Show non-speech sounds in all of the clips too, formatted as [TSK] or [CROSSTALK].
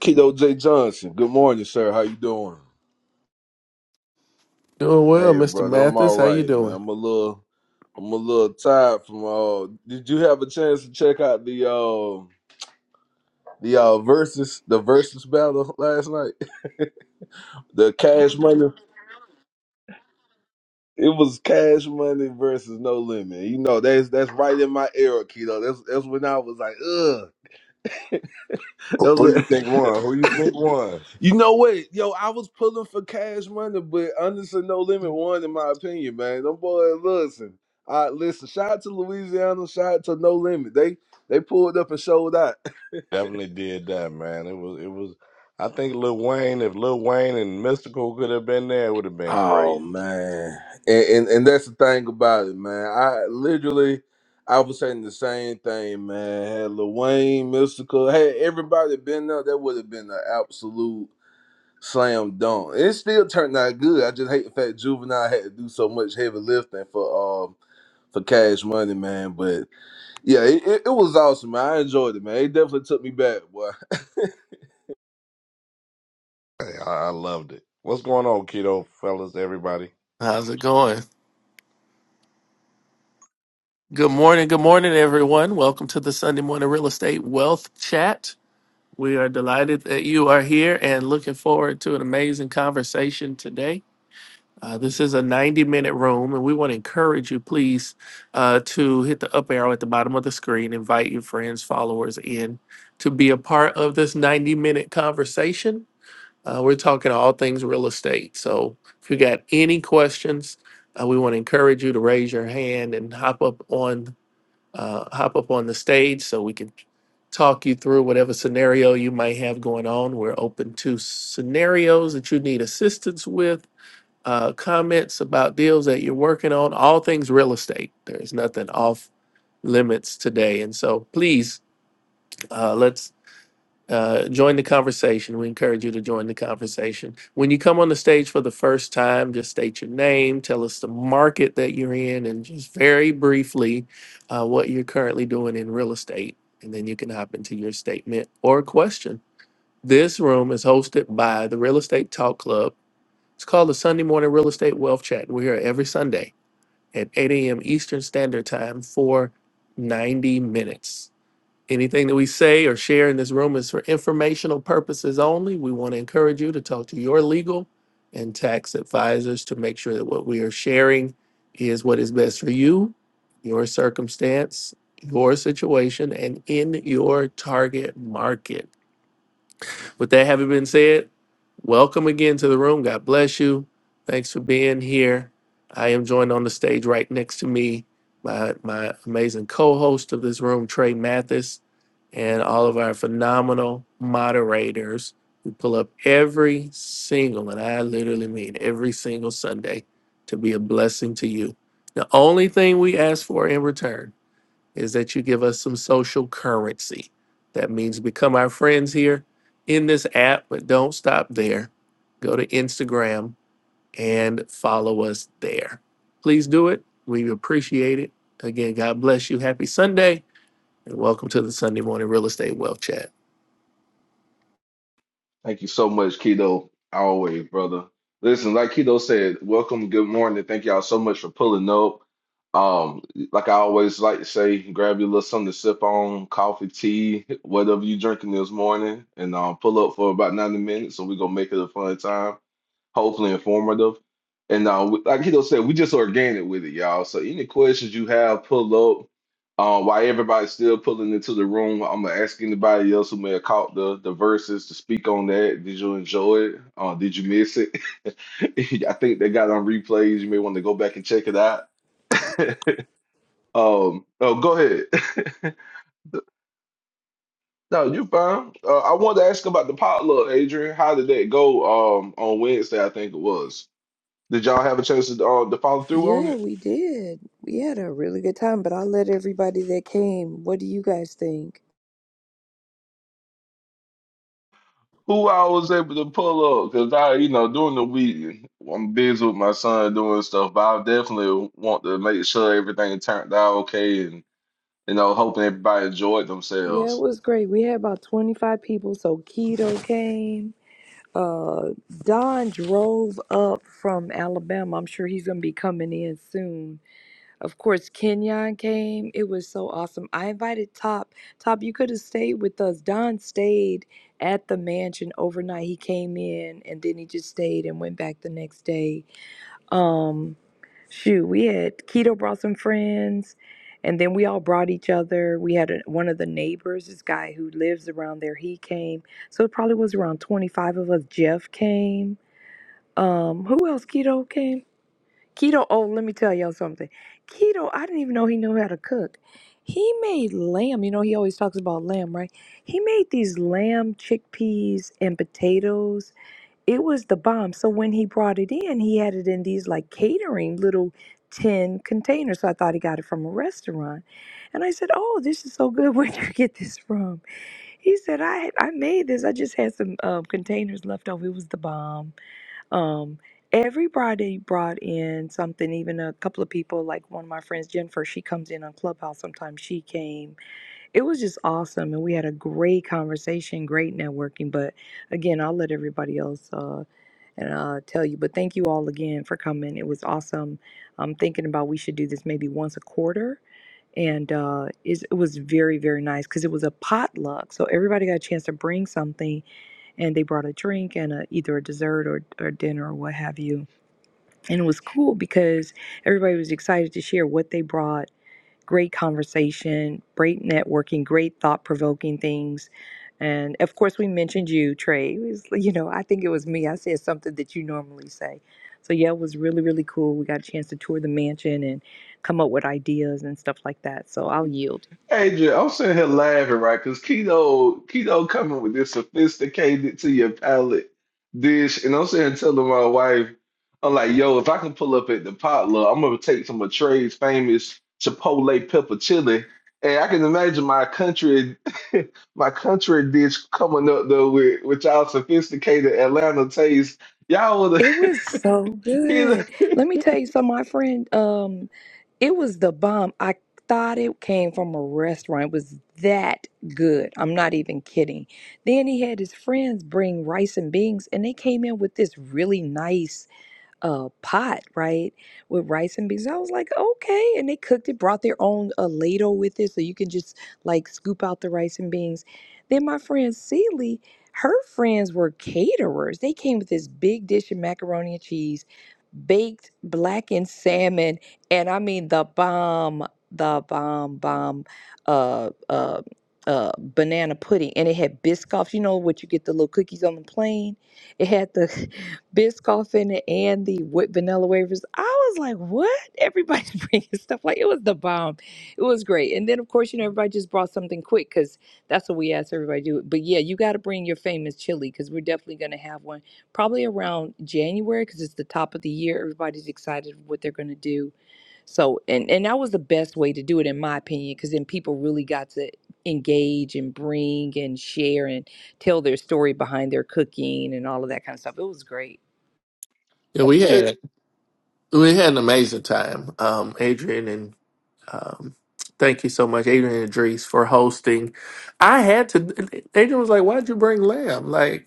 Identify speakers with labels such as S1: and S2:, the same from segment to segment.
S1: Keto J Johnson, good morning, sir. How you doing?
S2: Doing well,
S1: Hey,
S2: Mr.
S1: brother, I'm all
S2: Mathis. How you
S1: right, man.
S2: doing?
S1: I'm a little, I'm a little tired from. Uh, did you have a chance to check out the uh, the uh, versus the versus battle last night? [LAUGHS] The Cash Money, it was Cash Money versus No Limit. You know that's that's right in my era, Keto. That's that's when I was like, ugh. [LAUGHS]
S3: Who
S1: That
S3: who you
S1: was
S3: think won? Who you think won?
S1: You know what? Yo, I was pulling for cash money, but honestly, no limit one in my opinion, man. Them boys, listen. I listen, shout out to Louisiana, shout out to No Limit. They they pulled up and showed out. [LAUGHS]
S3: Definitely did that, man. It was it was I think Lil Wayne, if Lil Wayne and Mystical could have been there, it would have been
S1: Oh
S3: crazy.
S1: man. And and, and that's the thing about it, man. I literally I was saying the same thing, man. Had Lil Wayne, Mystical, had everybody been there, that would have been an absolute slam dunk. It still turned out good. I just hate the fact Juvenile had to do so much heavy lifting for um for Cash Money, man. But yeah, it, it, it was awesome, man. I enjoyed it, man. It definitely took me back, boy.
S3: Hey, I, I loved it. What's going on, keto fellas, everybody?
S2: How's it going? Good morning. Good morning, everyone. Welcome to the Sunday Morning Real Estate Wealth Chat. We are delighted that you are here and looking forward to an amazing conversation today. Uh, this is a 90 minute room, and we want to encourage you, please, uh, to hit the up arrow at the bottom of the screen, invite your friends, followers in to be a part of this 90 minute conversation. Uh, we're talking all things real estate. So if you got any questions, uh, we want to encourage you to raise your hand and hop up on uh, hop up on the stage so we can talk you through whatever scenario you might have going on. We're open to scenarios that you need assistance with, uh, comments about deals that you're working on, all things real estate. There's nothing off limits today, and so please uh, let's uh, join the conversation. We encourage you to join the conversation. When you come on the stage for the first time, just state your name, tell us the market that you're in, and just very briefly uh, what you're currently doing in real estate. And then you can hop into your statement or question. This room is hosted by the Real Estate Talk Club. It's called the Sunday Morning Real Estate Wealth Chat. We're here every Sunday at 8 a.m. Eastern Standard Time for 90 minutes. Anything that we say or share in this room is for informational purposes only. We want to encourage you to talk to your legal and tax advisors to make sure that what we are sharing is what is best for you, your circumstance, your situation, and in your target market. With that having been said, welcome again to the room. God bless you. Thanks for being here. I am joined on the stage right next to me by my amazing co host of this room, Trey Mathis, and all of our phenomenal moderators who pull up every single, and I literally mean every single Sunday to be a blessing to you. The only thing we ask for in return is that you give us some social currency. That means become our friends here in this app, but don't stop there. Go to Instagram and follow us there. Please do it. We appreciate it. Again, God bless you. Happy Sunday and welcome to the Sunday morning real estate wealth chat.
S1: [LAUGHS] Thank you so much, Keto. Always, brother. Listen, like Keto said, welcome, good morning. Thank y'all so much for pulling up. Um, like I always like to say, grab your little something to sip on, coffee, tea, whatever you drinking this morning, and um, pull up for about 90 minutes. So we're gonna make it a fun time, hopefully informative. And uh, we- like Keto said, we just organic with it, y'all. So any questions you have, pull up. Um, while everybody's still pulling into the room, I'm gonna ask anybody else who may have caught the the verses to speak on that. Did you enjoy it? Uh, did you miss it? [LAUGHS] I think they got it on replays. You may want to go back and check it out. [LAUGHS] um, oh, go ahead. [LAUGHS] no, you fine. Uh, I wanted to ask about the potluck, Adrian. How did that go? Um, on Wednesday, I think it was. Did y'all have a chance to uh, to follow through on it?
S4: Yeah, we did. We had a really good time, but I let everybody that came. What do you guys think?
S1: Who I was able to pull up because I, you know, during the week I'm busy with my son doing stuff, but I definitely want to make sure everything turned out okay and you know, hoping everybody enjoyed
S4: Yeah, it
S1: themselves.
S4: was great. We had about 25 people, so Keto came. Uh, Don drove up from Alabama. I'm sure he's going to be coming in soon. Of course, Kenyon came. It was so awesome. I invited Top. Top, you could have stayed with us. Don stayed at the mansion overnight. He came in and then he just stayed and went back the next day. Um, shoot, we had Keto brought some friends, and then we all brought each other. We had a, one of the neighbors, this guy who lives around there, he came. So it probably was around 25 of us. Jeff came. Um, who else? Keto came. Keto, oh, let me tell y'all something. Keto, I didn't even know he knew how to cook. He made lamb. You know, he always talks about lamb, right? He made these lamb chickpeas and potatoes it was the bomb. So when he brought it in, he had it in these like catering little tin containers. So I thought he got it from a restaurant. And I said, "Oh, this is so good. [LAUGHS] Where'd you get this from?" He said, "I had- I made this. I just had some um, containers left over. It was the bomb." Um, everybody brought in something. Even a couple of people, like one of my friends, Jennifer. She comes in on Clubhouse sometimes. She came. It was just awesome, and we had a great conversation, great networking. But again, I'll let everybody else. uh, and uh, tell you. But thank you all again for coming. It was awesome. I'm thinking about we should do this maybe once a quarter. And uh, it's- it was very, very nice because it was a potluck. So everybody got a chance to bring something and they brought a drink and a, either a dessert or, or dinner or what have you. And it was cool because everybody was excited to share what they brought great conversation, great networking, great thought provoking things. And of course, we mentioned you, Trey. It was, you know, I think it was me. I said something that you normally say. So, yeah, it was really, really cool. We got a chance to tour the mansion and come up with ideas and stuff like that. So, I'll yield.
S1: Adrian, I'm sitting here laughing, right? Because keto, keto coming with this sophisticated to your palate dish, and I'm sitting here telling my wife, I'm like, yo, if I can pull up at the potluck, I'm gonna take some of Trey's famous Chipotle pepper chili, and I can imagine my country, [LAUGHS] my country dish coming up though with with y'all sophisticated Atlanta taste. Y'all would
S4: It
S1: have,
S4: was so
S1: [LAUGHS]
S4: good. Let me tell you something, my friend. Um, it was the bomb. I thought it came from a restaurant. It was that good. I'm not even kidding. Then he had his friends bring rice and beans, and they came in with this really nice uh pot, right? With rice and beans. I was like, okay. And they cooked it, brought their own uh, ladle with it. So you can just like scoop out the rice and beans. Then my friend Celie, her friends were caterers. They came with this big dish of macaroni and cheese, baked blackened salmon, and I mean the bomb, the bomb, bomb, uh, uh, uh, banana pudding, and it had Biscoffs. You know what you get the little cookies on the plane. It had the Biscoff in it and the whipped vanilla wafers. I was like, what? Everybody's [LAUGHS] bringing stuff. Like, it was the bomb. It was great. And then, of course, you know, everybody just brought something quick because that's what we asked everybody to do. But yeah, you got to bring your famous chili because we're definitely going to have one probably around January because it's the top of the year. Everybody's excited what they're going to do. So, and, and that was the best way to do it, in my opinion, because then people really got to engage and bring and share and tell their story behind their cooking and all of that kind of stuff. It was great.
S2: Yeah, we
S1: Keto,
S2: had we had an amazing time. Um, Adrian and um, thank you so much, Adrian and Idris, for hosting. I had to. Adrian was like, "Why'd you bring Lamb?" Like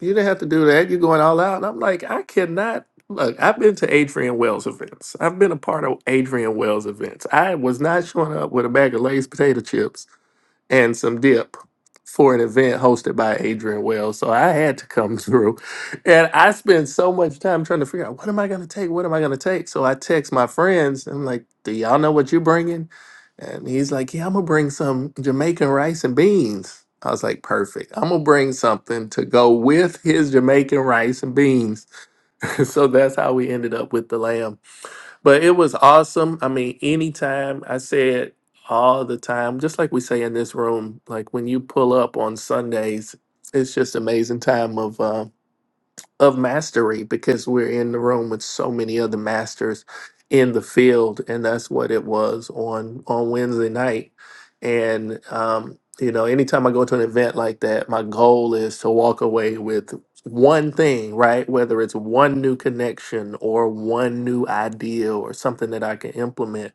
S2: You didn't have to do that. You're going all out. And I'm like, I cannot. Look, I've been to Adrian Wells events. I've been a part of Adrian Wells events. I was not showing up with a bag of Lay's potato chips and some dip for an event hosted by Adrian Wells. So I had to come [LAUGHS] through. And I spent so much time trying to figure out what am I going to take? What am I going to take? So I text my friends. and I'm like, do y'all know what you're bringing? And he's like, yeah, I'm going to bring some Jamaican rice and beans. I was like, perfect. I'm going to bring something to go with his Jamaican rice and beans. [LAUGHS] so that's how we ended up with the lamb. But it was awesome. I mean, anytime I say it all the time, just like we say in this room, like when you pull up on Sundays, it's just amazing time of uh, of mastery because we're in the room with so many other masters in the field and that's what it was on on wednesday night and um you know anytime i go to an event like that my goal is to walk away with one thing right whether it's one new connection or one new idea or something that i can implement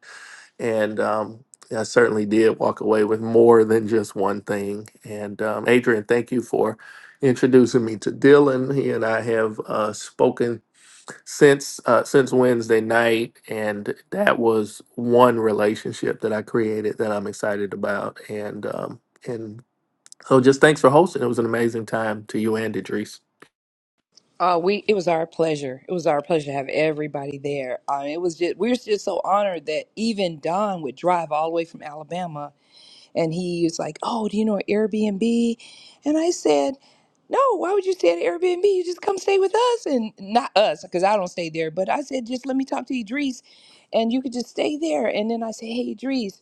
S2: and um, I certainly did walk away with more than just one thing. And um, Adrian, thank you for introducing me to Dylan. He and I have uh, spoken since uh, since Wednesday night, and that was one relationship that I created that I'm excited about. And um, and so, just thanks for hosting. It was an amazing time to you and Idris.
S4: Uh, we it was our pleasure. It was our pleasure to have everybody there. Um, it was just we were just so honored that even Don would drive all the way from Alabama, and he was like, "Oh, do you know an Airbnb?" And I said, "No, why would you stay at an Airbnb? You just come stay with us, and not us, because I don't stay there." But I said, "Just let me talk to Idris, and you could just stay there." And then I said, "Hey, Idris."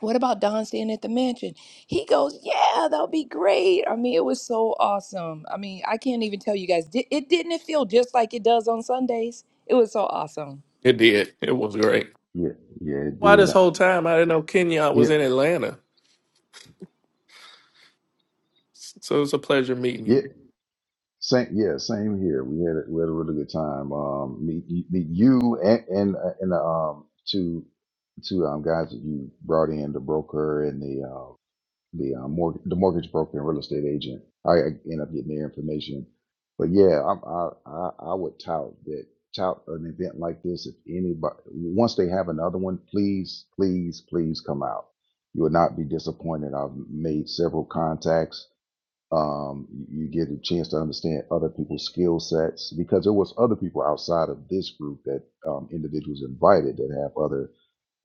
S4: What about Don staying at the mansion? He goes, Yeah, that'll be great. I mean, it was so awesome. I mean, I can't even tell you guys. Di- It didn't it feel just like it does on Sundays? It was so awesome.
S2: It did. It was great.
S5: Yeah, yeah, it
S2: Why
S5: did.
S2: this whole time I didn't know Kenya
S5: Yeah,
S2: was in Atlanta. So it was a pleasure meeting
S5: yeah,
S2: you.
S5: same. Yeah, same here. We had a, we had a really good time. Um, meet meet you and and uh, and um two two um guys that you brought in the broker and the uh, the uh, mortgage the mortgage broker and real estate agent. I, I end up getting their information, but yeah, I'm, I I I would tout that tout an event like this. If anybody once they have another one, please please please come out. You will not be disappointed. I've made several contacts um, you get a chance to understand other people's skill sets because there was other people outside of this group that um, individuals invited that have other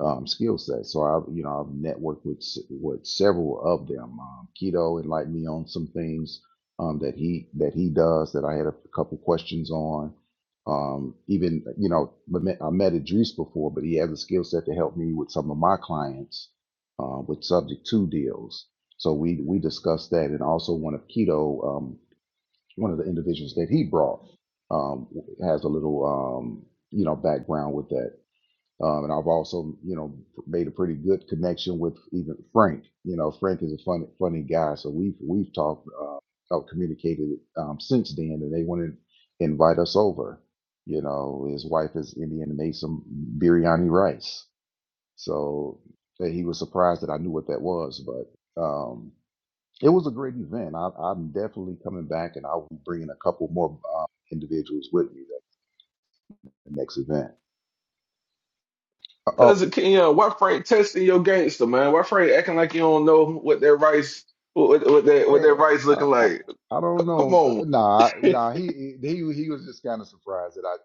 S5: um, skill set. So I've you know I've networked with s- with several of them. Um, Keto enlightened me on some things um, that he that he does that I had a couple questions on. Um, even you know I met, I met Idris before, but he has a skill set to help me with some of my clients uh, with subject to deals. So we we discussed that, and also one of Keto, um, one of the individuals that he brought um, has a little um, you know background with that. Um, and I've also, you know, made a pretty good connection with even Frank. You know, Frank is a funny, funny guy. So we've we've talked, uh, uh, communicated um, since then, and they want to invite us over. You know, his wife is Indian and made some biryani rice. So uh, he was surprised that I knew what that was, but um, it was a great event. I, I'm definitely coming back, and I'll be bringing a couple more uh, individuals with me at the next event. Uh, oh,
S1: Cause you know, why Frank testing your gangster, man? Why Frank acting like you don't know what their rights what, what their what their
S5: Hey,
S1: rights
S5: I,
S1: looking
S5: I,
S1: like?
S5: I don't
S1: Come
S5: know.
S1: on.
S5: uh, Nah,
S1: [LAUGHS]
S5: nah. He he he was just kind of surprised that I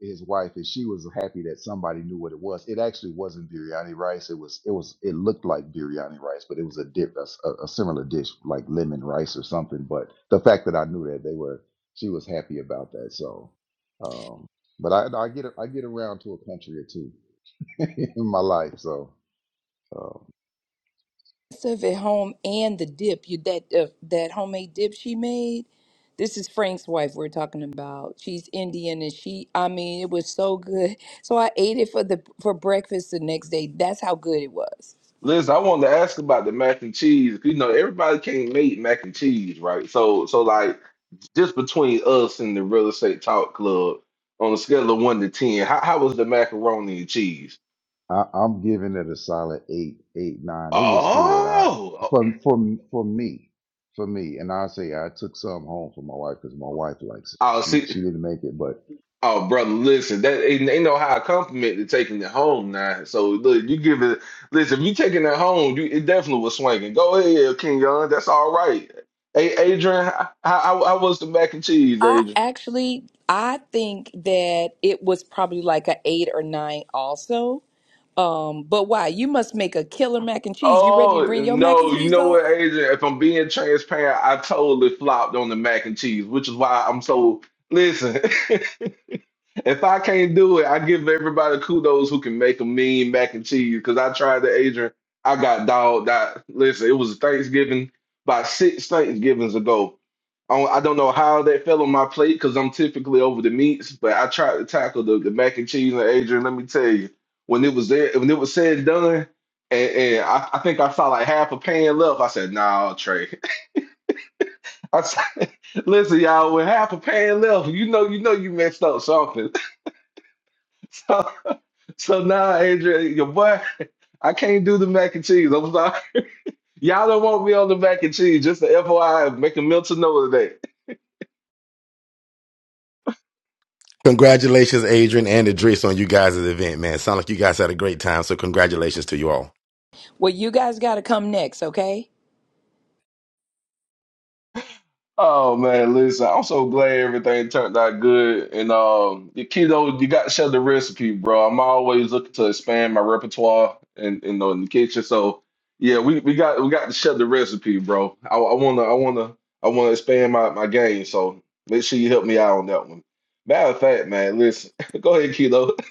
S5: his wife and she was happy that somebody knew what it was. It actually wasn't biryani rice. It was it was it looked like biryani rice, but it was a dip, a, s- a- a similar dish like lemon rice or something. But the fact that I knew that they were, she was happy about that. So, um, but I I get I get around to a country or two [LAUGHS] in my life. So. um,
S4: Stuff at home and the dip, you that uh, that homemade dip she made. This is Frank's wife we're talking about. She's Indian and she I mean, it was so good. So I ate it for the for breakfast the next day. That's how good it was.
S1: Liz, I wanted to ask about the mac and cheese. You know, everybody can't make mac and cheese, right? So so like just between us and the real estate talk club, on a scale of one to ten, how, how was the macaroni and cheese?
S5: I, I'm giving it a solid eight, eight, nine. It was good. I
S1: Oh,
S5: for for for me, for me, and I say I took some home for my wife because my wife likes it.
S1: oh,
S5: She
S1: see.
S5: she didn't make it, but
S1: Oh, brother, listen, that ain't, ain't no high compliment to taking it home now. So look, you give it listen, if you taking it home, you it definitely was swinging. Go ahead, King Young. That's all right. Hey, Adrian, how, how, how was the mac and cheese,
S4: I
S1: Adrian?
S4: actually I think that it was probably like a eight or nine also. Um, but why? You must make a killer mac and cheese. You ready to
S1: Oh
S4: bring your mac and
S1: no, you
S4: cheese
S1: know
S4: over?
S1: what, Adrian? If I'm being transparent, I totally flopped on the mac and cheese, which is why I'm so listen. [LAUGHS] if I can't do it, I give everybody kudos who can make a mean mac and cheese. Cause I tried the Adrian, I got dogged out. Listen, it was Thanksgiving, about six Thanksgivings ago. I don't I don't know how that fell on my plate because I'm typically over the meats, but I tried to tackle the, the mac and cheese and Adrian. Let me tell you, when it was there, when it was said and done. And, and I, I think I saw like half a pan left. I said, "Nah, Trey." [LAUGHS] I said, "Listen, y'all, with half a pan left, you know, you know, you messed up something." [LAUGHS] So, so now, Adrian, your boy, I can't do the mac and cheese. I'm sorry, y'all don't want me on the mac and cheese. Just the FYI, make a mental note of that.
S6: Congratulations, Adrian and Idris, on you guys' event, man. Sound like you guys had a great time, so congratulations to you all.
S4: Well, you guys got to come next, okay?
S1: Oh man, listen, I'm so glad everything turned out good. And um the keto, you got to share the recipe, bro. I'm always looking to expand my repertoire and you know in the kitchen. So yeah, we, we got we got to share the recipe, bro. I, I wanna I wanna I wanna expand my, my game. So make sure you help me out on that one. Matter of fact, man, listen, [LAUGHS] go ahead, keto. [LAUGHS]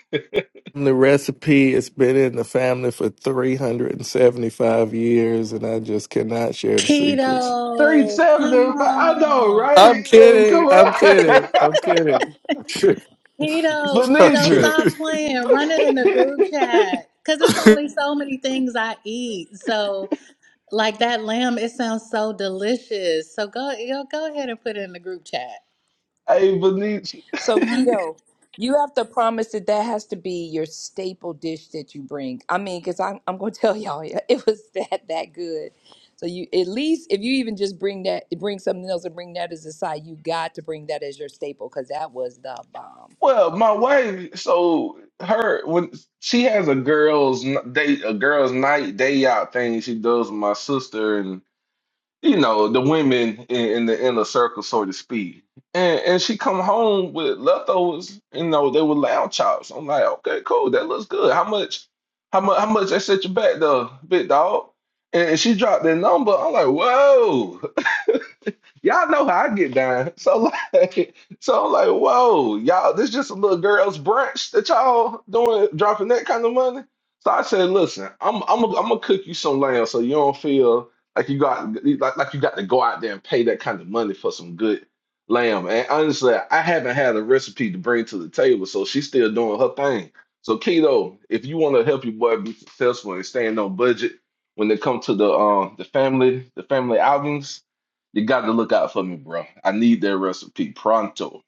S2: The recipe has been in the family for 375 years, and I just cannot share the secrets.
S7: Keto, come
S1: 370, I know,
S7: on.
S1: right?
S2: I'm
S1: Eh, Come
S2: kidding. I'm kidding. I'm
S1: on.
S2: kidding.
S1: [LAUGHS]
S7: Keto,
S2: [LAUGHS] I'm
S7: keto,
S1: Benidra.
S7: stop
S2: kidding.
S7: playing. Run it in the group
S1: [LAUGHS]
S7: chat. Cause it's only so many things I eat. So like that lamb, it sounds so delicious. So go yo, go ahead and put it in the group chat.
S1: Hey,
S4: So
S7: Mhm.
S4: keto, you have to promise that that has to be your staple dish that you bring. I mean, because I'm I'm gonna [LAUGHS] tell y'all, yeah, it was that that good. So you at least if you even just bring that, bring something else and bring that as a side, you got to bring that as your staple because that was the bomb.
S1: Well, my wife, so her when she has a girls' n- day, a girls' night day out thing she does with my sister and you know the women in, in the inner circle, so to speak. And and she come home with leftovers. You know they were lamb chops. I'm like, okay, cool, that looks good. How much? How much? How much? I set you back though, big dog. And she dropped that number. I'm like, whoa! Y'all know how I get down. [LAUGHS] So like, so I'm like, whoa, y'all, this just a little girl's brunch that y'all doing, dropping that kind of money. So I said, listen, I'm I'm gonna I'm gonna cook you some lamb so you don't feel like you got like, like you got to go out there and pay that kind of money for some good lamb. And honestly, I haven't had a recipe to bring to the table, so she's still doing her thing. So Keto, if you want to help your boy be successful and staying on budget when it comes to the um the family the family outings you got to look out for me, bro. I need that recipe pronto.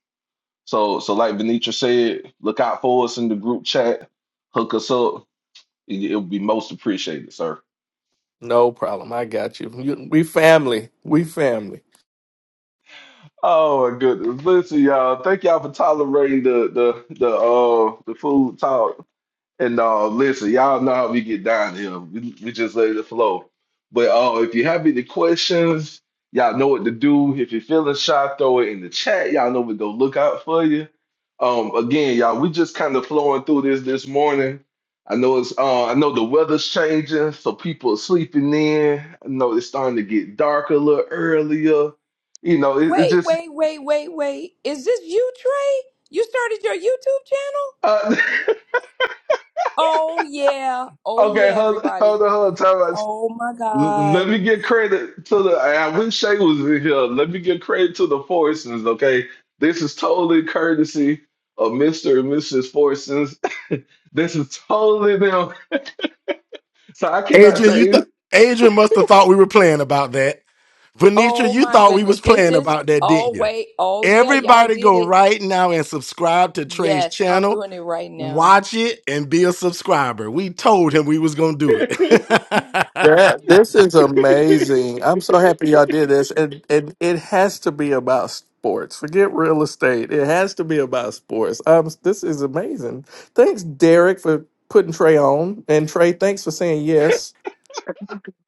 S1: So, so like Venetra said, look out for us in the group chat. Hook us up. It, it'll be most appreciated, sir.
S2: no problem. I got you. You- We family. We family.
S1: Oh my goodness! Listen, y'all. Thank y'all for tolerating the the the uh the food talk. And uh, listen, y'all know how we get down here. We, we just let it flow. But uh, if you have any questions, y'all know what to do. If you're feeling shy, throw it in the chat. Y'all know we go look out for you. Um, again, y'all, we just kind of flowing through this this morning. I know it's uh, I know the weather's changing, so people are sleeping in. I know it's starting to get dark a little earlier. You know, it, it
S4: Wait,
S1: just
S4: wait, wait, wait, wait. Is this you, Trey? You started your YouTube channel?
S1: uh,
S4: Oh, yeah.
S1: [LAUGHS]
S4: Oh,
S1: okay.
S4: yeah,
S1: Hold,
S4: everybody.
S1: hold on, hold on.
S4: Oh, my
S1: L- Let
S4: God.
S1: me get credit to the. I wish Shay was in here. Let me get credit to the Forsons, okay? This is totally courtesy of Mr. and Mrs. Forsons. [LAUGHS] this is totally them. So I cannot
S6: Adrian, you thought
S1: take
S6: Adrian must have thought we were playing about that. Venetra,
S4: Oh,
S6: you
S4: my
S6: thought we
S4: goodness.
S6: was
S4: This
S6: playing
S4: is,
S6: about that, didn't
S4: oh,
S6: you?
S4: wait. Oh, yeah, y'all
S6: Everybody
S4: did
S6: go
S4: it.
S6: right now and subscribe to Trey's
S4: Yes, I'm
S6: channel.
S4: doing it right now.
S6: Watch it and be a subscriber. We told him we was gonna do
S1: it. [LAUGHS]
S6: it. [LAUGHS]
S2: That this is amazing. I'm so happy y'all did this. And and it has to be about sports. Forget real estate. It has to be about sports. Um this is amazing. Thanks, Derek, for putting Trey on. And Trey, thanks for saying yes.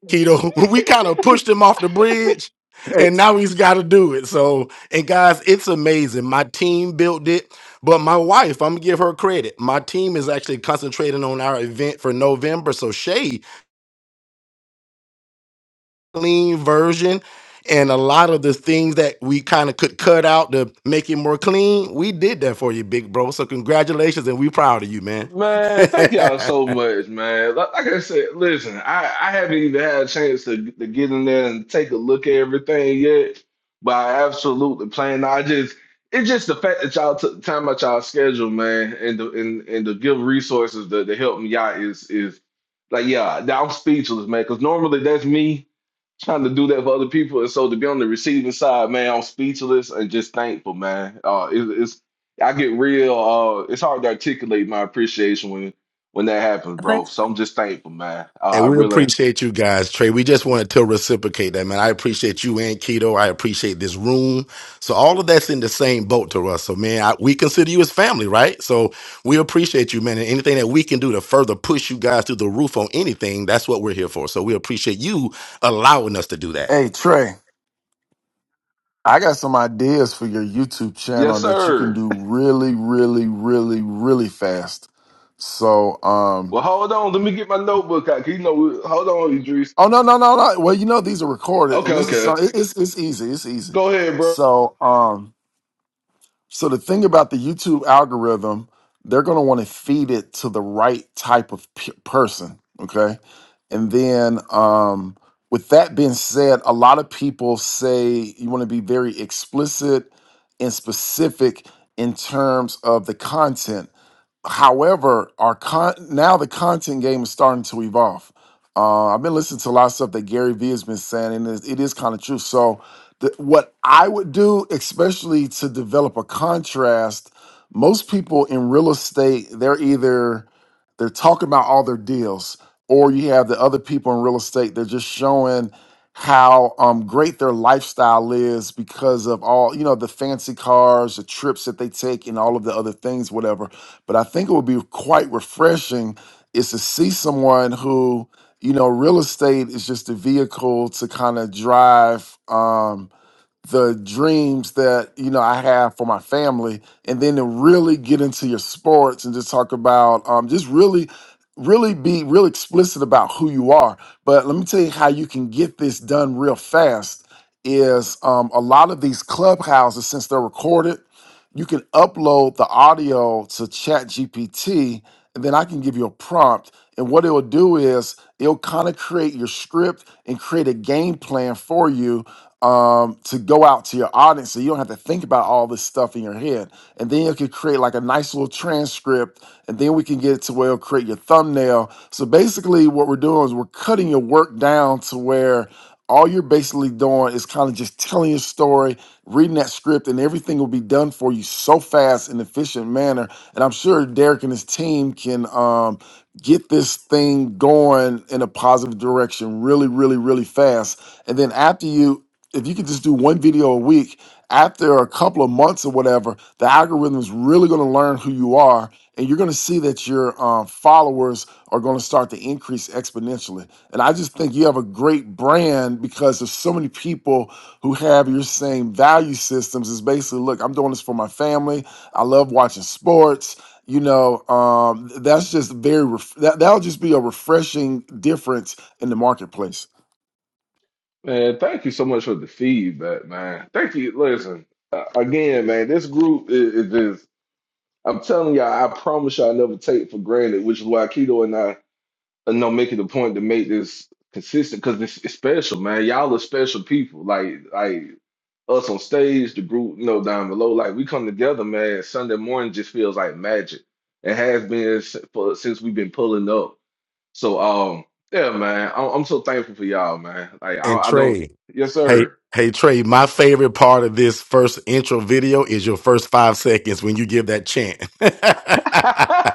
S6: Keto, [LAUGHS] we kind of pushed him off the bridge and now he's got to do it. So, and guys, it's amazing. My team built it, but my wife, I'm going to give her credit. My team is actually concentrating on our event for November. So, Shay, clean version and a lot of the things that we kind of could cut out to make it more clean, we did that for you, big bro. So, congratulations and we proud of you, man.
S1: Man, thank y'all
S6: [LAUGHS]
S1: so much, man. Like, like I said, listen, I, I haven't even had a chance to, to get in there and take a look at everything yet, but I absolutely plan. I just it's just the fact that y'all took the time out y'all schedule, man, and to, and and to give resources to, to help me out is is like yeah, I'm speechless, man. Because normally that's me trying to do that for other people. And so to be on the receiving side, man, I'm speechless and just thankful, man. Uh, it, it's I get real. Uh, it's hard to articulate my appreciation when when that happens, bro.
S7: But.
S1: So I'm just thankful, man. Uh, I
S6: And we
S1: really,
S6: appreciate you guys, Trey. We just wanted to reciprocate that, man. I appreciate you and Keto. I appreciate this room. So all of that's in the same boat to us. So man, I, we consider you as family, right? So we appreciate you, man. And anything that we can do to further push you guys through the roof on anything, that's what we're here for. So we appreciate you allowing us to do that.
S8: Hey Trey, I got some ideas for your YouTube channel
S1: yes,
S8: that you can
S1: sir.
S8: do really, really, really, really fast. So, um,
S1: Well, hold on. Let me get my notebook out. 'cause You know, we- hold on, Idris.
S8: oh no, no, no, no. Well, you know these are recorded,
S1: Okay,
S8: and this is
S1: okay.
S8: some, it- it's it's easy, it's easy.
S1: Go ahead, bro.
S8: So, um, So the thing about the YouTube algorithm, they're going to want to feed it to the right type of p- person, okay? And then um with that being said, a lot of people say you want to be very explicit and specific in terms of the content however, our con now the content game is starting to evolve. Uh, I've been listening to a lot of stuff that Gary Vee has been saying, and it is kind of true. So, the, what I would do, especially to develop a contrast, most people in real estate, they're either they're talking about all their deals, or you have the other people in real estate, they're just showing how um, great their lifestyle is because of all you know the fancy cars, the trips that they take, and all of the other things, whatever but I think it would be quite refreshing is to see someone who, you know, real estate is just a vehicle to kind of drive. Um, the dreams that you know I have for my family, and then to really get into your sports and just talk about um, just really, really be real explicit about who you are. But let me tell you how you can get this done real fast. Is um, a lot of these clubhouses since they're recorded, you can upload the audio to Chat GPT, and then I can give you a prompt. And what it will do is it'll kind of create your script and create a game plan for you um, to go out to your audience so you don't have to think about all this stuff in your head. And then you can create like a nice little transcript, and then we can get it to where it'll create your thumbnail. So basically, what we're doing is we're cutting your work down to where all you're basically doing is kind of just telling your story, reading that script, and everything will be done for you so fast and efficient manner. And I'm sure Derek and his team can um, get this thing going in a positive direction really, really, really fast. And then after you if you could just do one video a week after a couple of months or whatever, the algorithm is really going to learn who you are, and you're going to see that your uh, followers are going to start to increase exponentially. And I just think you have a great brand because there's so many people who have your same value systems. It's basically, look, I'm doing this for my family. I love watching sports. You know, um, that's just very ref- that that'll just be a refreshing difference in the marketplace.
S1: Man, thank you so much for the feedback, man. Thank you. Listen, uh, again, man, this group is, is just, I'm telling y'all, I promise y'all I never take for granted, which is why Keto and I you know, making the point to make this consistent because it's, it's special, man. Y'all are special people. Like like us on stage, the group, you know, down below. Like we come together, man. Sunday morning just feels like magic. It has been s- for, since we've been pulling up. So um, yeah, man. I'm, I'm so thankful for y'all, man. Like
S6: And
S1: I, I don't.
S6: Trey,
S1: Yes,
S6: hey,
S1: sir.
S6: hey, Trey, my favorite part of this first intro video is your first five seconds when you give that chant. [LAUGHS]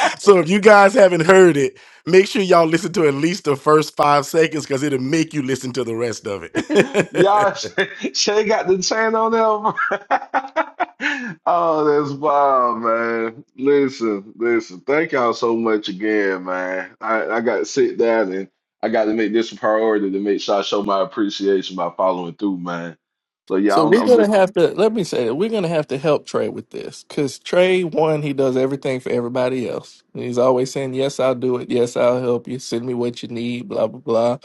S1: [LAUGHS]
S6: so if you guys haven't heard it, make sure y'all listen to at least the first five seconds because it'll make you listen to the rest of
S1: Y'all, [LAUGHS]
S6: it. [LAUGHS]
S1: Shay Shay got the chain on him. [LAUGHS] Oh, that's wild, man. Listen, listen. Thank y'all so much again, man. I, I got to sit down and I got to make this a priority to make sure I show my appreciation by following through, man. So yeah,
S2: So
S1: I'm,
S2: we're
S1: I'm
S2: gonna
S1: just thinking.
S2: have to let me say that we're gonna have to help Trey with this because Trey, one, he does everything for everybody else. And he's always saying, "Yes, I'll do it. Yes, I'll help you. Send me what you need." Blah blah blah.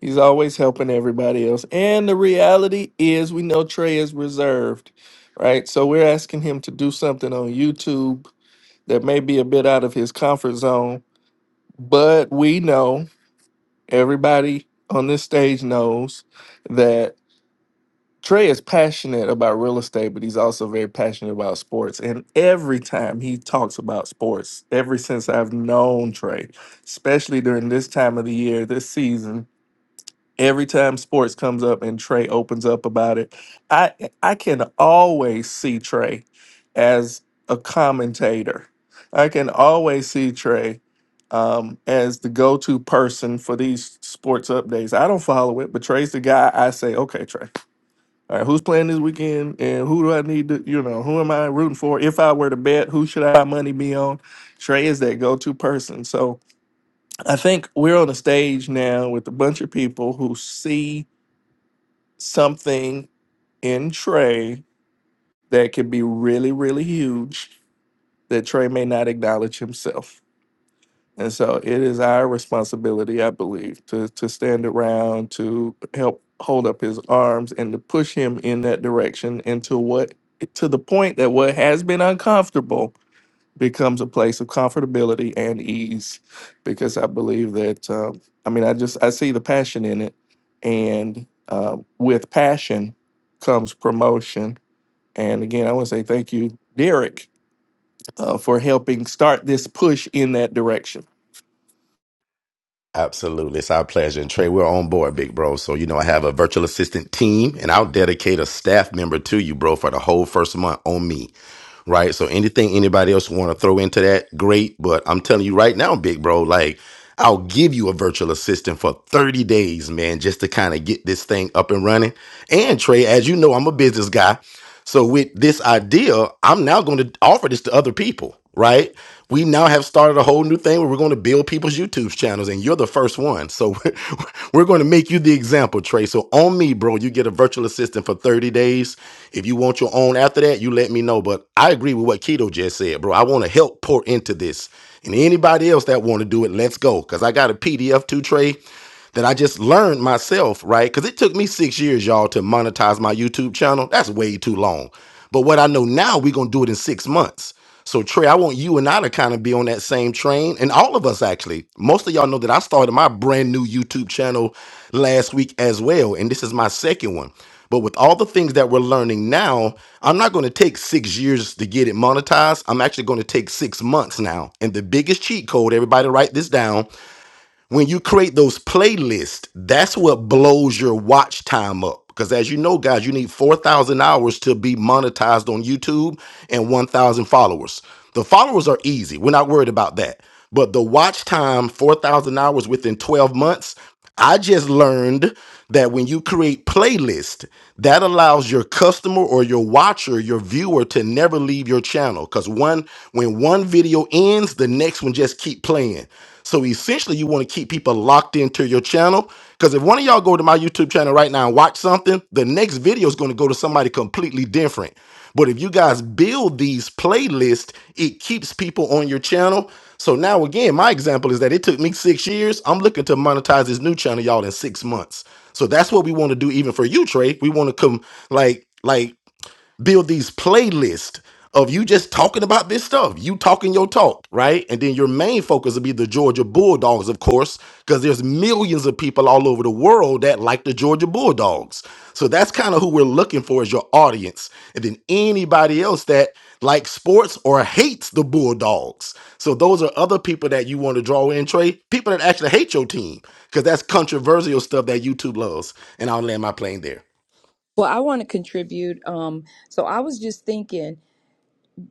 S2: He's always helping everybody else. And the reality is, we know Trey is reserved, right? So we're asking him to do something on YouTube that may be a bit out of his comfort zone, but we know everybody on this stage knows that. Trey is passionate about real estate, but he's also very passionate about sports. And every time he talks about sports, ever since I've known Trey, especially during this time of the year, this season, every time sports comes up and Trey opens up about it, I I can always see Trey as a commentator. I can always see Trey um, as the go-to person for these sports updates. I don't follow it, but Trey's the guy I say, okay, Trey. All right, who's playing this weekend, and who do I need to, you know, who am I rooting for? If I were to bet, who should I money be on? Trey is that go-to person. So I think we're on a stage now with a bunch of people who see something in Trey that could be really, really huge that Trey may not acknowledge himself. And so it is our responsibility, I believe, to to stand around, to help hold up his arms and to push him in that direction and to what to the point that what has been uncomfortable becomes a place of comfortability and ease. Because I believe that um, I mean I just I see the passion in it. And uh, with passion comes promotion. And again, I want to say thank you, Derek, uh, for helping start this push in that direction.
S6: Absolutely. It's our pleasure. And Trey, we're on board, big bro. So, you know, I have a virtual assistant team and I'll dedicate a staff member to you, bro, for the whole first month on me. Right. So anything anybody else want to throw into that, great. But I'm telling you right now, big bro, like I'll give you a virtual assistant for 30 days, man, just to kind of get this thing up and running. And Trey, as you know, I'm a business guy. So with this idea, I'm now going to offer this to other people, right? we now have started a whole new thing where we're going to build people's YouTube channels, and you're the first one. So [LAUGHS] we're we're going to make you the example, Trey. So on me, bro, you get a virtual assistant for 30 days. If you want your own after that, you let me know. But I agree with what Keto just said, bro. I want to help pour into this. And anybody else that want to do it, let's go. Because I got a PDF too, Trey, that I just learned myself, right? Because it took me six years, y'all, to monetize my YouTube channel. That's way too long. But what I know now, we're going to do it in six months. So Trey, I want you and I to kind of be on that same train, and all of us actually. Most of y'all know that I started my brand new YouTube channel last week as well, and this is my second one. But with all the things that we're learning now, I'm not going to take six years to get it monetized. I'm actually going to take six months now. And the biggest cheat code, everybody write this down when you create those playlists, that's what blows your watch time up. Because as you know, guys, you need 4,000 hours to be monetized on YouTube and 1,000 followers. The followers are easy. We're not worried about that. But the watch time, 4,000 hours within 12 months, I just learned that when you create playlist, that allows your customer or your watcher, your viewer to never leave your channel cuz one when one video ends, the next one just keep playing. So essentially you want to keep people locked into your channel cuz if one of y'all go to my YouTube channel right now and watch something, the next video is going to go to somebody completely different. But if you guys build these playlists, it keeps people on your channel. So now again, my example is that it took me six years. I'm looking to monetize this new channel, y'all, in six months. So that's what we want to do, even for you, Trey. We want to come like like build these playlists of you just talking about this stuff, you talking your talk, right? And then your main focus will be the Georgia Bulldogs, of course, because there's millions of people all over the world that like the Georgia Bulldogs. So that's kind of who we're looking for as your audience. And then anybody else that likes sports or hates the Bulldogs. So those are other people that you want to draw in, Trey. People that actually hate your team, because that's controversial stuff that YouTube loves. And I'll land my plane there.
S4: Well, I want to contribute. Um, so I was just thinking.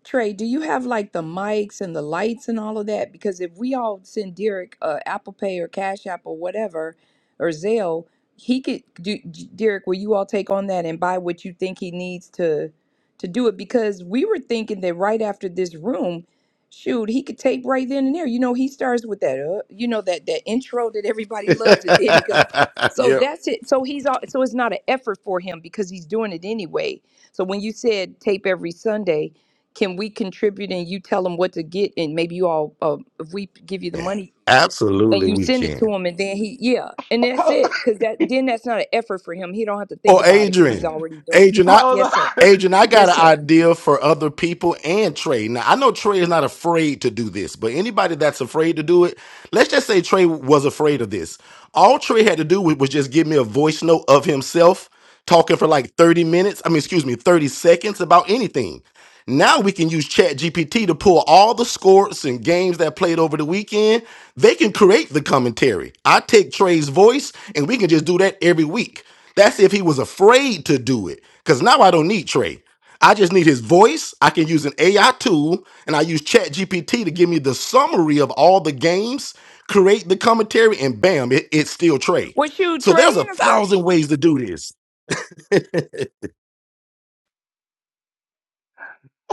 S4: Trey, do you have like the mics and the lights and all of that? Because if we all send Derek uh, Apple Pay or Cash App or whatever or Zelle, he could do. Derek, will you all take on that and buy what you think he needs to to do it? Because we were thinking that right after this room, shoot, he could tape right then and there. You know, he starts with that, uh, you know, that that intro that everybody loves, and then he goes. [LAUGHS]
S6: [LAUGHS]
S4: So
S6: yeah.
S4: that's it. So he's all. So it's not an effort for him because he's doing it anyway. So when you said tape every Sunday can we contribute and you tell him what to get and maybe you all uh, if we give you the
S6: Yeah,
S4: money and
S6: absolutely,
S4: you
S6: we
S4: send it to
S6: can.
S4: him and then he yeah and
S1: [LAUGHS]
S4: that's
S1: Hold
S4: it because that then that's not an effort for him he don't have to think
S6: Or
S4: about it because he's
S6: Adrian,
S4: already doing it
S6: Adrian, I,
S4: yes sir
S1: on.
S6: Adrian, I got
S4: yes
S6: an
S4: sir
S6: idea for other people and Trey. Now I know Trey is not afraid to do this, but anybody that's afraid to do it. Let's just say Trey was afraid of this. All Trey had to do was was just give me a voice note of himself talking for like 30 minutes. I mean, excuse me, 30 seconds about anything. Now we can use Chat GPT to pull all the scores and games that played over the weekend. They can create the commentary. I take Trey's voice and we can just do that every week. That's if he was afraid to do it. Because now I don't need Trey. I just need his voice. I can use an AI tool and I use Chat GPT to give me the summary of all the games create the commentary, and bam, it, it's still trade.
S4: well shoot
S6: So
S4: trey
S6: there's a
S4: in the front
S6: thousand ways to do this. [LAUGHS]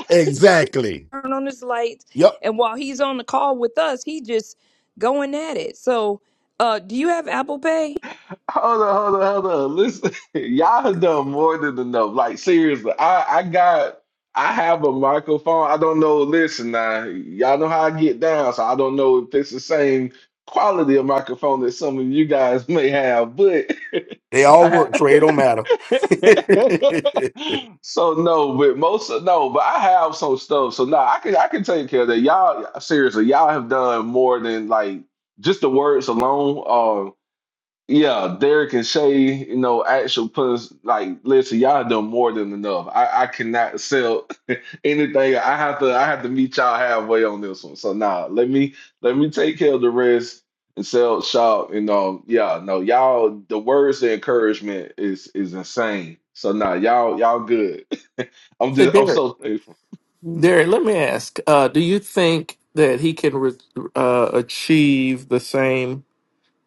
S6: exactly.
S4: on his lights
S6: Yep.
S4: and while he's on the call with us he just going at it so uh do you have apple pay
S1: Hold on, hold on, hold on. Listen, [LAUGHS] y'all have done more than enough. Like seriously, I I got I have a microphone. I don't know. Listen, now y'all know how I get down, so I don't know if it's the same quality of microphone that some of you guys [LAUGHS] may have. But
S6: They
S1: [LAUGHS] I
S6: all work.
S1: ha-
S6: Trade don't matter. [LAUGHS]
S1: [LAUGHS] so no, but most of- no, but I have some stuff. So nah, I can I can take care of that. Y'all seriously, y'all have done more than like just the words alone. um, yeah, Derek and Shay, you know, actual puts like listen, y'all done more than enough. I, I cannot sell [LAUGHS] anything. I have to I have to meet y'all halfway on this one. So nah, let me let me take care of the rest and sell shop. And um, yeah, no, y'all the words of encouragement is is insane. So nah, y'all y'all good. [LAUGHS] I'm
S2: So
S1: just I'm
S2: Derek.
S1: so thankful.
S2: Derek, let me ask, uh, do you think that he can re- uh, achieve the same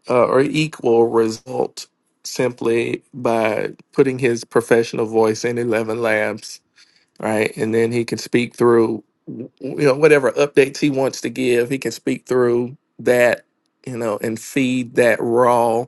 S2: uh, or equal result simply by putting his professional voice in 11 Labs, right? And then he can speak through, you know, whatever updates he wants to give, he can speak through that, you know, and feed that raw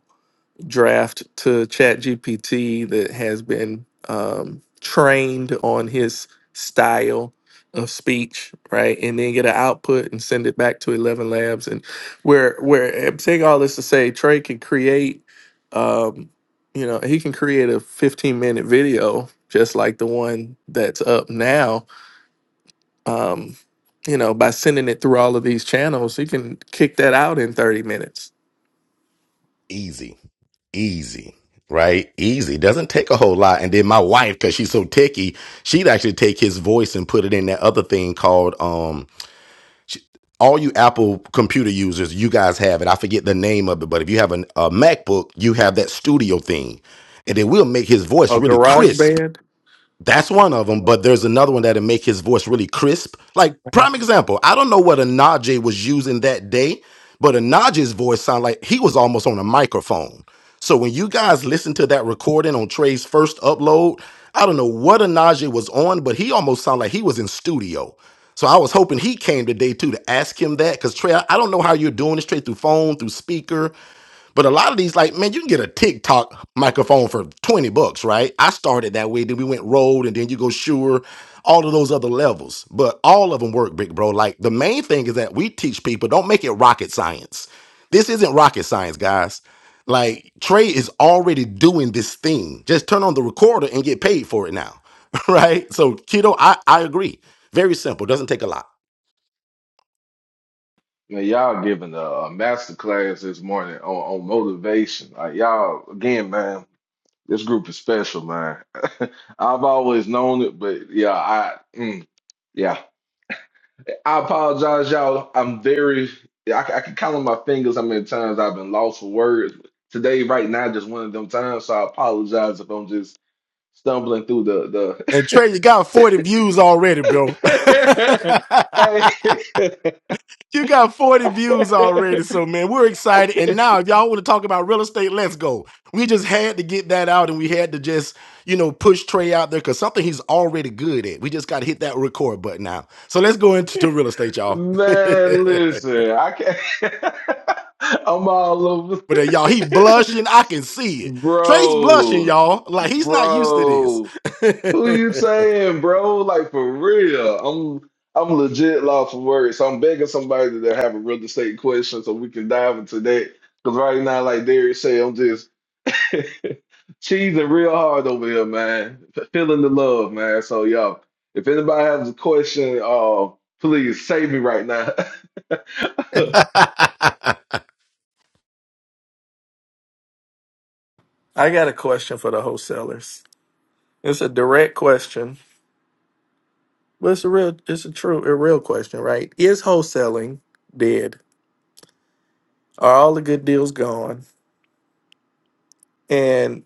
S2: draft to ChatGPT that has been um, trained on his style of speech, right? And then get an output and send it back to Eleven Labs. And where where I'm saying all this to say, Trey can create, um, you know, he can create a 15 minute video just like the one that's up now. Um, you know, by sending it through all of these channels, he can kick that out in 30 minutes.
S6: easy. Easy. Right? Easy. Doesn't take a whole lot. And then my wife, because she's so techie, she'd actually take his voice and put it in that other thing called um she, all you Apple computer users, you guys have it. I forget the name of it, but if you have an, a MacBook, you have that studio thing. And then we'll make his voice
S2: Oh,
S6: really crisp
S2: GarageBand.
S6: That's one of them, but there's another one that'll make his voice really crisp. Like prime example, I don't know what Anaje was using that day, but Anaje's voice sounded like he was almost on a microphone. So when you guys listen to that recording on Trey's first upload, I don't know what Anaje was on, but he almost sounded like he was in studio. So I was hoping he came today too to ask him that, because Trey, I I don't know how you're doing this, Trey, through phone, through speaker. But a lot of these, like, man, you can get a TikTok microphone for 20 bucks, right? I started that way. Then we went Rode and then you go Shure, all of those other levels. But all of them work, big bro. Like, the main thing is that we teach people don't make it rocket science. This isn't rocket science, guys. Like, Trey is already doing this thing. Just turn on the recorder and get paid for it now, [LAUGHS] right? So, kiddo, I, I agree. Very simple. Doesn't take a lot.
S1: Man, y'all giving a, a master class this morning on, on motivation. Like y'all again, man. This group is special, man. [LAUGHS] I've always known it, but yeah, I mm, yeah. I apologize, y'all. I'm very I, c- I can count on my fingers how many times I've been lost for words. Today, right now, just one of them times. So I apologize if I'm just stumbling through the
S6: And Trey, you got 40 views already, bro.
S1: the. [LAUGHS] Hey,
S6: [LAUGHS] You got 40 views already, so
S1: [LAUGHS]
S6: man, we're excited. And now, if y'all want to talk about real estate, let's go. We just had to get that out and we had to just, you know, push Trey out there because something he's already good at. We just got to hit that record button now. So let's go into to real estate, y'all. [LAUGHS]
S1: man,
S6: but
S1: listen, I can't. [LAUGHS] I'm all
S6: uh, y'all, he
S1: over,
S6: blushing. I can
S1: [LAUGHS]
S6: see it. Trey's blushing,
S1: bro.
S6: y'all. Like he's not used to this.
S1: Bro, who you saying, bro? Like for real. I'm I'm legit lost for words. So I'm begging somebody to have a real estate question so we can dive into that. Cause right now, like Derek said, I'm just [LAUGHS] cheesing real hard over here, man. F- Feeling the love, man. So y'all, if anybody has a question, uh, please save me right now. [LAUGHS]
S6: [LAUGHS]
S2: I got a question for the wholesalers. It's a direct question, but it's a real, it's a true, a real question, right? Is wholesaling dead? Are all the good deals gone? And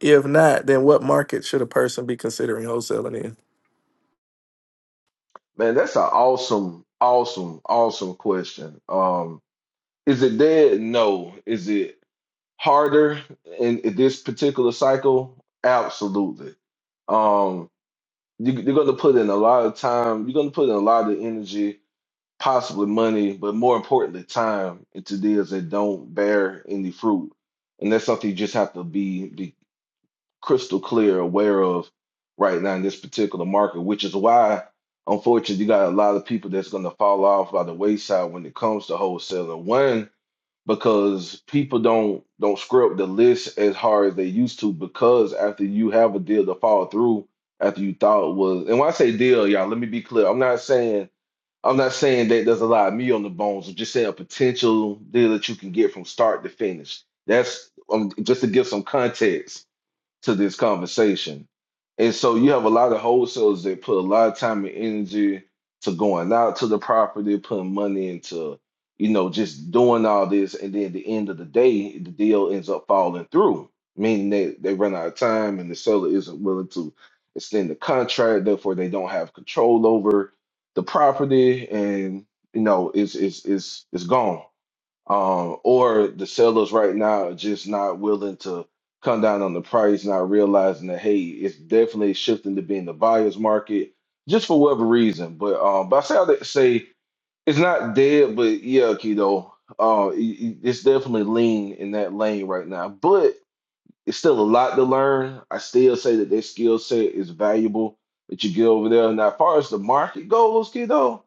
S2: if not, then what market should a person be considering wholesaling in?
S1: Man, that's an awesome, awesome, awesome question. Um, is it dead? No. Is it? harder in, in this particular cycle? Absolutely. Um, you, you're going to put in a lot of time. You're going to put in a lot of energy, possibly money, but more importantly, time into deals that don't bear any fruit. And that's something you just have to be be crystal clear, aware of right now in this particular market, which is why, unfortunately, you got a lot of people that's going to fall off by the wayside when it comes to wholesaling. One because people don't don't screw up the list as hard as they used to because after you have a deal to follow through after you thought was and when I say deal, y'all, let me be clear. I'm not saying I'm not saying that there's a lot of meat on the bones. I'm just saying a potential deal that you can get from start to finish. That's um, just to give some context to this conversation. And so you have a lot of wholesalers that put a lot of time and energy to going out to the property, putting money into, you know, just doing all this. And then at the end of the day, the deal ends up falling through, meaning that they run out of time and the seller isn't willing to extend the contract. Therefore, they don't have control over the property and, you know, it's, it's, it's, it's gone um, or the sellers right now are just not willing to come down on the price, not realizing that hey, it's definitely shifting to being the buyer's market, just for whatever reason. But um, but I say all that to say it's not dead, but yeah, keto, uh, it- it- it's definitely lean in that lane right now. But it's still a lot to learn. I still say that their skill set is valuable that you get over there. Now, as far as the market goes, keto.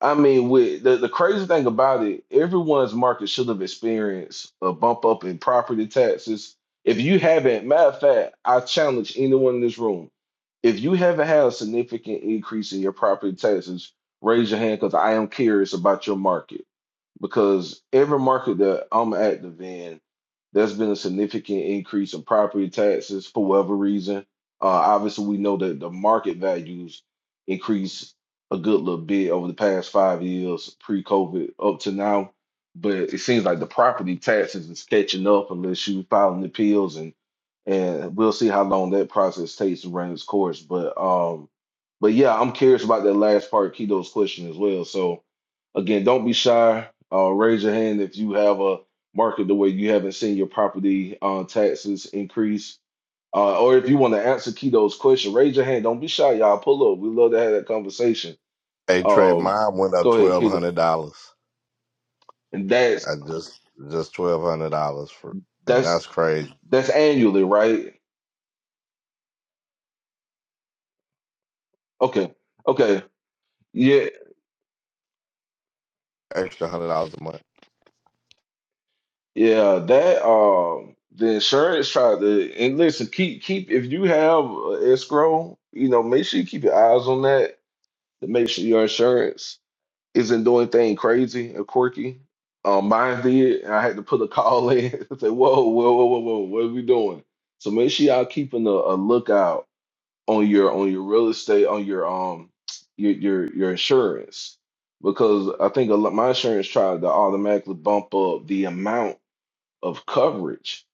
S1: I mean, with the, the crazy thing about it, everyone's market should have experienced a bump up in property taxes. If you haven't, matter of fact, I challenge anyone in this room. If you haven't had a significant increase in your property taxes, raise your hand because I am curious about your market because every market that I'm active in, there's been a significant increase in property taxes for whatever reason. Uh, obviously, we know that the market values increased a good little bit over the past five years, pre-COVID up to now. But it seems like the property taxes is catching up unless you filing appeals, and and we'll see how long that process takes to run its course. But um, but yeah, I'm curious about that last part, Kido's question as well. So Again, don't be shy. Uh, raise your hand if you have a market the way you haven't seen your property uh, taxes increase. Uh, or if you want to answer Keto's question, raise your hand. Don't be shy, y'all. Pull up. We love to have that conversation.
S3: Hey Trey,
S1: Um,
S3: mine went up
S1: go ahead,
S3: twelve
S1: Keto.
S3: hundred dollars.
S1: And that's
S3: I just just twelve hundred dollars for and
S1: that's
S3: that's crazy.
S1: that's annually, right? Okay. Okay. Yeah.
S3: Extra hundred dollars a month.
S1: Yeah, that um the insurance tried to and listen, keep keep if you have uh, escrow, you know, make sure you keep your eyes on that to make sure your insurance isn't doing anything crazy or quirky. Um, mine did, and I had to put a call in [LAUGHS] and say, "Whoa, whoa, whoa, whoa, whoa, what are we doing?" So make sure y'all keeping a, a lookout on your on your real estate, on your um your your your insurance, because I think a lot, my insurance tried to automatically bump up the amount of coverage,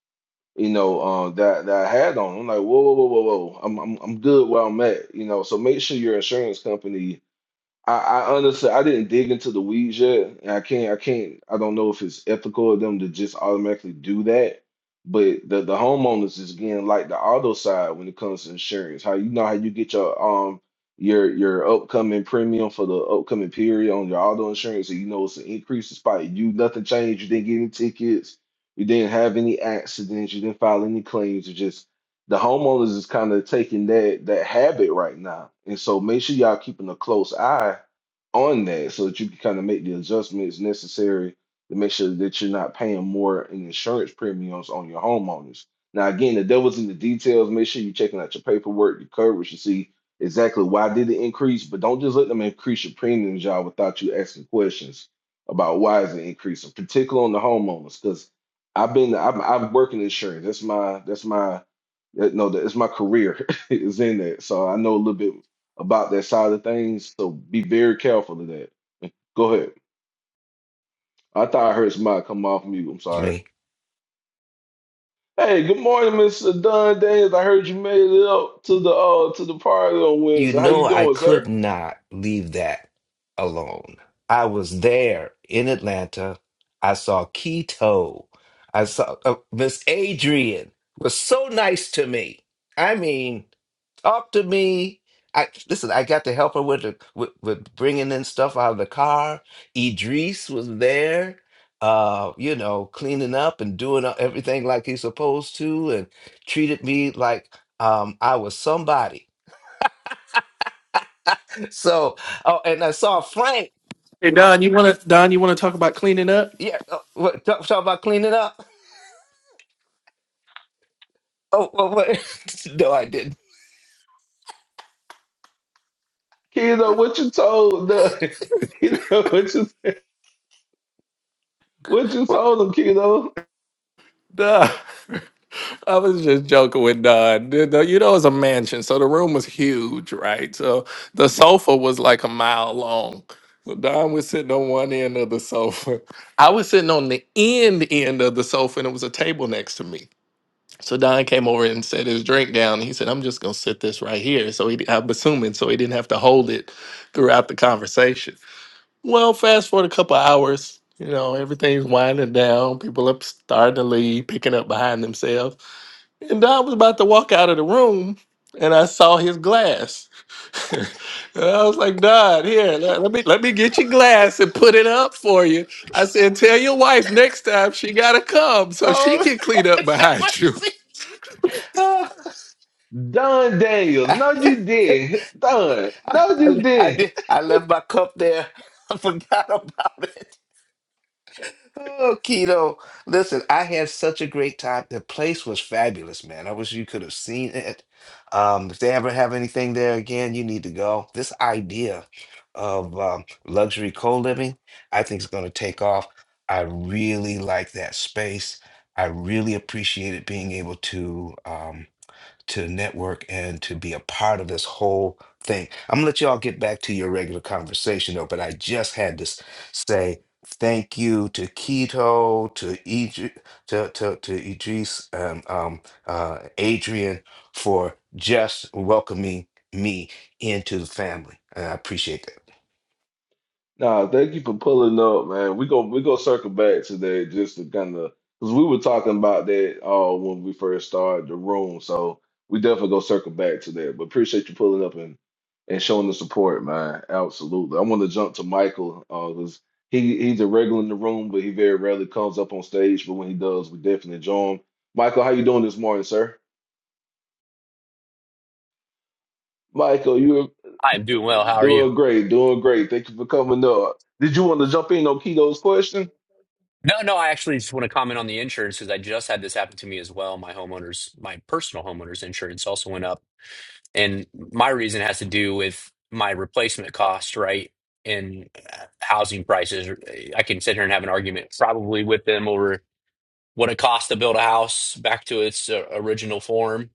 S1: you know, uh, that that I had on. I'm like, whoa, whoa, whoa, whoa, whoa, I'm I'm I'm good where I'm at, you know. So make sure your insurance company I, I honestly I didn't dig into the weeds yet, and I can't I can't I don't know if it's ethical of them to just automatically do that. But the the homeowners is again like the auto side when it comes to insurance. How you know how you get your um your your upcoming premium for the upcoming period on your auto insurance, and you know it's an increase despite you nothing changed. You didn't get any tickets, you didn't have any accidents, you didn't file any claims. It just the homeowners is kind of taking that that habit right now. And so make sure y'all keeping a close eye on that so that you can kind of make the adjustments necessary to make sure that you're not paying more in insurance premiums on your homeowners. Now again, the devil's in the details. Make sure you're checking out your paperwork, your coverage to see exactly why did it increase, but don't just let them increase your premiums, y'all, without you asking questions about why is it increasing, particularly on the homeowners, because I've been I've I've worked in insurance. That's my that's my uh, No, that- it's my career [LAUGHS] is in that. So I know a little bit about that side of things. So be very careful of that. [LAUGHS] Go ahead. I thought I heard somebody come off mute. I'm sorry.
S9: me.
S1: Hey, good morning, Mr. Don Daniels. I heard you made it up to the uh to the party on
S9: You
S1: Wednesday. How you
S9: know, I
S1: doing,
S9: could
S1: sir?
S9: not leave that alone. I was there in Atlanta. I saw Keto. I saw uh, Miss Adrian was so nice to me. I mean, talk to me. I listen. I got to help her with, the, with with bringing in stuff out of the car. Idris was there, uh, you know, cleaning up and doing everything like he's supposed to, and treated me like um, I was somebody So, oh, and I saw Frank.
S2: Hey Don, you want to Don, you want to talk about cleaning up?
S9: Yeah, uh, what, talk, talk about cleaning up. Oh, what, what? [LAUGHS] no, I didn't.
S1: Kiddo, what you told the [LAUGHS] kiddo, what you what you told him, kiddo?
S2: Duh. [LAUGHS] I was just joking with Don. The- the- You know, it's a mansion, so the room was huge, right? So the sofa was like a mile long. So Don was sitting on one end of the sofa. I was sitting on the end end of the sofa, and it was a table next to me. So Don came over and set his drink down. He said, "I'm just gonna sit this right here." So he, I'm assuming, so he didn't have to hold it throughout the conversation. Well, fast forward a couple hours, you know, everything's winding down. People up starting to leave, picking up behind themselves. And Don was about to walk out of the room, and I saw his glass. [LAUGHS] and I was like, Don, here, let, let me let me get your glass and put it up for you. I said, tell your wife next time she gotta come so she
S9: Oh,
S2: can
S9: [LAUGHS]
S2: clean up
S9: Lord, have
S2: behind you.
S9: mercy. Oh,
S1: Don
S9: [SIGHS]
S1: Daniels.
S9: I,
S1: No, you did. Don. No, you
S9: I, I
S1: did.
S9: did. I left my cup there. [LAUGHS] I forgot about it. Oh, Keto. Listen, I had such a great time. The place was fabulous, man. I wish you could have seen it. Um, if they ever have anything there again, you need to go. This idea of um, luxury co-living, I think is going to take off. I really like that space. I really appreciated being able to. um, to the network and to be a part of this whole thing. I'm gonna let y'all get back to your regular conversation though, but I just had to s- say thank you to Keto, to Idri- to to, to Idris, um, um, uh, Adrian for just welcoming me into the family. And I appreciate that.
S1: Nah, thank you for pulling up, man. We go we go circle back today just to kind of because we were talking about that uh when we first started the room, so we definitely go circle back to that. But appreciate you pulling up and and showing the support, man. Absolutely. I want to jump to Michael uh because he he's a regular in the room, but he very rarely comes up on stage. But when he does, we definitely enjoy him. Michael, how you doing this morning, sir? Michael, you're
S10: I'm doing well. How are you?
S1: doing great, doing great. Thank you for coming up. Did you want to jump in on Keto's question?
S10: No, no, I actually just want to comment on the insurance because I just had this happen to me as well. My homeowner's, my personal homeowner's insurance also went up. And my reason has to do with my replacement cost, right? And uh, housing prices. I can sit here and have an argument probably with them over what it costs to build a house back to its uh, original form.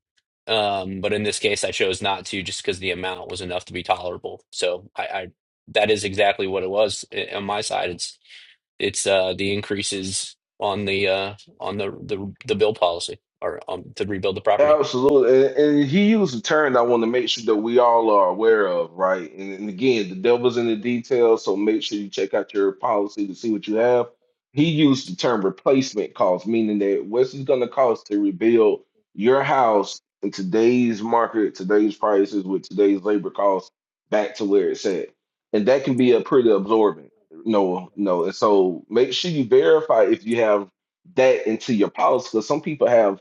S10: Um, but in this case, I chose not to just because the amount was enough to be tolerable. So I, I that is exactly what it was uh, on my side. It's It's uh, the increases on the uh, on the, the the bill policy or um, to rebuild the property.
S1: Absolutely. And, and he used a term that I want to make sure that we all are aware of, right? And, and again, the devil's in the details, so make sure you check out your policy to see what you have. He used the term replacement cost, meaning that what's it going to cost to rebuild your house in today's market, today's prices, with today's labor costs back to where it's at. And that can be a pretty absorbent, no, no. And so make sure you verify if you have that into your policy because some people have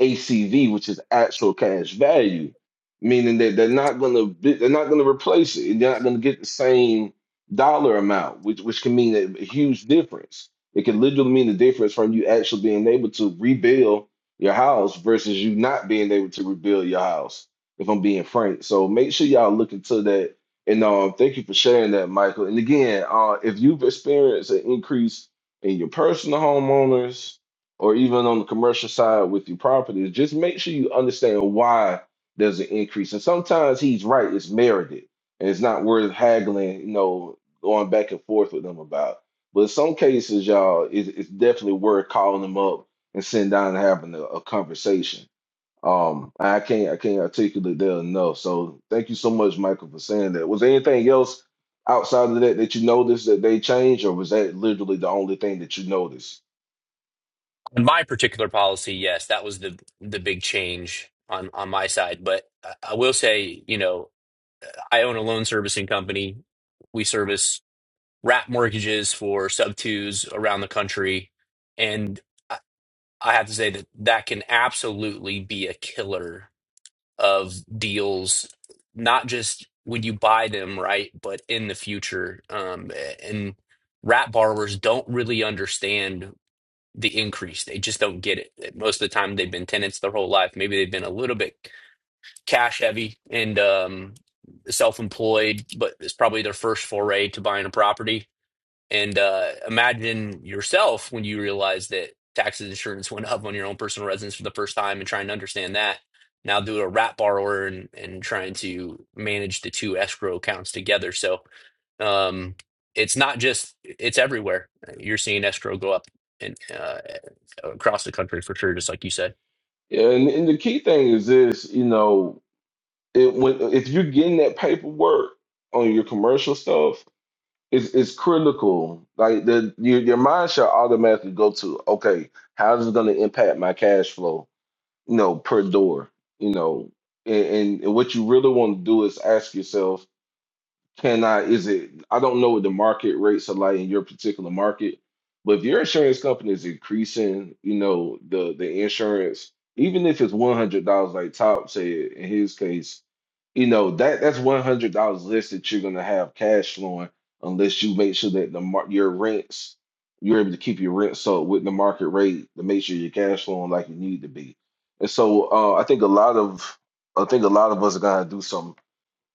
S1: ACV, which is actual cash value, meaning that they're not going to they're not going to replace it. They're not going to get the same dollar amount, which which can mean a huge difference. It can literally mean the difference from you actually being able to rebuild your house versus you not being able to rebuild your house. If I'm being frank, so make sure y'all look into that. And um, thank you for sharing that, Michael. And again, uh, if you've experienced an increase in your personal homeowners or even on the commercial side with your properties, just make sure you understand why there's an increase. And sometimes he's right, it's merited. And it's not worth haggling, you know, going back and forth with them about. But in some cases, y'all, it's, it's definitely worth calling them up and sitting down and having a, a conversation. Um, I can't I can't articulate that enough. So thank you so much, Michael, for saying that. Was there anything else outside of that that you noticed that they changed, or was that literally the only thing that you noticed?
S10: In my particular policy, yes, that was the the big change on on my side. But I I will say, you know, I own a loan servicing company. We service wrap mortgages for sub twos around the country, and I I have to say that that can absolutely be a killer of deals, not just when you buy them, right, but in the future. Um, and rat borrowers don't really understand the increase. They just don't get it. Most of the time, they've been tenants their whole life. Maybe they've been a little bit cash heavy and um, self employed, but it's probably their first foray to buying a property and uh, imagine yourself when you realize that taxes and insurance went up on your own personal residence for the first time and trying to understand that. Now do a wrap borrower and, and trying to manage the two escrow accounts together. So um, it's not just, it's everywhere. You're seeing escrow go up and uh, across the country for sure, just like you said.
S1: Yeah, and, and the key thing is this, you know, it, when if you're getting that paperwork on your commercial stuff, it's it's critical. Like the your your mind should automatically go to, okay, how is it going to impact my cash flow, you know, per door, you know, and, and, and what you really want to do is ask yourself can I, is it, I don't know what the market rates are like in your particular market, but if your insurance company is increasing, you know, the the insurance, even if it's $100, like Top said in his case, you know, that that's $100 less that you're going to have cash flowing unless you make sure that the mar your rents, you're able to keep your rents up with the market rate to make sure your cash flowing like you need to be. And so uh, I think a lot of, I think a lot of us are going to do something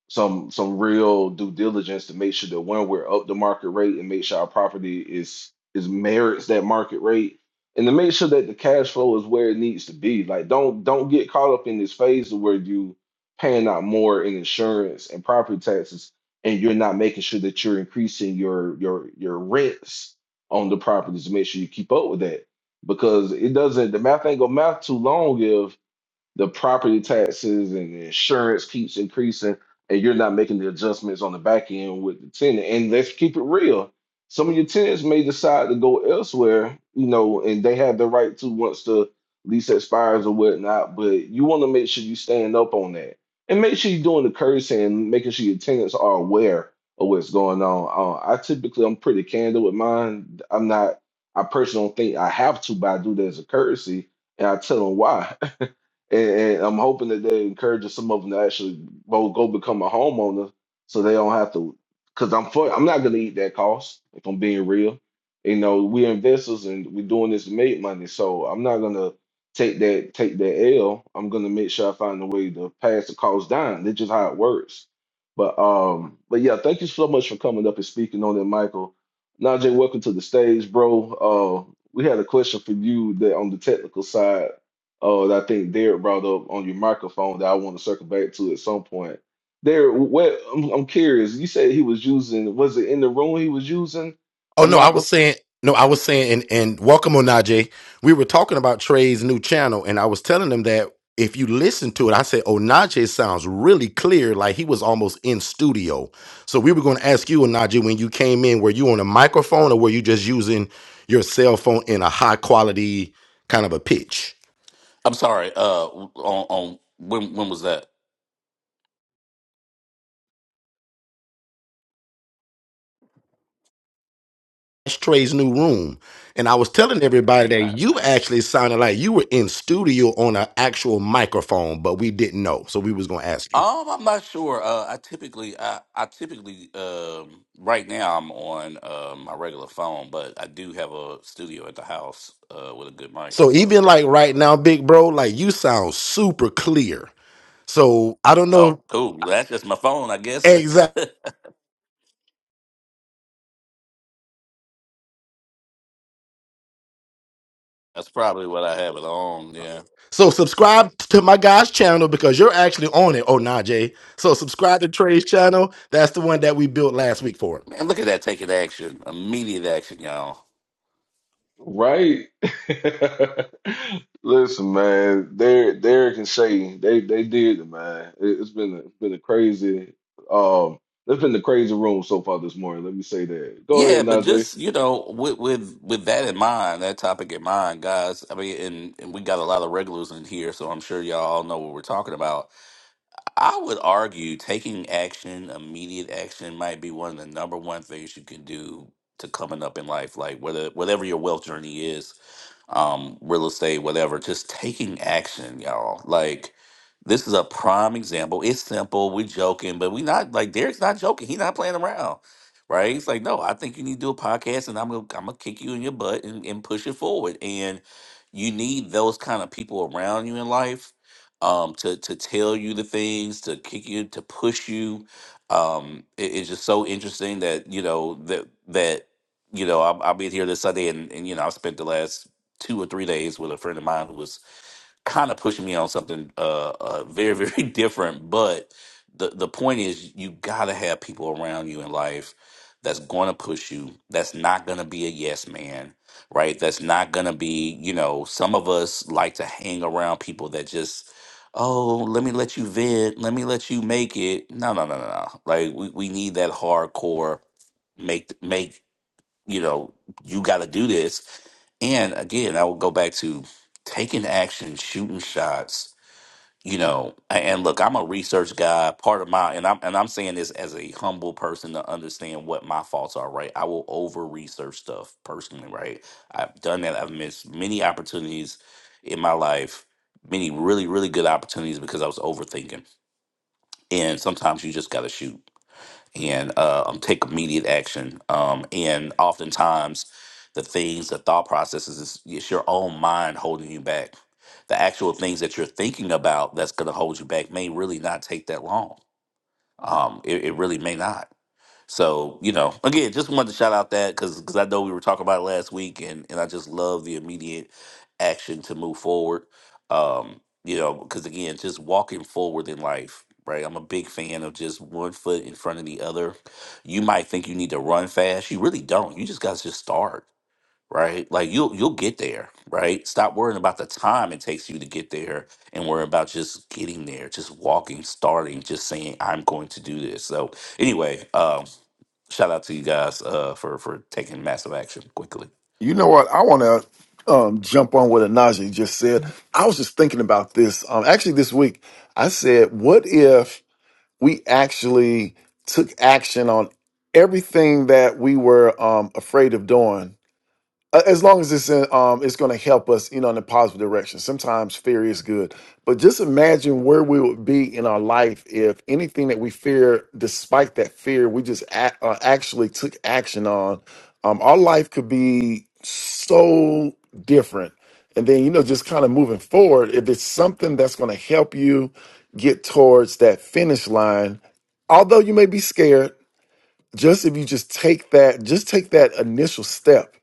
S1: some some real due diligence to make sure that when we're up the market rate and make sure our property is is merits that market rate and to make sure that the cash flow is where it needs to be like don't don't get caught up in this phase where you paying out more in insurance and property taxes and you're not making sure that you're increasing your your your rents on the properties to make sure you keep up with that because it doesn't the math ain't gonna math too long if the property taxes and the insurance keeps increasing and you're not making the adjustments on the back end with the tenant. And let's keep it real. Some of your tenants may decide to go elsewhere, you know, and they have the right to once the lease expires or whatnot, but you want to make sure you stand up on that. And make sure you're doing the courtesy and making sure your tenants are aware of what's going on. Uh, I typically I'm pretty candid with mine. I'm not I personally don't think I have to, but I do that as a courtesy and I tell them why. [LAUGHS] and, and I'm hoping that they encourage some of them to actually go go become a homeowner, so they don't have to. Because I'm for, I'm not gonna eat that cost if I'm being real. You know, we're investors and we're doing this to make money, so I'm not gonna take that take that L. I'm gonna make sure I find a way to pass the cost down. That's just how it works. But um, but yeah, thank you so much for coming up and speaking on that, Michael. Najee, welcome to the stage, bro. Uh, we had a question for you that on the technical side Oh, I think Derek brought up on your microphone that I want to circle back to at some point. Derek, what I'm, I'm curious. You said he was using, was it in the room he was using a
S6: Oh no, I was
S1: microphone?
S6: saying no, I was saying and, and welcome Onaje. We were talking about Trey's new channel, and I was telling them that if you listen to it, I said Onaje sounds really clear, like he was almost in studio. So we were going to ask you, Onaje, when you came in, were you on a microphone or were you just using your cell phone in a high quality kind of a pitch?
S11: I'm sorry. Uh, on, on when when was that?
S6: That's Trey's new room. And I was telling everybody that
S11: Ah,
S6: you
S11: nice.
S6: actually sounded like you were in studio on an actual microphone, but we didn't know. So we was gonna ask you.
S11: Um, I'm not sure. Uh, I typically, I, I typically, um, right now I'm on uh, my regular phone, but I do have a studio at the house uh, with a good mic,
S6: So
S11: so
S6: even like
S11: you
S6: right
S11: know.
S6: now, big bro, like you sound super clear. So I don't know
S11: Oh, cool. That's just my phone, I guess. [LAUGHS]
S6: exact.
S11: That's probably what I have it on. Yeah.
S6: So subscribe to my guy's channel because you're actually on it. Oh nah, Jay. So subscribe to Trey's channel. That's the one that we built last week for
S11: Man, look at that taking action, immediate action, y'all.
S1: Right. [LAUGHS] Listen, man, Derek, Derek and Shay, they they did it, man. It, it's been a, it's been a crazy, um, it's been the crazy room so far this morning. Let me say that. Go
S11: Yeah,
S1: ahead,
S11: but
S1: Najee.
S11: just you know, with with with that in mind, that topic in mind, guys. I mean, and, and we got a lot of regulars in here, so I'm sure y'all all know what we're talking about. I would argue taking action, immediate action, might be one of the number one things you can do to coming up in life, like whether whatever your wealth journey is um, real estate, whatever, just taking action, y'all. Like, this is a prime example. It's simple. We're joking, but we not like Derek's not joking. He's not playing around, right? He's like, no, I think you need to do a podcast, and I'm gonna I'm gonna kick you in your butt and, and push it forward. And you need those kind of people around you in life um, to to tell you the things, to kick you, to push you. Um, it- it's just so interesting that you know that that you know I'll, I'll be here this Sunday, and, and you know I've spent the last two or three days with a friend of mine who was kind of pushing me on something uh, uh very [LAUGHS] very different but the the point is you gotta have people around you in life that's gonna push you that's not gonna be a yes man right that's not gonna be you know some of us like to hang around people that just oh let me let you vent let me let you make it no no no no no like we, we need that hardcore make make you know you gotta do this and again, I will go back to taking action, shooting shots. You know, a- and look, I'm a research guy. Part of my and I'm and I'm saying this as a humble person to understand what my faults are. Right, I will over research stuff personally. Right, I've done that. I've missed many opportunities in my life, many really really good opportunities because I was overthinking. And sometimes you just got to shoot and uh, um, take immediate action. Um, and oftentimes, the things, the thought processes, is it's your own mind holding you back. The actual things that you're thinking about that's going to hold you back may really not take that long. Um, it, it really may not. So you know, again, just wanted to shout out that because because I know we were talking about it last week, and and I just love the immediate action to move forward. Um, you know, because again, just walking forward in life, right? I'm a big fan of just one foot in front of the other. You might think you need to run fast, you really don't. You just got to just start, right? Like you'll you'll get there, right? Stop worrying about the time it takes you to get there, and worry about just getting there, just walking, starting, just saying, "I'm going to do this." So anyway, um, shout out to you guys uh, for for taking massive action quickly.
S8: You know what? I want to um, jump on what Anaji just said. I was just thinking about this. Um, actually, this week, I said, what if we actually took action on everything that we were um, afraid of doing? a- as long as it's in, um it's going to help us you know in a positive direction sometimes fear is good but just imagine where we would be in our life if anything that we fear despite that fear we just a- uh, actually took action on um our life could be so different and then you know just kind of moving forward if it's something that's going to help you get towards that finish line although you may be scared just if you just take that just take that initial step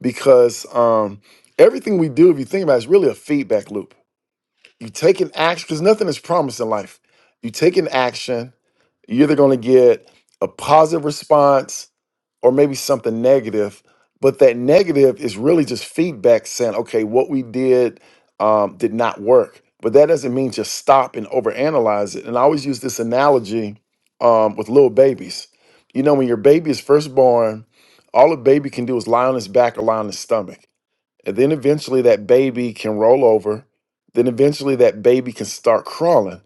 S8: because um everything we do if you think about it is really a feedback loop you take an action because nothing is promised in life you take an action you're either going to get a positive response or maybe something negative, but that negative is really just feedback saying, okay, what we did um, did not work. But that doesn't mean just stop and overanalyze it. And I always use this analogy um, with little babies. You know, when your baby is first born, all a baby can do is lie on his back or lie on his stomach. And then eventually that baby can roll over. Then eventually that baby can start crawling.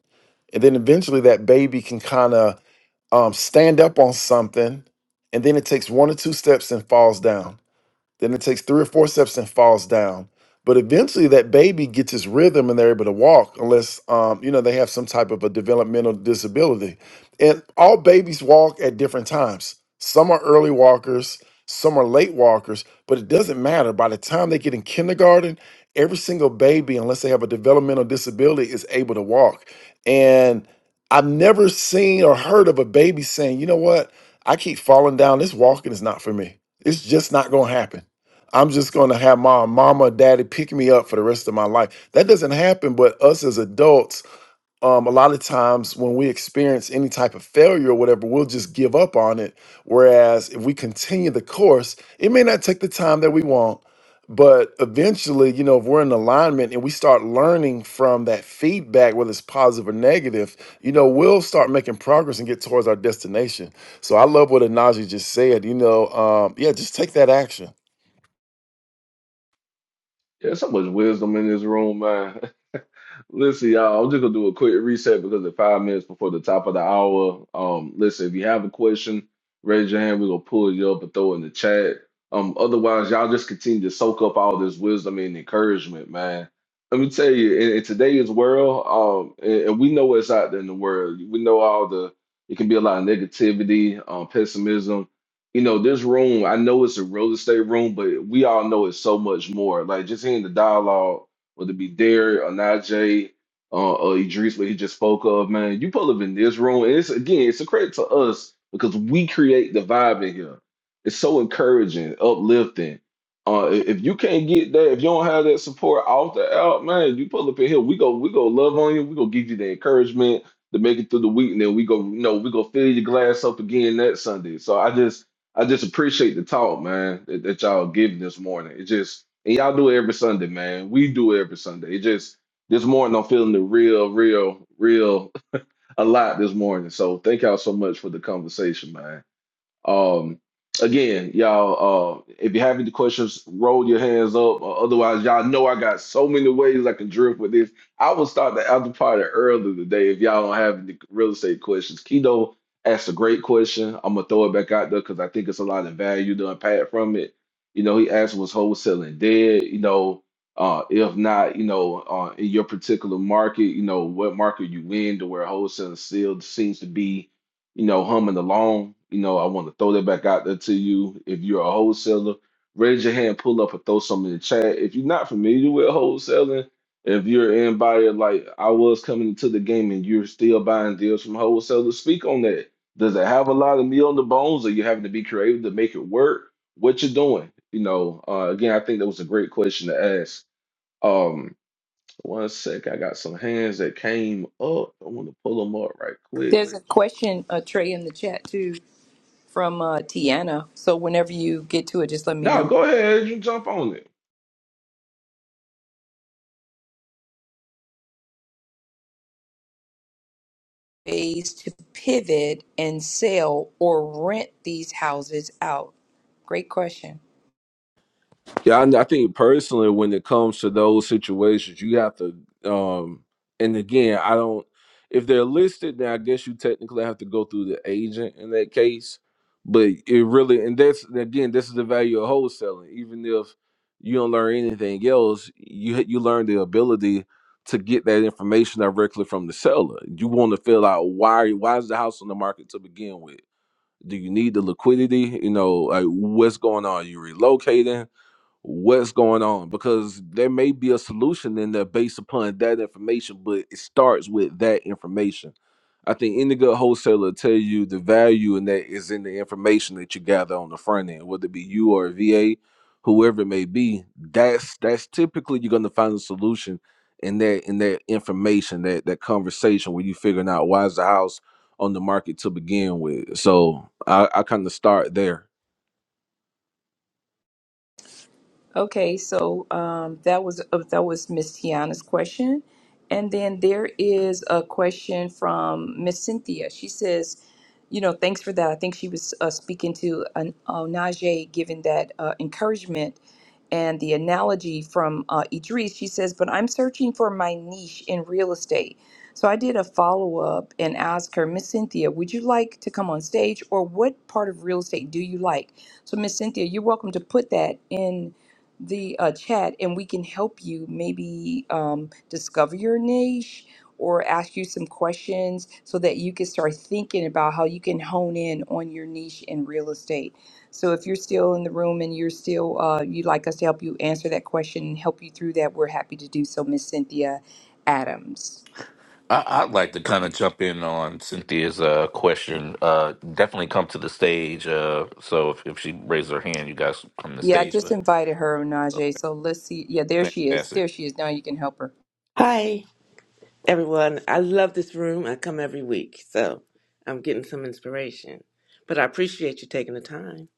S8: And then eventually that baby can kind of um, stand up on something, and then it takes one or two steps and falls down. Then it takes three or four steps and falls down. But eventually, that baby gets his rhythm and they're able to walk, unless um, you know they have some type of a developmental disability. And all babies walk at different times. Some are early walkers, some are late walkers, but it doesn't matter. By the time they get in kindergarten, every single baby, unless they have a developmental disability, is able to walk. And I've never seen or heard of a baby saying, "You know what? I keep falling down. This walking is not for me. It's just not going to happen." I'm just going to have my mama or daddy pick me up for the rest of my life. That doesn't happen, but us as adults, um, a lot of times when we experience any type of failure or whatever, we'll just give up on it. Whereas if we continue the course, it may not take the time that we want, but eventually, you know, if we're in alignment and we start learning from that feedback, whether it's positive or negative, you know, we'll start making progress and get towards our destination. So I love what Anaji just said. You know, um, yeah, just take that action
S1: Yeah, so much wisdom in this room, man. [LAUGHS] Listen, y'all, I'm just gonna do a quick reset because it's five minutes before the top of the hour. Um, listen, if you have a question, raise your hand. We're gonna pull you up and throw it in the chat. Um, otherwise, y'all just continue to soak up all this wisdom and encouragement, man. Let me tell you, in, in today's world, um, and, and we know what's out there in the world. We know all the. It can be a lot of negativity, um, pessimism. You know, this room. I know it's a real estate room, but we all know it's so much more. Like just hearing the dialogue whether it be Derek or Najee uh, or Idris, what he just spoke of, man, you pull up in this room, and it's again, it's a credit to us because we create the vibe in here. It's so encouraging, uplifting. Uh, i- if you can't get that, if you don't have that support off the out, man, you pull up in here, we go, we go love on you, we go give you the encouragement to make it through the week, and then we go, you know, we go fill your glass up again that Sunday. So I just I just appreciate the talk, man, that, that y'all give this morning. It just and y'all do it every Sunday, man. We do it every Sunday. It just this morning I'm feeling the real, real, real [LAUGHS] a lot this morning. So thank y'all so much for the conversation, man. Um, again, y'all, uh, if you have any questions, roll your hands up. Uh, otherwise, y'all know I got so many ways I can drift with this. I will start the after party early today if y'all don't have any real estate questions. Keto asked a great question. I'm gonna throw it back out there because I think it's a lot of value to unpack from it. You know, he asked was wholesaling dead. You know, uh, if not, you know, uh, in your particular market, you know, what market you in to where wholesaling still seems to be you know, humming along. You know, I want to throw that back out there to you. If you're a wholesaler, raise your hand, pull up, or throw some in the chat. If you're not familiar with wholesaling, if you're anybody like I was coming into the game and you're still buying deals from wholesalers, speak on that. Does it have a lot of meat on the bones? or you having to be creative to make it work? What you're doing? You know, uh, again, I think that was a great question to ask. Um, one sec, I got some hands that came up. I want to pull them up right quick.
S4: there's a question uh trey in the chat too from uh tiana so whenever you get to it just let me
S1: No,
S4: know
S1: go ahead. You jump on it.
S4: ways to pivot and sell or rent these houses out? Great question.
S1: Yeah, I, I think personally, when it comes to those situations, you have to. um And again, I don't. If they're listed, then I guess you technically have to go through the agent in that case. But it really, and that's again, this is the value of wholesaling. Even if you don't learn anything else, you you learn the ability to get that information directly from the seller. You want to feel out why why is the house on the market to begin with? Do you need the liquidity? You know, like what's going on? Are you relocating? what's going on because there may be a solution in there based upon that information, but it starts with that information. I think any good wholesaler will tell you the value in that is in the information that you gather on the front end, whether it be you or a VA, whoever it may be. That's that's typically you're gonna find a solution in that in that information, that that conversation where you figuring out why is the house on the market to begin with. So I, I kind of start there.
S4: Okay, so um, that was uh, that was Miss Tiana's question, and then there is a question from Miss Cynthia. She says, "You know, thanks for that. I think she was uh, speaking to an, uh, Najee, giving that uh, encouragement and the analogy from uh, Idris." She says, "But I'm searching for my niche in real estate." So I did a follow up and asked her, Miss Cynthia, would you like to come on stage, or what part of real estate do you like? So Miss Cynthia, you're welcome to put that in the uh, chat and we can help you maybe um, discover your niche or ask you some questions so that you can start thinking about how you can hone in on your niche in real estate. So if you're still in the room and you're still uh, you'd like us to help you answer that question and help you through that, we're happy to do so, Miss Cynthia Adams.
S11: I, I'd like to kind of jump in on Cynthia's uh, question. Uh, definitely come to the stage. Uh, so if, if she raises her hand, you guys come to the
S4: Yeah, I
S11: stage.
S4: just
S11: But
S4: invited her,
S11: uh,
S4: Najee. So let's see. Yeah, there she is.
S11: fantastic,
S4: There she is. Now you can help her.
S12: Hi, everyone. I love this room. I come every week, so I'm getting some inspiration. But I appreciate you taking the time.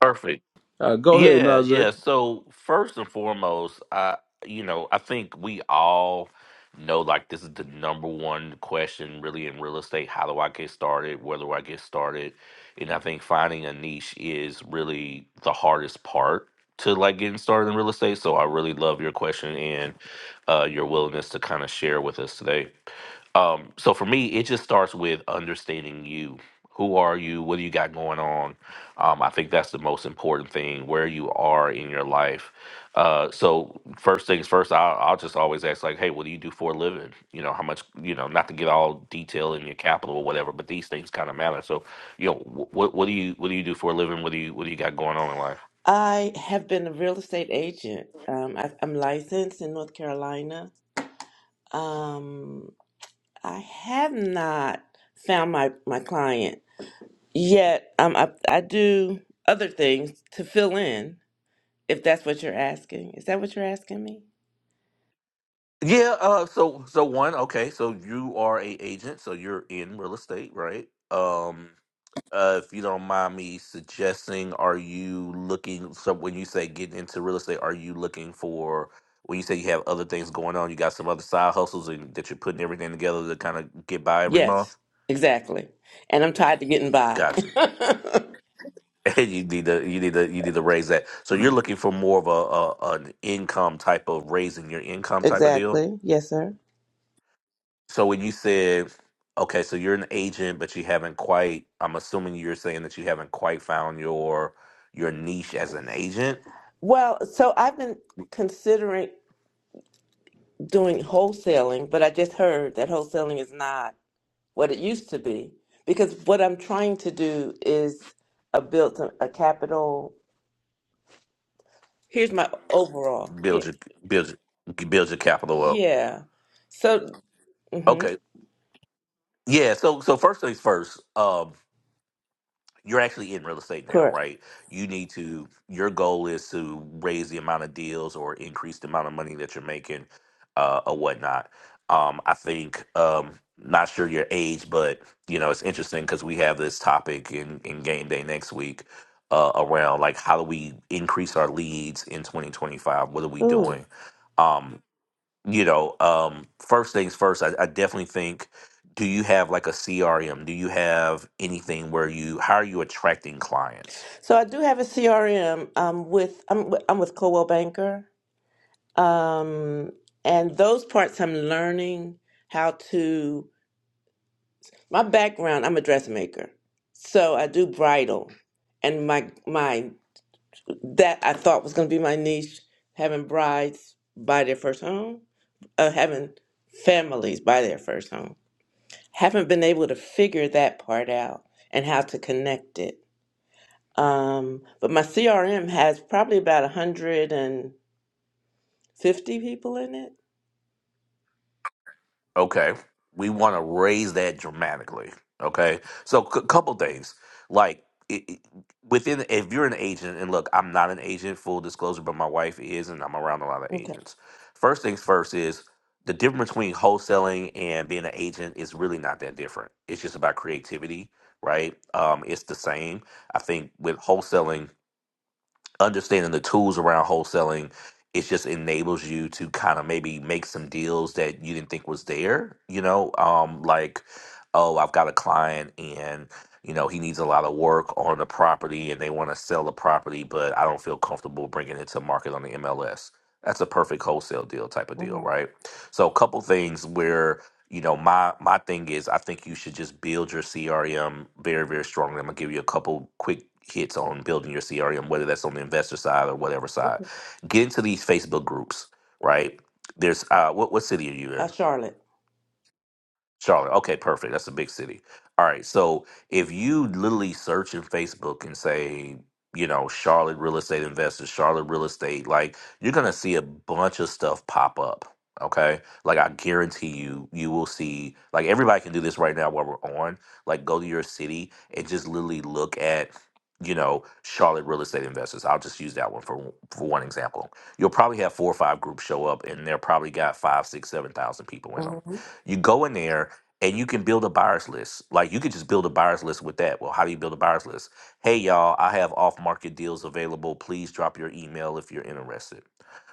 S11: perfect.
S1: Uh, go ahead,
S11: Yeah,
S1: Najee.
S11: yeah. So first and foremost, I you know, I think we all know like this is the number one question really in real estate. How do I get started? Where do I get started? And I think finding a niche is really the hardest part to like getting started in real estate. So I really love your question and uh, your willingness to kind of share with us today um so for me it just starts with understanding you who are you what do you got going on um i think that's the most important thing where you are in your life uh so first things first i'll, I'll just always ask like hey what do you do for a living you know how much you know not to get all detail in your capital or whatever but these things kind of matter so you know wh- what what do you what do you do for a living what do you what do you got going on in life
S12: I have been a real estate agent. Um, I, I'm licensed in North Carolina. Um, I have not found my, my client yet. Um, I, I do other things to fill in, if that's what you're asking. Is that what you're asking me?
S11: yeah uh so so one okay so you are a agent so you're in real estate right um uh, if you don't mind me suggesting, are you looking? So when you say getting into real estate, are you looking for? When you say you have other things going on, you got some other side hustles and that you're putting everything together to kind of get by every
S12: Yes,
S11: month.
S12: exactly. And I'm tired of getting by.
S11: Gotcha. [LAUGHS]
S12: [LAUGHS]
S11: And you need to you need to you need to raise that. So you're looking for more of a, a an income type of raising your income type of deal.
S12: Exactly. Yes, sir.
S11: So when you said okay, so you're an agent, but you haven't quite. I'm assuming you're saying that you haven't quite found your your niche as an agent
S12: Well, so I've been considering doing wholesaling, but I just heard that wholesaling is not what it used to be because what I'm trying to do is a built a capital. Here's my overall. Yeah.
S11: build your build your, build your capital up.
S12: Yeah. So, hmm
S11: Okay, yeah. So so first things first. Um, you're actually in real estate now,
S12: correct.
S11: right? You need to. Your goal is to raise the amount of deals or increase the amount of money that you're making, uh, or whatnot. Um, I think. Um, not sure your age, but you know it's interesting because we have this topic in in game day next week. Uh, around like how do we increase our leads in 2025 what are we
S12: Ooh.
S11: doing um, you know, um, first things first, I, I definitely think do you have like a CRM? Do you have anything where you, how are you attracting clients?
S12: So I do have a CRM um with I'm wi- I'm with Coldwell Banker. Um and those parts I'm learning how to My background, I'm a dressmaker. So I do bridal. And my my that I thought was gonna be my niche, having brides buy their first home, uh, having families buy their first home. Haven't been able to figure that part out and how to connect it. Um, but my CRM has probably about 150 people in it.
S11: Okay. We want to raise that dramatically. Okay. So, a couple things. Like, it, it- within, if you're an agent, and look, I'm not an agent, full disclosure, but my wife is, and I'm around a lot of agents. First things first is the difference between wholesaling and being an agent is really not that different. It's just about creativity, right? Um, it's the same. I think with wholesaling, understanding the tools around wholesaling it just enables you to kind of maybe make some deals that you didn't think was there you know um like oh i've got a client and you know he needs a lot of work on the property and they want to sell the property but i don't feel comfortable bringing it to market on the mls that's a perfect wholesale deal type of deal
S12: hmm
S11: right so a couple things where you know, my my thing is I think you should just build your CRM very, very strongly. I'm gonna give you a couple quick hits on building your CRM, whether that's on the investor side or whatever side.
S12: Okay.
S11: Get into these Facebook groups, right? There's uh what what city are you in?
S12: Uh, Charlotte.
S11: Charlotte. Okay, perfect. That's a big city. All right. So if you literally search in Facebook and say, you know, Charlotte real estate investors, Charlotte real estate, like you're gonna see a bunch of stuff pop up. Okay. Like I guarantee you, you will see like everybody can do this right now while we're on. Like go to your city and just literally look at you know charlotte real estate investors i'll just use that one for for one example you'll probably have four or five groups show up and they're probably got five six seven thousand people in them
S12: hmm
S11: you go in there and you can build a buyers list. Like you could just build a buyers list with that. Well, how do you build a buyers list? Hey y'all, I have off market deals available. Please drop your email if you're interested.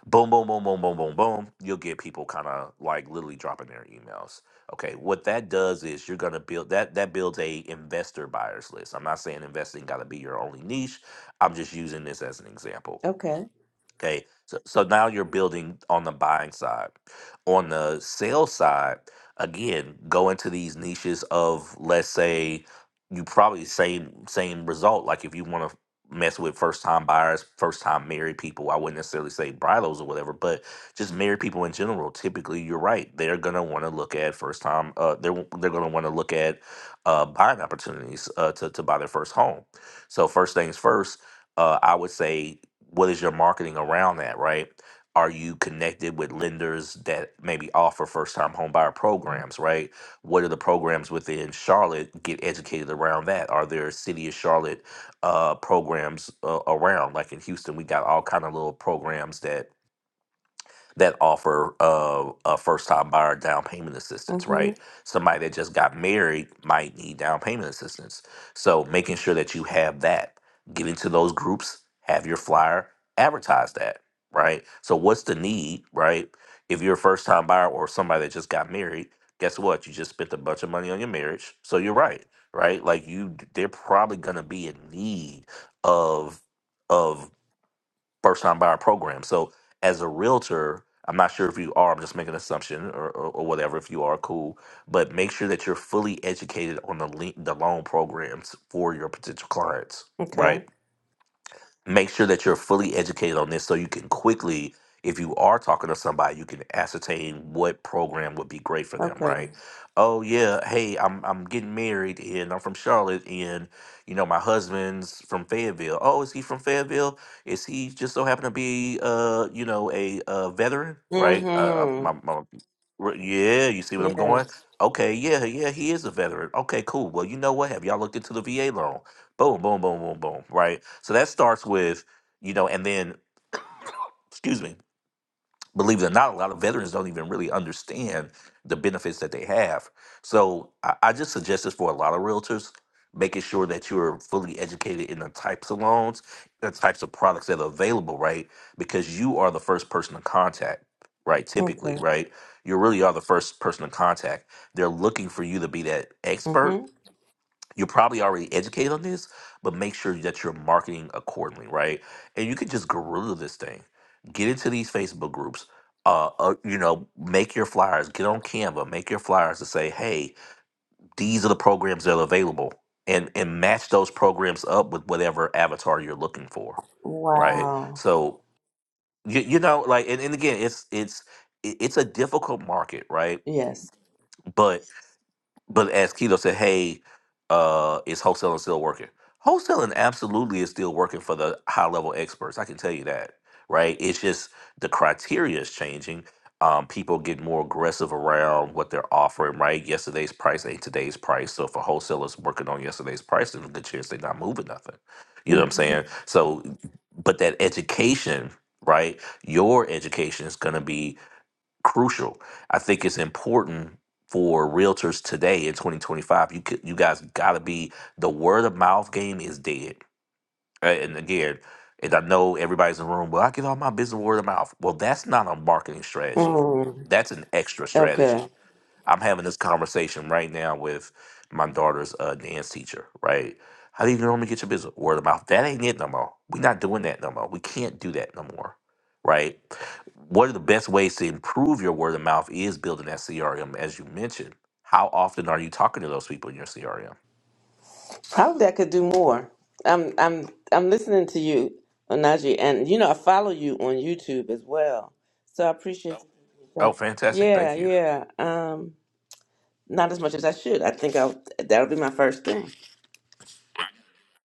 S11: Boom, boom, boom, boom, boom, boom, boom. You'll get people kind of like literally dropping their emails. Okay, what that does is you're gonna build that that builds a investor buyers list. I'm not saying investing gotta be your only niche. I'm just using this as an example
S12: Okay.
S11: Okay. So, so now you're building on the buying side. On the sales side, again, go into these niches of let's say you probably same same result. Like if you want to mess with first time buyers, first time married people, I wouldn't necessarily say brilos or whatever, but just married people in general, typically you're right. They're gonna want to look at first time uh they're they're gonna want to look at uh buying opportunities uh to, to buy their first home. So first things first, uh, I would say what is your marketing around that, right? Are you connected with lenders that maybe offer first time home buyer programs, right? What are the programs within Charlotte? Get educated around that. Are there city of Charlotte uh, programs uh, around? Like in Houston, we got all kind of little programs that that offer uh, a first time buyer down payment assistance,
S12: hmm
S11: right? Somebody that just got married might need down payment assistance. So making sure that you have that, get into those groups, have your flyer, advertise that, right? So what's the need, right? If you're a first time buyer or somebody that just got married, guess what? You just spent a bunch of money on your marriage. So you're right, right? Like you they're probably gonna be in need of of first time buyer program. So as a realtor, I'm not sure if you are, I'm just making an assumption or, or, or whatever. If you are, cool. But make sure that you're fully educated on the le- the loan programs for your potential clients,
S12: Okay.
S11: right? make sure that you're fully educated on this so you can quickly if you are talking to somebody you can ascertain what program would be great for them
S12: Okay.
S11: right oh yeah hey i'm i'm getting married and i'm from charlotte and you know my husband's from fayetteville oh is he from fayetteville is he just so happen to be uh you know a uh veteran right uh, uh,
S12: hmm
S11: my, my r- yeah you see what i'm going
S12: Yes.
S11: okay yeah yeah he is a veteran okay cool well you know what have y'all looked into the va loan Boom, boom, boom, boom, boom. Right. So that starts with, you know, and then, excuse me, believe it or not, a lot of veterans don't even really understand the benefits that they have. So I, I just suggest this for a lot of realtors, making sure that you're fully educated in the types of loans, the types of products that are available, right? Because you are the first person to contact, right? Typically,
S12: Okay.
S11: right? You really are the first person to contact. They're looking for you to be that
S12: hmm
S11: expert you're probably already educated on this, but make sure that you're marketing accordingly, right? And you can just guerrilla this thing. Get into these Facebook groups. Uh, uh, you know, make your flyers. Get on Canva. Make your flyers to say, "Hey, these are the programs that are available," and and match those programs up with whatever avatar you're looking for, right?
S12: Wow.
S11: So you you know, like, and, and again, it's it's it- it's a difficult market, right?
S12: Yes.
S11: But but as Keto said, hey, uh, is wholesaling still working? Wholesaling absolutely is still working for the high level experts. I can tell you that, right? It's just the criteria is changing. Um, people get more aggressive around what they're offering, right? Yesterday's price ain't today's price. So if a wholesaler's working on yesterday's price, there's a good chance they're not moving nothing. You know what I'm
S12: hmm
S11: saying? So, but that education, right? Your education is going to be crucial. I think it's important for realtors today in 2025. You could, you guys got to be the word of mouth game is dead. Uh, And again, and I know everybody's in the room. Well, I get all my business word of mouth. Well, that's not a marketing strategy.
S12: Mm.
S11: That's an extra
S12: Okay.
S11: strategy. I'm having this conversation right now with my daughter's uh, dance teacher, right? How do you normally get your business? Word of mouth. That ain't it no more. We're not doing that no more. We can't do that no more, right? One of the best ways to improve your word of mouth is building that CRM, as you mentioned. How often are you talking to those people in your CRM?
S12: Probably I could do more. I'm I'm I'm listening to you, Onaji, and you know I follow you on YouTube as well. So I appreciate.
S11: Oh,
S12: Oh.
S11: fantastic. Thank
S12: Yeah,
S11: you.
S12: yeah. Um, not as much as I should. I think I'll that'll be my first thing.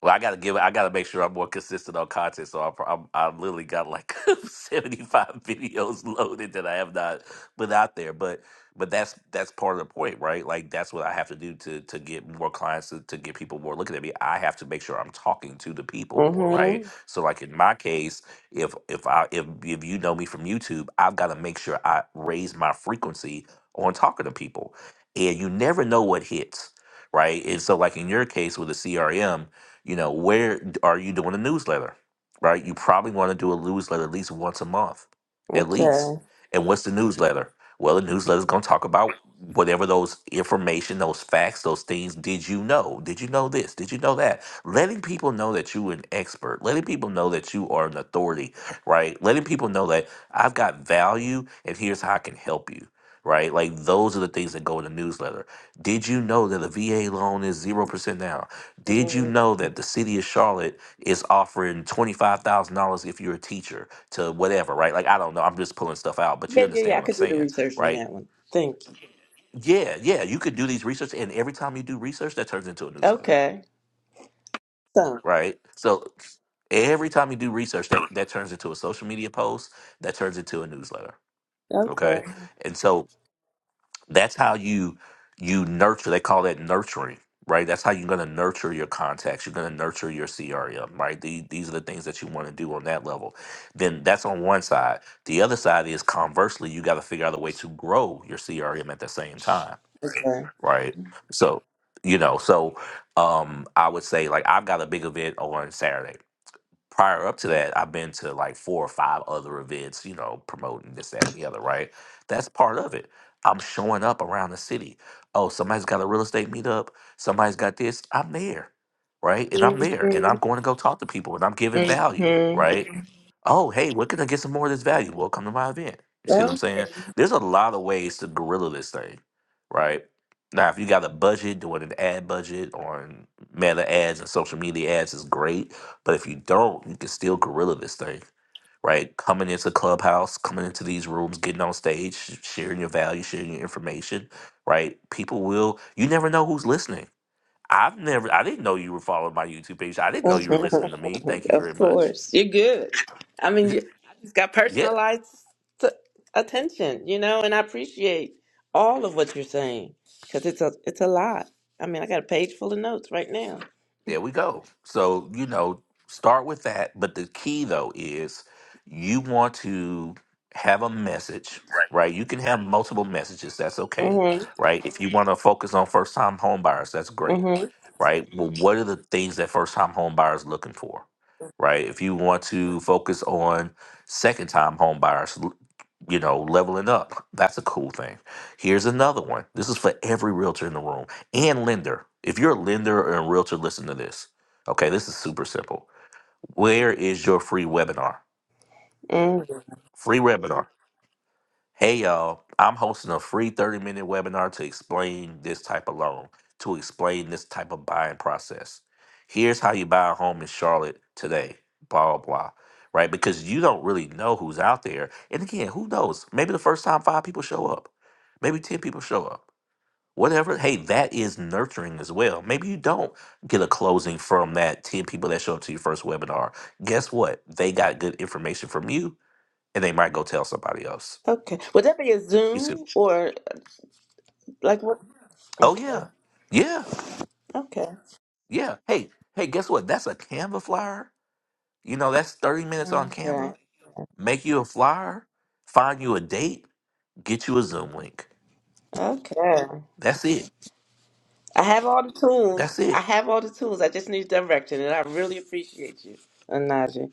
S11: Well, I gotta give. I gotta make sure I'm more consistent on content. So I'm, I'm I've literally got like [LAUGHS] 75 videos loaded that I have not put out there. But but that's that's part of the point, right? Like that's what I have to do to to get more clients to, to get people more looking at me. I have to make sure I'm talking to the people more, right?
S12: Mm-hmm.
S11: So like in my case, if if I if if you know me from YouTube, I've got to make sure I raise my frequency on talking to people, and you never know what hits. Right. And so, like in your case with the CRM, you know, where are you doing a newsletter? Right? You probably want to do a newsletter at least once a month, at least.
S12: Okay.
S11: And what's the newsletter? Well, the newsletter is going to talk about whatever those information, those facts, those things. Did you know? Did you know this? Did you know that? Letting people know that you're an expert, letting people know that you are an authority, right? Letting people know that I've got value and here's how I can help you, right? Like those are the things that go in the newsletter. Did you know that a VA loan is 0% now? Did you
S12: Mhm.
S11: know that the city of Charlotte is offering $25,000 if you're a teacher to whatever, right? Like, I don't know. I'm just pulling stuff out, but you
S12: Yeah, yeah,
S11: understand
S12: yeah. I
S11: what I'm
S12: could do the
S11: saying,
S12: research on
S11: right?
S12: that one. Thank you.
S11: Yeah, yeah. You could do these research, and every time you do research, that turns into a newsletter,
S12: Okay. So
S11: right? So every time you do research, that, that turns into a social media post, that turns into a newsletter,
S12: okay.
S11: okay? And so that's how you you nurture they call that nurturing right that's how you're going to nurture your contacts you're going to nurture your crm right these, these are the things that you want to do on that level then that's on one side the other side is conversely you got to figure out a way to grow your crm at the same time
S12: Okay.
S11: right so you know so um i would say like i've got a big event on saturday prior up to that, I've been to like four or five other events, you know, promoting this, that, and the other, right? That's part of it. I'm showing up around the city. Oh, somebody's got a real estate meetup. Somebody's got this. I'm there, right? And I'm there and
S12: Mm-hmm.
S11: I'm going to go talk to people and I'm giving value,
S12: Mm-hmm.
S11: right? Oh, hey, where can I get some more of this value? Well, come to my event. You see what I'm saying? There's a lot of ways to guerrilla this thing, right? Now, if you got a budget, doing an ad budget on meta ads and social media ads is great but if you don't, you can still guerrilla this thing, right? Coming into clubhouse, coming into these rooms, getting on stage, sh- sharing your value, sharing your information, right? People will. You never know who's listening. I've never. I didn't know you were following my YouTube page. I didn't know you were listening to me. Thank
S12: [LAUGHS]
S11: you very
S12: of
S11: much.
S12: course, you're good. I mean,
S11: [LAUGHS]
S12: you, I just got
S11: Yeah,
S12: personalized t- attention, you know, and I appreciate all of what you're saying because it's a it's a lot. I mean, I got a page full of notes right now.
S11: There we go. So, you know, start with that. But the key, though, is you want to have a message, right? You can have multiple messages. That's okay,
S12: Mhm,
S11: right? If you want to focus on first time home buyers, that's great,
S12: mhm,
S11: right? Well, what are the things that first time home buyers looking for, right? If you want to focus on second time home buyers, l- you know, leveling up, that's a cool thing. Here's another one. This is for every realtor in the room and lender. If you're a lender or a realtor, listen to this. Okay, this is super simple. Where is your free webinar?
S12: mhm.
S11: Free webinar. Hey, y'all, I'm hosting a free 30 minute webinar to explain this type of loan, to explain this type of buying process. Here's how you buy a home in Charlotte today, blah, blah, right? Because you don't really know who's out there. And again, who knows? Maybe the first time five people show up, maybe 10 people show up. whatever. Hey, that is nurturing as well. Maybe you don't get a closing from that 10 people that show up to your first webinar. Guess what? They got good information from you and they might go tell somebody else.
S12: Okay, would that be a
S11: You see?
S12: Zoom or uh, like what?
S11: Oh,
S12: Okay,
S11: yeah. Yeah.
S12: okay,
S11: Yeah. Hey, hey, guess what? That's a Canva flyer. You know, that's 30 minutes on
S12: okay,
S11: Canva. Make you a flyer, find you a date, get you a Zoom link.
S12: okay.
S11: That's it.
S12: I have all the
S11: That's
S12: tools.
S11: it.
S12: I have all the tools. I just need direction, and I really appreciate you, Anaji.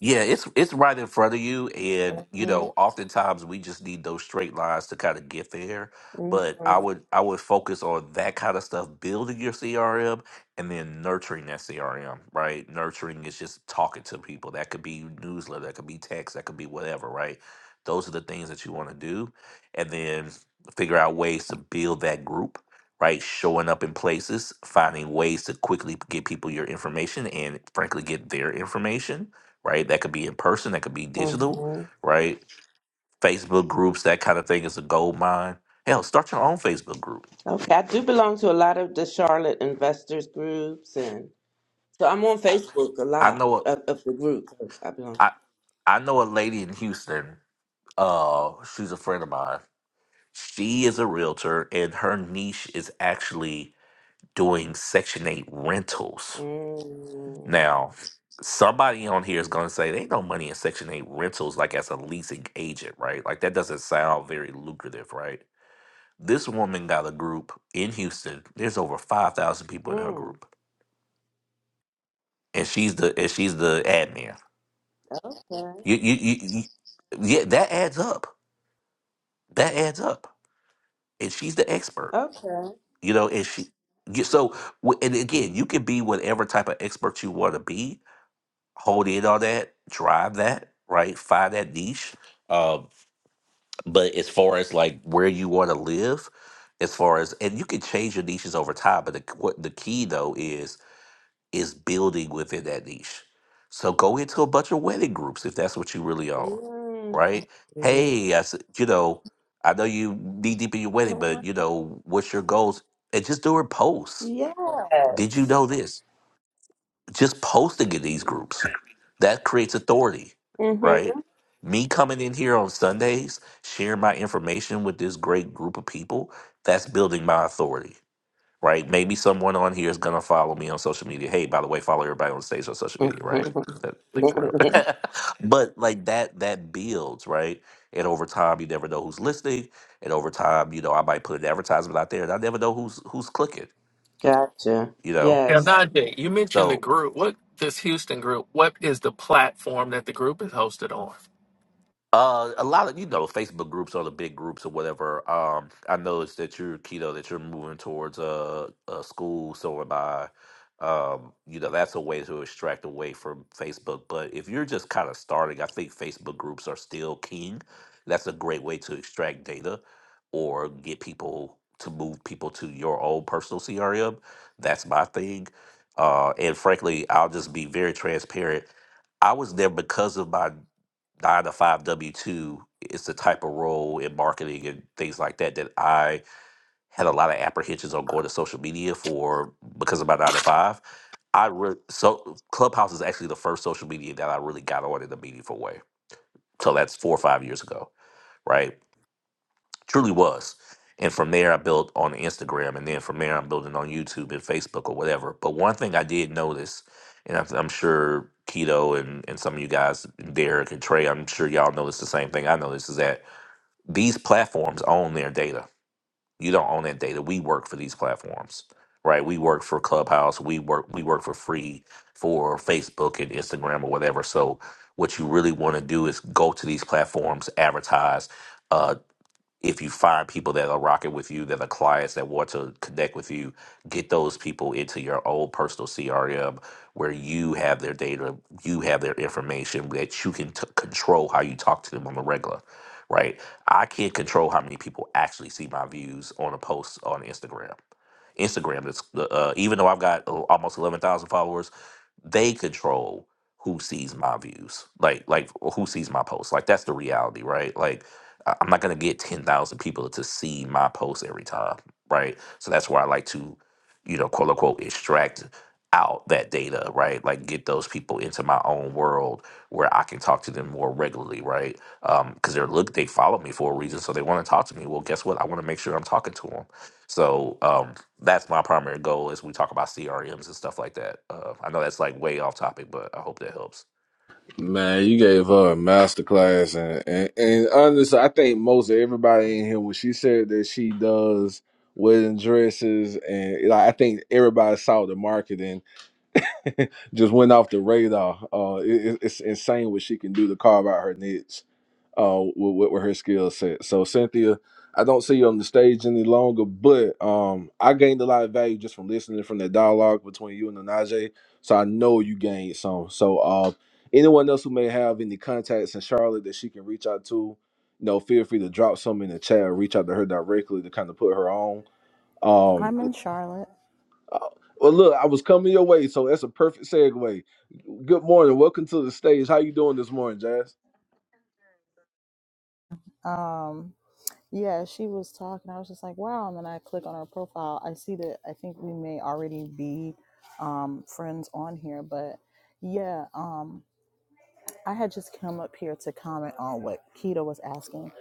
S11: Yeah, it's it's right in front of you, and you know, oftentimes we just need those straight lines to kind of get there.
S12: Mhm,
S11: But I would I would focus on that kind of stuff, building your CRM, and then nurturing that CRM. Right, nurturing is just talking to people. That could be newsletter, that could be text, that could be whatever. Right, those are the things that you want to do, and then figure out ways to build that group. Right, showing up in places, finding ways to quickly get people your information, and frankly, get their information right? That could be in person, that could be digital,
S12: mhm.
S11: right? Facebook groups, that kind of thing is a gold mine. Hell, start your own Facebook group.
S12: Okay, I do belong to a lot of the Charlotte investors groups, and so I'm on Facebook a
S11: I
S12: lot
S11: know a,
S12: of, of the group I belong.
S11: I I know a lady in Houston. Uh, she's a friend of mine. She is a realtor, and her niche is actually doing Section Eight rentals.
S12: Mm,
S11: Now, somebody on here is going to say they ain't no money in Section Eight rentals, like as a leasing agent, right? Like that doesn't sound very lucrative, right? This woman got a group in Houston. There's over five thousand people in her
S12: mm,
S11: group, and she's the and she's the admin.
S12: okay,
S11: You, you, you, you, yeah, that adds up. That adds up, and she's the expert.
S12: okay.
S11: You know, and she. you- So, wh- and again, you can be whatever type of expert you want to be. Hold in on that, drive that, right? Find that niche. Um, but as far as like where you want to live, as far as and you can change your niches over time. But the, what the key though is is building within that niche. So go into a bunch of wedding groups if that's what you really own,
S12: Mm,
S11: right?
S12: mm.
S11: Hey, I said, you know, I know you knee deep in your wedding, but you know, what's your goals? And just doing posts. Did you know
S12: Yes.
S11: this? Just posting in these groups that creates authority, right? Me coming in here on Sundays, sharing my information with this great group of people, that's building my authority right? Maybe someone on here is gonna follow me on social media. Hey, by the way, follow everybody on stage on social media, right?
S12: Mm-hmm.
S11: That like for real.
S12: [LAUGHS]
S11: [LAUGHS] but like that that builds, right? And over time you never know who's listening. And over time, you know, I might put an advertisement out there and I never know who's who's clicking,
S12: gotcha.
S11: you know?
S2: Now,
S12: Yes.
S2: Najee, you mentioned the
S11: So
S2: group. What this Houston group? What is the platform that the group is hosted on?
S11: Uh, a lot of you know Facebook groups are the big groups or whatever. Um, I noticed that you're keto, that you're moving towards a a school, so am I. Um, you know that's a way to extract away from Facebook. But if you're just kind of starting, I think Facebook groups are still king. That's a great way to extract data or get people to move people to your own personal CRM. That's my thing. Uh, and frankly, I'll just be very transparent. I was there because of my nine to five W two is the type of role in marketing and things like that that I had a lot of apprehensions on going to social media for because of my nine to five. I re- so Clubhouse is actually the first social media that I really got on in a meaningful way. So that's four or five years ago, right? Truly was. And from there, I built on Instagram, and then from there, I'm building on YouTube and Facebook or whatever. But one thing I did notice, and I'm I'm sure Keto and, and some of you guys, Derek and Trey, I'm sure y'all noticed the same thing I noticed is that these platforms own their data. You don't own that data. We work for these platforms, right? We work for Clubhouse. We work we work for free for Facebook and Instagram or whatever. So what you really want to do is go to these platforms, advertise. uh, if you find people that are rocking with you, that are clients that want to connect with you, get those people into your own personal CRM where you have their data, you have their information that you can t- control how you talk to them on the regular, right? I can't control how many people actually see my views on a post on Instagram. Instagram, that's uh, uh, even though I've got uh, almost eleven thousand followers, they control who sees my views, like like who sees my posts. Like that's the reality, right? Like I- I'm not going to get 10,000 people to see my post every time, right? So that's where I like to, you know, quote unquote, extract out that data, right? Like get those people into my own world where I can talk to them more regularly, right? Um, cuz they're look they follow me for a reason, so they want to talk to me. Well, guess what? I want to make sure I'm talking to them. So, um that's my primary goal as we talk about CRMs and stuff like that. Uh, I know that's like way off topic, but I hope that helps.
S1: Man, you gave her a masterclass, and, and and honestly, I think most everybody in here when she said that she does wedding dresses, and like, I think everybody saw the marketing, [LAUGHS] just went off the radar. Uh, it, it- it's insane what she can do to carve out her niche uh, with, with, her skill set. So Cynthia, I don't see you on the stage any longer, but um, I gained a lot of value just from listening from that dialogue between you and the Najee. So I know you gained some. So uh, anyone else who may have any contacts in Charlotte that she can reach out to, you know, feel free to drop some in the chat or reach out to her directly to kind of put her on. Um,
S13: I'm in Charlotte.
S1: uh, well, look, I was coming your way, so that's a perfect segue. Good morning, welcome to the stage. How you doing this morning, Jazz?
S13: Um, yeah, she was talking. I was just like, wow. And then I click on her profile. I see that I think we may already be um, friends on here. But yeah, um, I had just come up here to comment on what Keto was asking.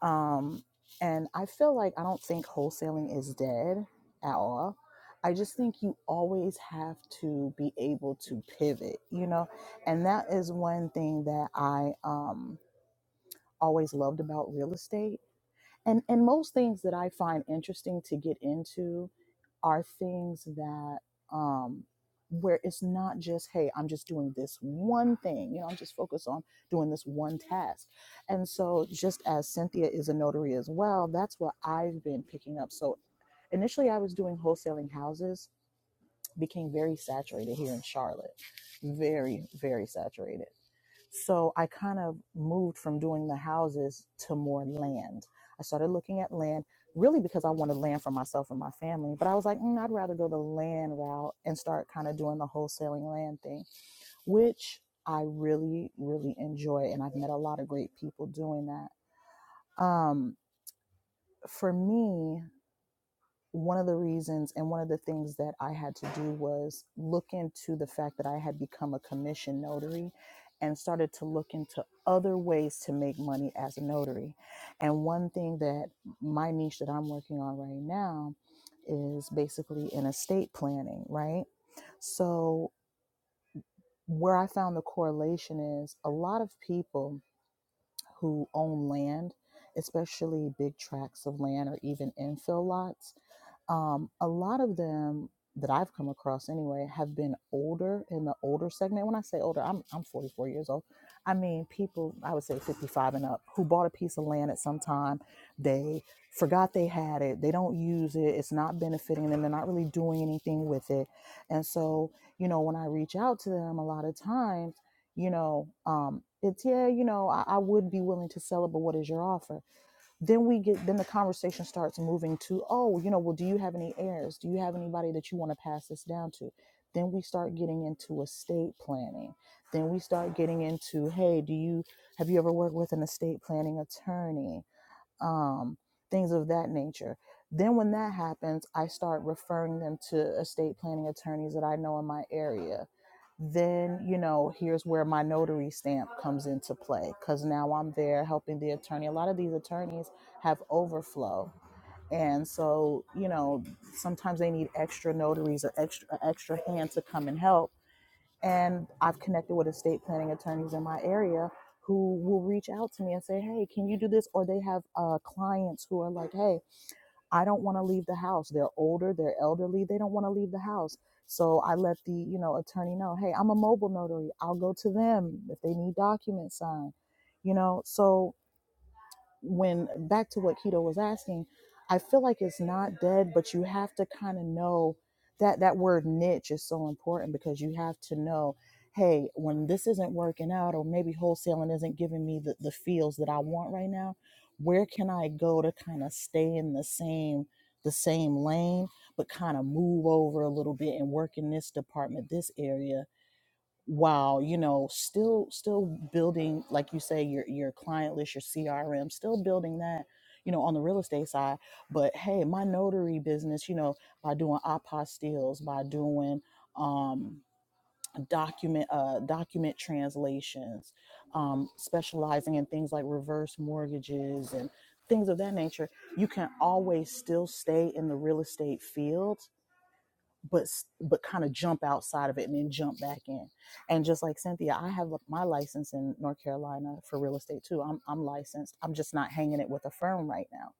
S13: Um, and I feel like I don't think wholesaling is dead at all. I just think you always have to be able to pivot, you know? And that is one thing that I. Um, always loved about real estate and and most things that I find interesting to get into are things that um where it's not just hey I'm just doing this one thing you know I'm just focused on doing this one task and so just as Cynthia is a notary as well that's what I've been picking up so initially I was doing wholesaling houses became very saturated here in Charlotte very very saturated so I kind of moved from doing the houses to more land. I started looking at land really because I wanted land for myself and my family. But I was like, mm, I'd rather go the land route and start kind of doing the wholesaling land thing, which I really, really enjoy. And I've met a lot of great people doing that. Um, for me, one of the reasons and one of the things that I had to do was look into the fact that I had become a commission notary and started to look into other ways to make money as a notary. And one thing that my niche that I'm working on right now is basically in estate planning, right? So, where I found the correlation is a lot of people who own land, especially big tracts of land or even infill lots, um, a lot of them that I've come across anyway have been older in the older segment. When I say older, I'm, I'm 44 years old. I mean, people, I would say 55 and up, who bought a piece of land at some time. They forgot they had it. They don't use it. It's not benefiting them. They're not really doing anything with it. And so, you know, when I reach out to them a lot of times, you know um it's yeah you know I, I would be willing to sell it but what is your offer then we get then the conversation starts moving to oh you know well do you have any heirs do you have anybody that you want to pass this down to then we start getting into estate planning then we start getting into hey do you have you ever worked with an estate planning attorney um, things of that nature. Then, when that happens, I start referring them to estate planning attorneys that I know in my area. Then, you know, here's where my notary stamp comes into play because now I'm there helping the attorney. A lot of these attorneys have overflow. And so, you know, sometimes they need extra notaries or extra, extra hand to come and help and I've connected with estate planning attorneys in my area who will reach out to me and say, hey, can you do this? Or they have uh, clients who are like, hey, I don't want to leave the house. They're older, they're elderly, they don't want to leave the house. So I let the you know attorney know, hey, I'm a mobile notary. I'll go to them if they need documents signed. You know, so when back to what keto was asking i feel like it's not dead but you have to kind of know that that word niche is so important because you have to know hey when this isn't working out or maybe wholesaling isn't giving me the, the feels that i want right now where can i go to kind of stay in the same the same lane but kind of move over a little bit and work in this department this area while you know still still building like you say your your client list your crm still building that you know on the real estate side but hey my notary business you know by doing apostilles by doing um document uh document translations um specializing in things like reverse mortgages and things of that nature you can always still stay in the real estate field but but kind of jump outside of it and then jump back in. And just like Cynthia, I have like, my license in North Carolina for real estate too. I'm I'm licensed. I'm just not hanging it with a firm right now.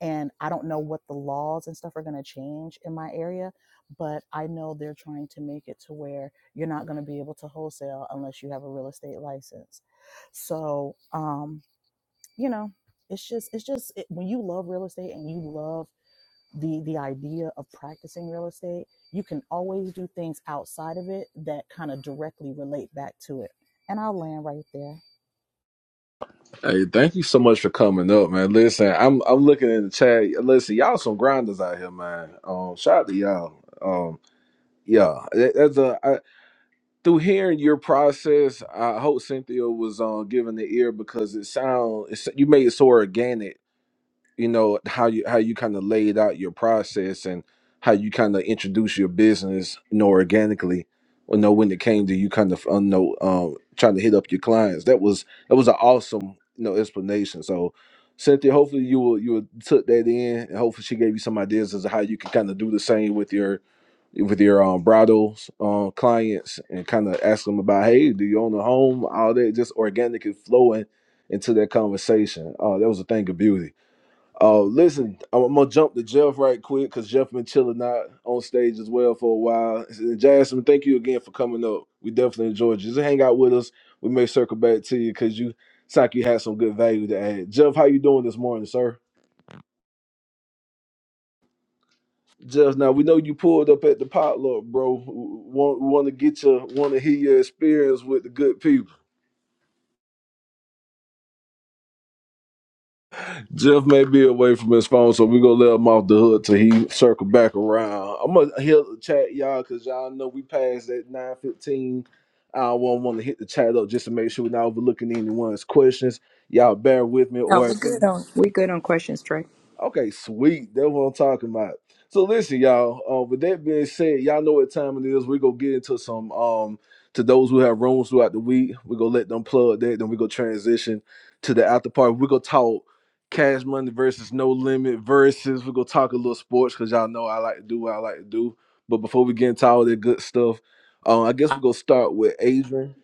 S13: And I don't know what the laws and stuff are going to change in my area, but I know they're trying to make it to where you're not going to be able to wholesale unless you have a real estate license. So, um, you know, it's just it's just it, when you love real estate and you love the the idea of practicing real estate you can always do things outside of it that kind of directly relate back to it and i'll land right there
S1: Hey, thank you so much for coming up, man. Listen, I'm I'm looking in the chat. Listen, y'all some grinders out here, man. Um, shout out to y'all. Um, yeah, that- that's a I, through hearing your process. I hope Cynthia was uh, giving the ear because it sound it's, you made it so organic you know how you how you kind of laid out your process and how you kind of introduce your business you know organically you know when it came to you kind of you know um trying to hit up your clients that was that was an awesome you know explanation so cynthia hopefully you will you will took that in and hopefully she gave you some ideas as to how you can kind of do the same with your with your um bridals um clients and kind of ask them about hey do you own a home all that just organically flowing into that conversation oh that was a thing of beauty Oh, listen, I'm, I'm gonna jump to Jeff right quick because Jeff been chilling out on stage as well for a while. And Jasmine, thank you again for coming up. We definitely enjoyed you. Just hang out with us. We may circle back to you because you sound like you had some good value to add. Jeff, how you doing this morning, sir? Jeff, now we know you pulled up at the potluck, bro. Want want to get you, want to hear your experience with the good people. Jeff may be away from his phone, so we gonna let him off the hook till he circle back around. I'm gonna hit the chat, y'all, cause y'all know we passed that 9:15. I won't want to hit the chat up just to make sure we're not overlooking anyone's questions. Y'all bear with me,
S4: No,
S1: or
S4: we
S1: if any-
S4: good on we good on questions, Trey.
S1: Okay, sweet. That's what I'm talking about. So listen, y'all. Uh, with that being said, y'all know what time it is. We're gonna get into some um to those who have rooms throughout the week. We're gonna let them plug that, then we're gonna transition to the after party. We're gonna talk cash money versus no limit versus we're gonna talk a little sports because y'all know I like to do what I like to do. But before we get into all that good stuff, uh, I guess we're gonna start with Adrian.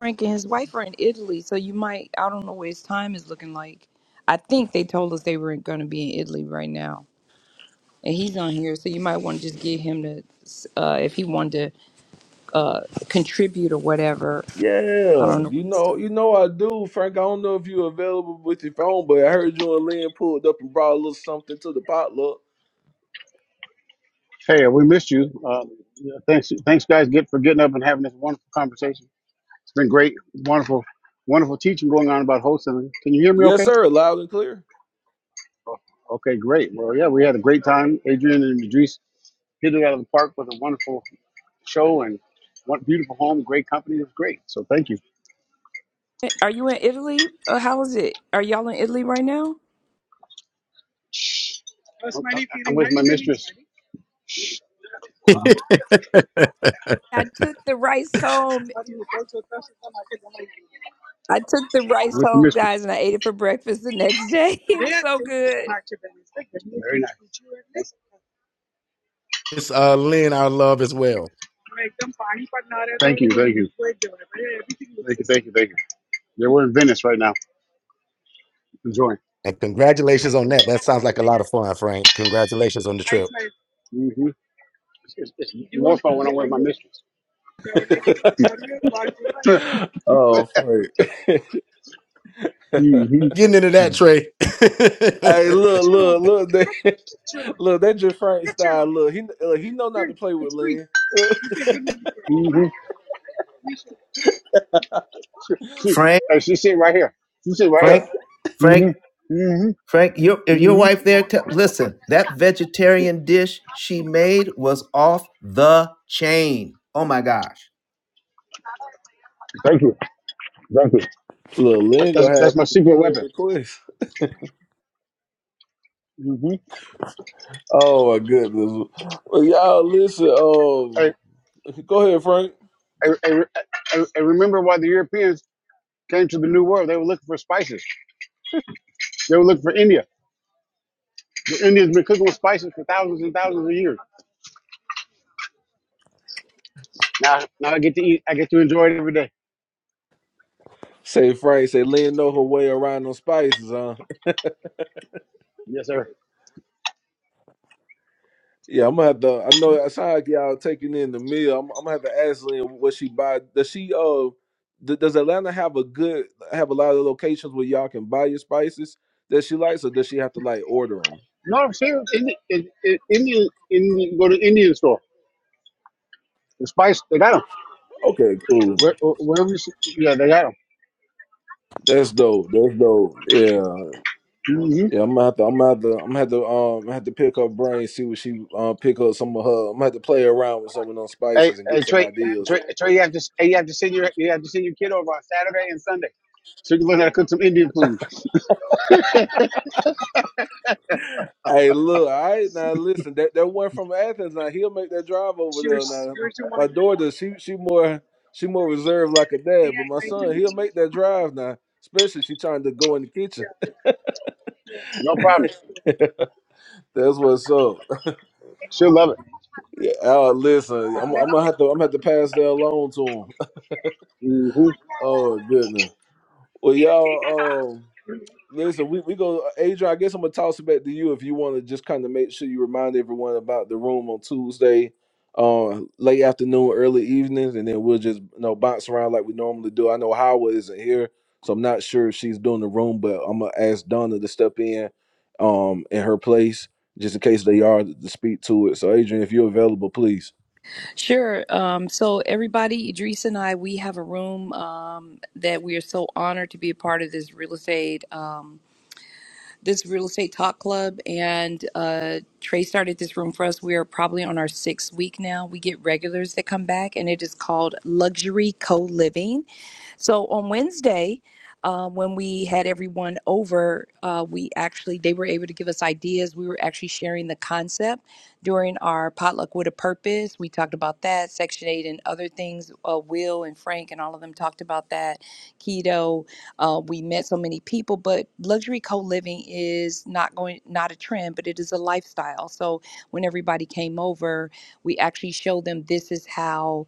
S4: Frank and his wife are in Italy, so you might I don't know what his time is looking like. I think they told us they were going to be in Italy right now, and he's on here, so you might want to just get him to uh, if he wanted to uh, contribute or whatever. I
S1: Yeah,
S4: don't know.
S1: you know, you know I do, Frank. I don't know if you're available with your phone, but I heard you and Lynn pulled up and brought a little something to the potluck.
S14: Hey, we missed you. Uh, thanks, thanks, guys, get for getting up and having this wonderful conversation. It's been great, wonderful, wonderful teaching going on about wholesaling. Can you hear me?
S1: Yes,
S14: Okay.
S1: sir, loud and clear.
S14: Oh, Okay, great. Well, yeah, we had a great time. Adrian and Idris hit it out of the park with a wonderful show and one beautiful home, great company. It was great. So thank you.
S4: Are you in Italy? Uh, how is it? Are y'all in Italy right now?
S14: I'm I'm with my mistress.
S6: him. [LAUGHS]
S4: I took the rice home. I took the
S14: I'm
S4: rice
S14: with the
S4: home,
S14: mistress.
S4: guys, and I ate it for breakfast the next day. [LAUGHS] It
S14: Very
S4: was
S14: nice.
S4: so good.
S6: it's uh Lynn, our love as well.
S14: Thank you, thank you. Thank you, thank you, thank you. Yeah, we're in Venice right now, enjoying.
S6: And congratulations on that. That sounds like a lot of fun, Frank. Congratulations on the trip.
S14: hmm It's, it's, it's more fun when I'm with my mistress. [LAUGHS]
S1: [GASPS] [LAUGHS] Oh, Frank. [LAUGHS]
S14: mm
S1: hey,
S6: Getting into
S14: hmm
S6: that, Trey.
S1: look,
S6: [LAUGHS]
S1: look, look, that, [LAUGHS] look, that just Frank style. Look, he uh, he know not to play with Lynn. [LAUGHS]
S14: hmm She, she,
S9: Frank,
S14: hey, she's sitting right here. She's sitting right here.
S9: Frank, Frank,
S14: mm hmm mm
S9: Frank, your
S14: hmm
S9: if your
S14: mm
S9: wife there. T- listen, that vegetarian dish she made was off the chain. Oh my gosh!
S14: hmm Thank you. Thank you.
S1: Look, Lynn gonna
S14: That's,
S1: have
S14: that's my
S1: people
S14: secret
S1: plenty of
S14: weapon.
S1: requests.
S14: mm hmm
S1: Oh my goodness. Well, y'all listen,
S14: Hey,
S1: um go ahead, Frank.
S14: hey, hey, hey, hey, remember why the Europeans came to the New World? They were looking for spices. They were looking for India. The Indians been cooking with spices for thousands and thousands of years. Now, now I get to eat. I get to enjoy it every day.
S1: Say Frank, say Lynn know her way around them spices, huh?
S14: Yes, sir.
S1: Yeah, I'm gonna have to. I know it sound like y'all taking in the meal. I'm, I'm gonna have to ask Lynn what she buy. Does she uh, d- does Atlanta have a good have a lot of locations where y'all can buy your spices that she likes, or does she have to like order them?
S14: No, see, in the, in, in, Indian, Indian, go to Indian store. The spice, they got them.
S1: Okay, cool.
S14: Where, wherever you see, yeah, they got them.
S1: That's dope. That's dope. Yeah,
S14: Mm-hmm.
S1: yeah. I'm gonna have to. I'm gonna have to. I'm gonna have to. Um, have to pick her brain, see what she um pick up some of her. I'm gonna have to play around with some of those
S14: Hey,
S1: spices and
S14: hey,
S1: get some
S14: Trey,
S1: ideas
S14: Trey, Trey, you have to, hey, you have to send your, you have to send your kid over on Saturday and Sunday, so you can learn how to cook some Indian food.
S1: Hey, look, all right, now listen, that, that one from Athens, now he'll make that drive over there. Now, my daughter, she she more she more reserved like a dad, but my son, he'll make that drive now, especially she trying to go in the kitchen.
S14: No problem.
S1: That's what's up. [LAUGHS]
S14: She'll love it.
S1: Yeah, oh, listen, I'm, I'm gonna have to I'm gonna have to pass that along to him.
S14: Mm-hmm.
S1: [LAUGHS] Oh goodness. Well, y'all, Um, Listen, we, we go, Adrian. I guess I'm gonna toss it back to you if you want to just kind of make sure you remind everyone about the room on Tuesday, uh, late afternoon, early evenings, and then we'll just you know bounce around like we normally do. I know Howard isn't here, so I'm not sure if she's doing the room, but I'm gonna ask Donna to step in, um, in her place just in case they are to speak to it. So, Adrian, if you're available, please.
S4: Sure. Um, so everybody, Idris and I, we have a room um, that we are so honored to be a part of this real estate, um, this real estate talk club. And uh, Trey started this room for us. We are probably on our sixth week now. We get regulars that come back, and it is called Luxury Co Living. So on Wednesday, uh, when we had everyone over, uh, we actually they were able to give us ideas. We were actually sharing the concept during our potluck with a purpose. We talked about that, Section Eight, and other things. Uh, Will and Frank and all of them talked about that. Keto. Uh, we met so many people, but luxury co living is not going not a trend, but it is a lifestyle. So when everybody came over, we actually showed them this is how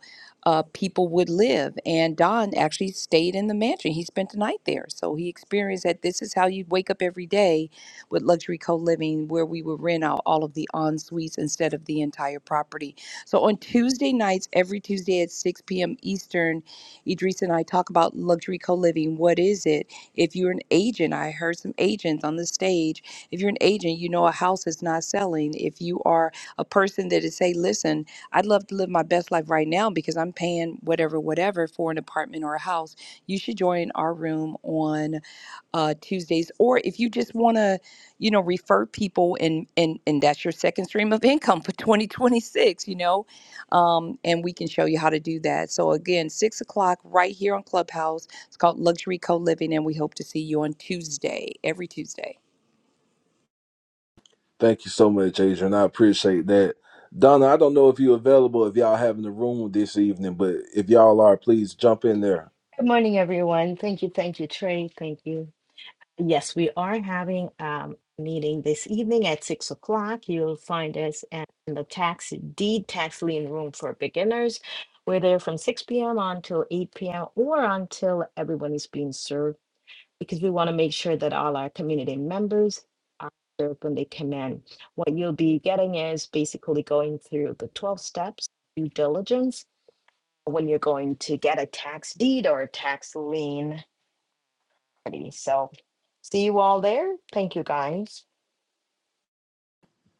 S4: uh, people would live. And Don actually stayed in the mansion. He spent the night there. So he experienced that this is how you'd wake up every day with luxury co living, where we would rent out all of the en suites instead of the entire property. So on Tuesday nights, every Tuesday at 6 p.m. Eastern, Idris and I talk about luxury co living. What is it? If you're an agent, I heard some agents on the stage. If you're an agent, you know a house is not selling. If you are a person that is, say, listen, I'd love to live my best life right now because I'm paying whatever, whatever for an apartment or a house. You should join our room on uh, Tuesdays, or if you just want to, you know, refer people and and and that's your second stream of [LAUGHS] income for 2026. You know, um, and we can show you how to do that. So again, six o'clock right here on Clubhouse. It's called Luxury Co Living, and we hope to see you on Tuesday, every Tuesday.
S1: Thank you so much, Adrian. I appreciate that. Donna, I don't know if you're available if y'all having the room this evening, but if y'all are, please jump in there.
S15: Good morning, everyone. Thank you, thank you, Trey. Thank you. Yes, we are having um, a meeting this evening at six o'clock. You'll find us at in the tax deed tax lien room for beginners. We're there from six p.m. until eight p.m. or until everyone is being served, because we want to make sure that all our community members are served when they come in. What you'll be getting is basically going through the twelve steps due diligence when you're going to get a tax deed or a tax lien Alrighty, So see you all there. Thank you, guys.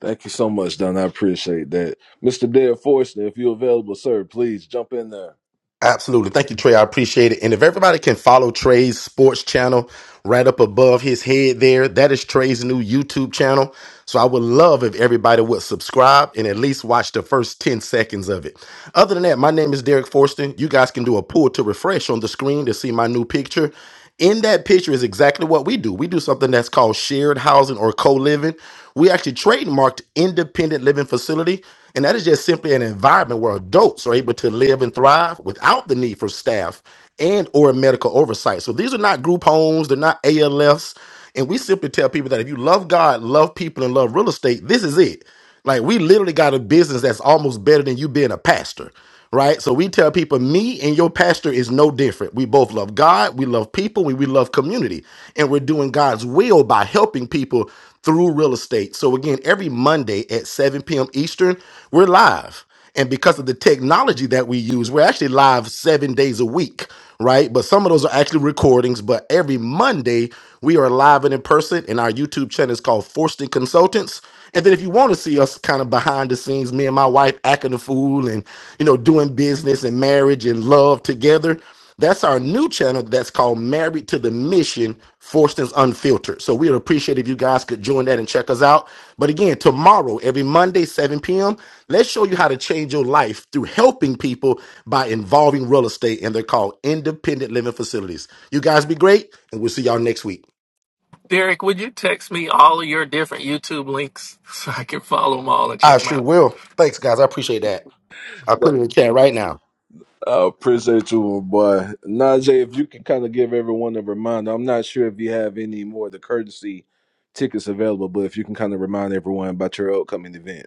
S1: Thank you so much, Donna. I appreciate that. Mr. Dale Forster, if you're available, sir, please jump in there.
S6: Absolutely. Thank you, Trey. I appreciate it. And if everybody can follow Trey's sports channel, right up above his head there. That is Trey's new YouTube channel. So I would love if everybody would subscribe and at least watch the first 10 seconds of it. Other than that, my name is Derek Forster. You guys can do a pull to refresh on the screen to see my new picture. In that picture is exactly what we do. We do something that's called shared housing or co-living. We actually trademarked independent living facility, and that is just simply an environment where adults are able to live and thrive without the need for staff and or medical oversight. So these are not group homes, they're not ALFs. And we simply tell people that if you love God, love people, and love real estate, this is it. Like we literally got a business that's almost better than you being a pastor. Right. So we tell people, me and your pastor is no different. We both love God, we love people, we, we love community. And we're doing God's will by helping people through real estate. So again, every Monday at 7 p.m. Eastern, we're live and because of the technology that we use we're actually live seven days a week right but some of those are actually recordings but every monday we are live and in person and our youtube channel is called forston consultants and then if you want to see us kind of behind the scenes me and my wife acting a fool and you know doing business and marriage and love together that's our new channel that's called Married to the Mission, Forstons Unfiltered. So we'd appreciate if you guys could join that and check us out. But again, tomorrow, every Monday, 7 p.m., let's show you how to change your life through helping people by involving real estate, and they're called independent living facilities. You guys be great, and we'll see y'all next week.
S2: Derek, would you text me all of your different YouTube links so I can follow them all and check
S6: I
S2: them
S6: sure
S2: out?
S6: will. Thanks, guys. I appreciate that. I
S1: I
S6: put it in the chat right now.
S1: appreciate you, my boy. Najee, if you can kind of give everyone a reminder, I'm not sure if you have any more of the courtesy tickets available, but if you can kind of remind everyone about your upcoming event.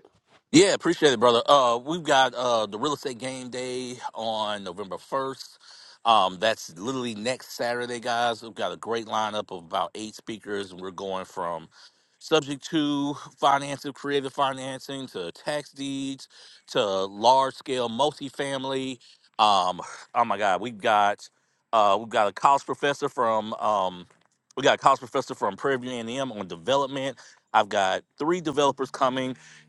S11: Yeah, appreciate it, brother. Uh, we've got uh the real estate game day on November first. Um, that's literally next Saturday, guys. We've got a great lineup of about eight speakers, and we're going from subject to financial creative financing to tax deeds to large scale multifamily. Um, oh my God, we've got uh we've got a college professor from um we got a college professor from Prairie View A&M on development. I've got three developers coming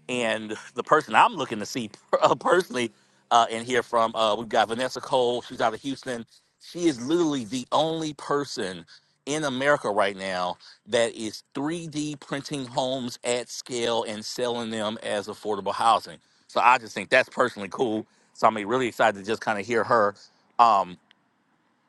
S11: and the person I'm looking to see [LAUGHS] uh, personally uh, and hear from, uh, we've got Vanessa Cole. She's out of Houston. She is literally the only person in America right now that is 3D printing homes at scale and selling them as affordable housing. So I just think that's personally cool. So I'm really excited to just kind of hear her. Um,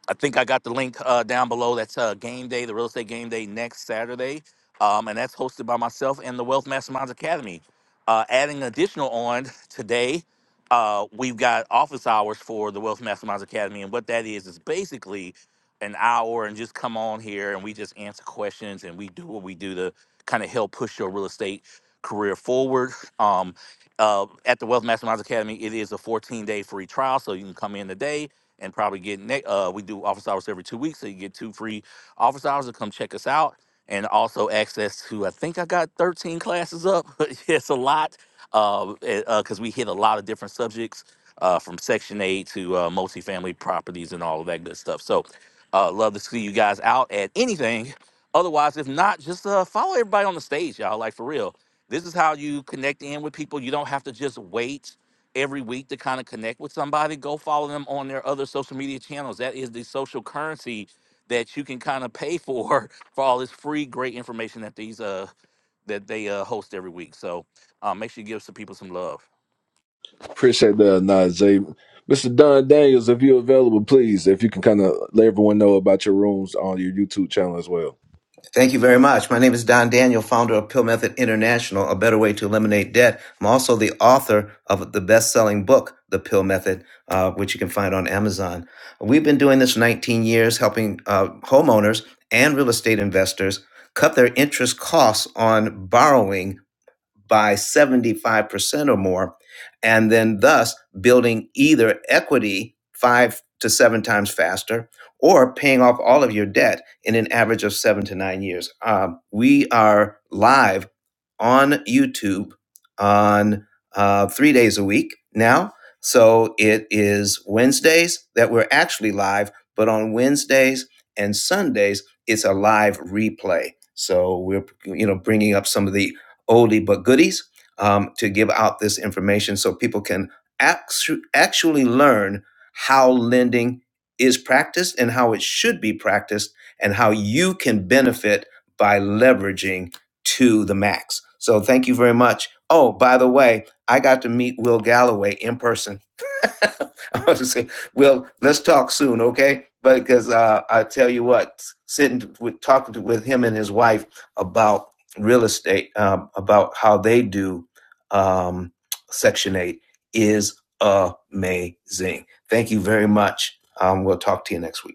S11: I think I got the link uh, down below. That's uh, game day, the real estate game day next Saturday, um, and that's hosted by myself and the Wealth Masterminds Academy. Uh, adding additional on [LAUGHS] today, uh, we've got office hours for the Wealth Masterminds Academy, and what that is is basically an hour and just come on here and we just answer questions and we do what we do to kind of help push your real estate career forward. Um, uh, at the Wealth Masterminds Academy, it is a 14 day free trial, so you can come in today and probably get ne- uh we do office hours every two weeks, so you get two free office hours to come check us out and also access to I think I got 13 classes up. [LAUGHS] it's a lot because uh, uh 'cause we hit a lot of different subjects uh, from Section 8 to uh, multifamily properties and all of that good stuff. So uh, love to see you guys out at anything. Otherwise, if not, just uh, follow everybody on the stage, y'all. Like for real, this is how you connect in with people. You don't have to just wait every week to kind of connect with somebody, go follow them on their other social media channels. That is the social currency that you can kind of pay for [LAUGHS] for all this free great information that these uh that they uh host every week. So uh, make sure you give some people some love.
S1: Appreciate that, Najee. Mr. Don Daniels, if you're available, please, if you can kind of let everyone know about your rooms on your YouTube channel as well.
S9: Thank you very much. My name is Don Daniel, founder of Pill Method International, a better way to eliminate debt. I'm also the author of the best-selling book, The Pill Method, uh, which you can find on Amazon. We've been doing this 19 years, helping uh, homeowners and real estate investors cut their interest costs on borrowing by 75% or more, and then thus building either equity five to seven times faster or paying off all of your debt in an average of seven to nine years. Um, we are live on YouTube on uh, three days a week now. So it is Wednesdays that we're actually live, but on Wednesdays and Sundays, it's a live replay. So we're, you know, bringing up some of the oldie but goodies um, to give out this information so people can actu- actually learn how lending is practiced and how it should be practiced and how you can benefit by leveraging to the max. So thank you very much. Oh, by the way, I got to meet Will Galloway in person [LAUGHS] I was just saying, well, let's talk soon, okay? But because uh, I tell you what, sitting with talking to, with him and his wife about real estate, um, about how they do um, Section Eight is amazing. Thank you very much. Um, we'll talk to you next week.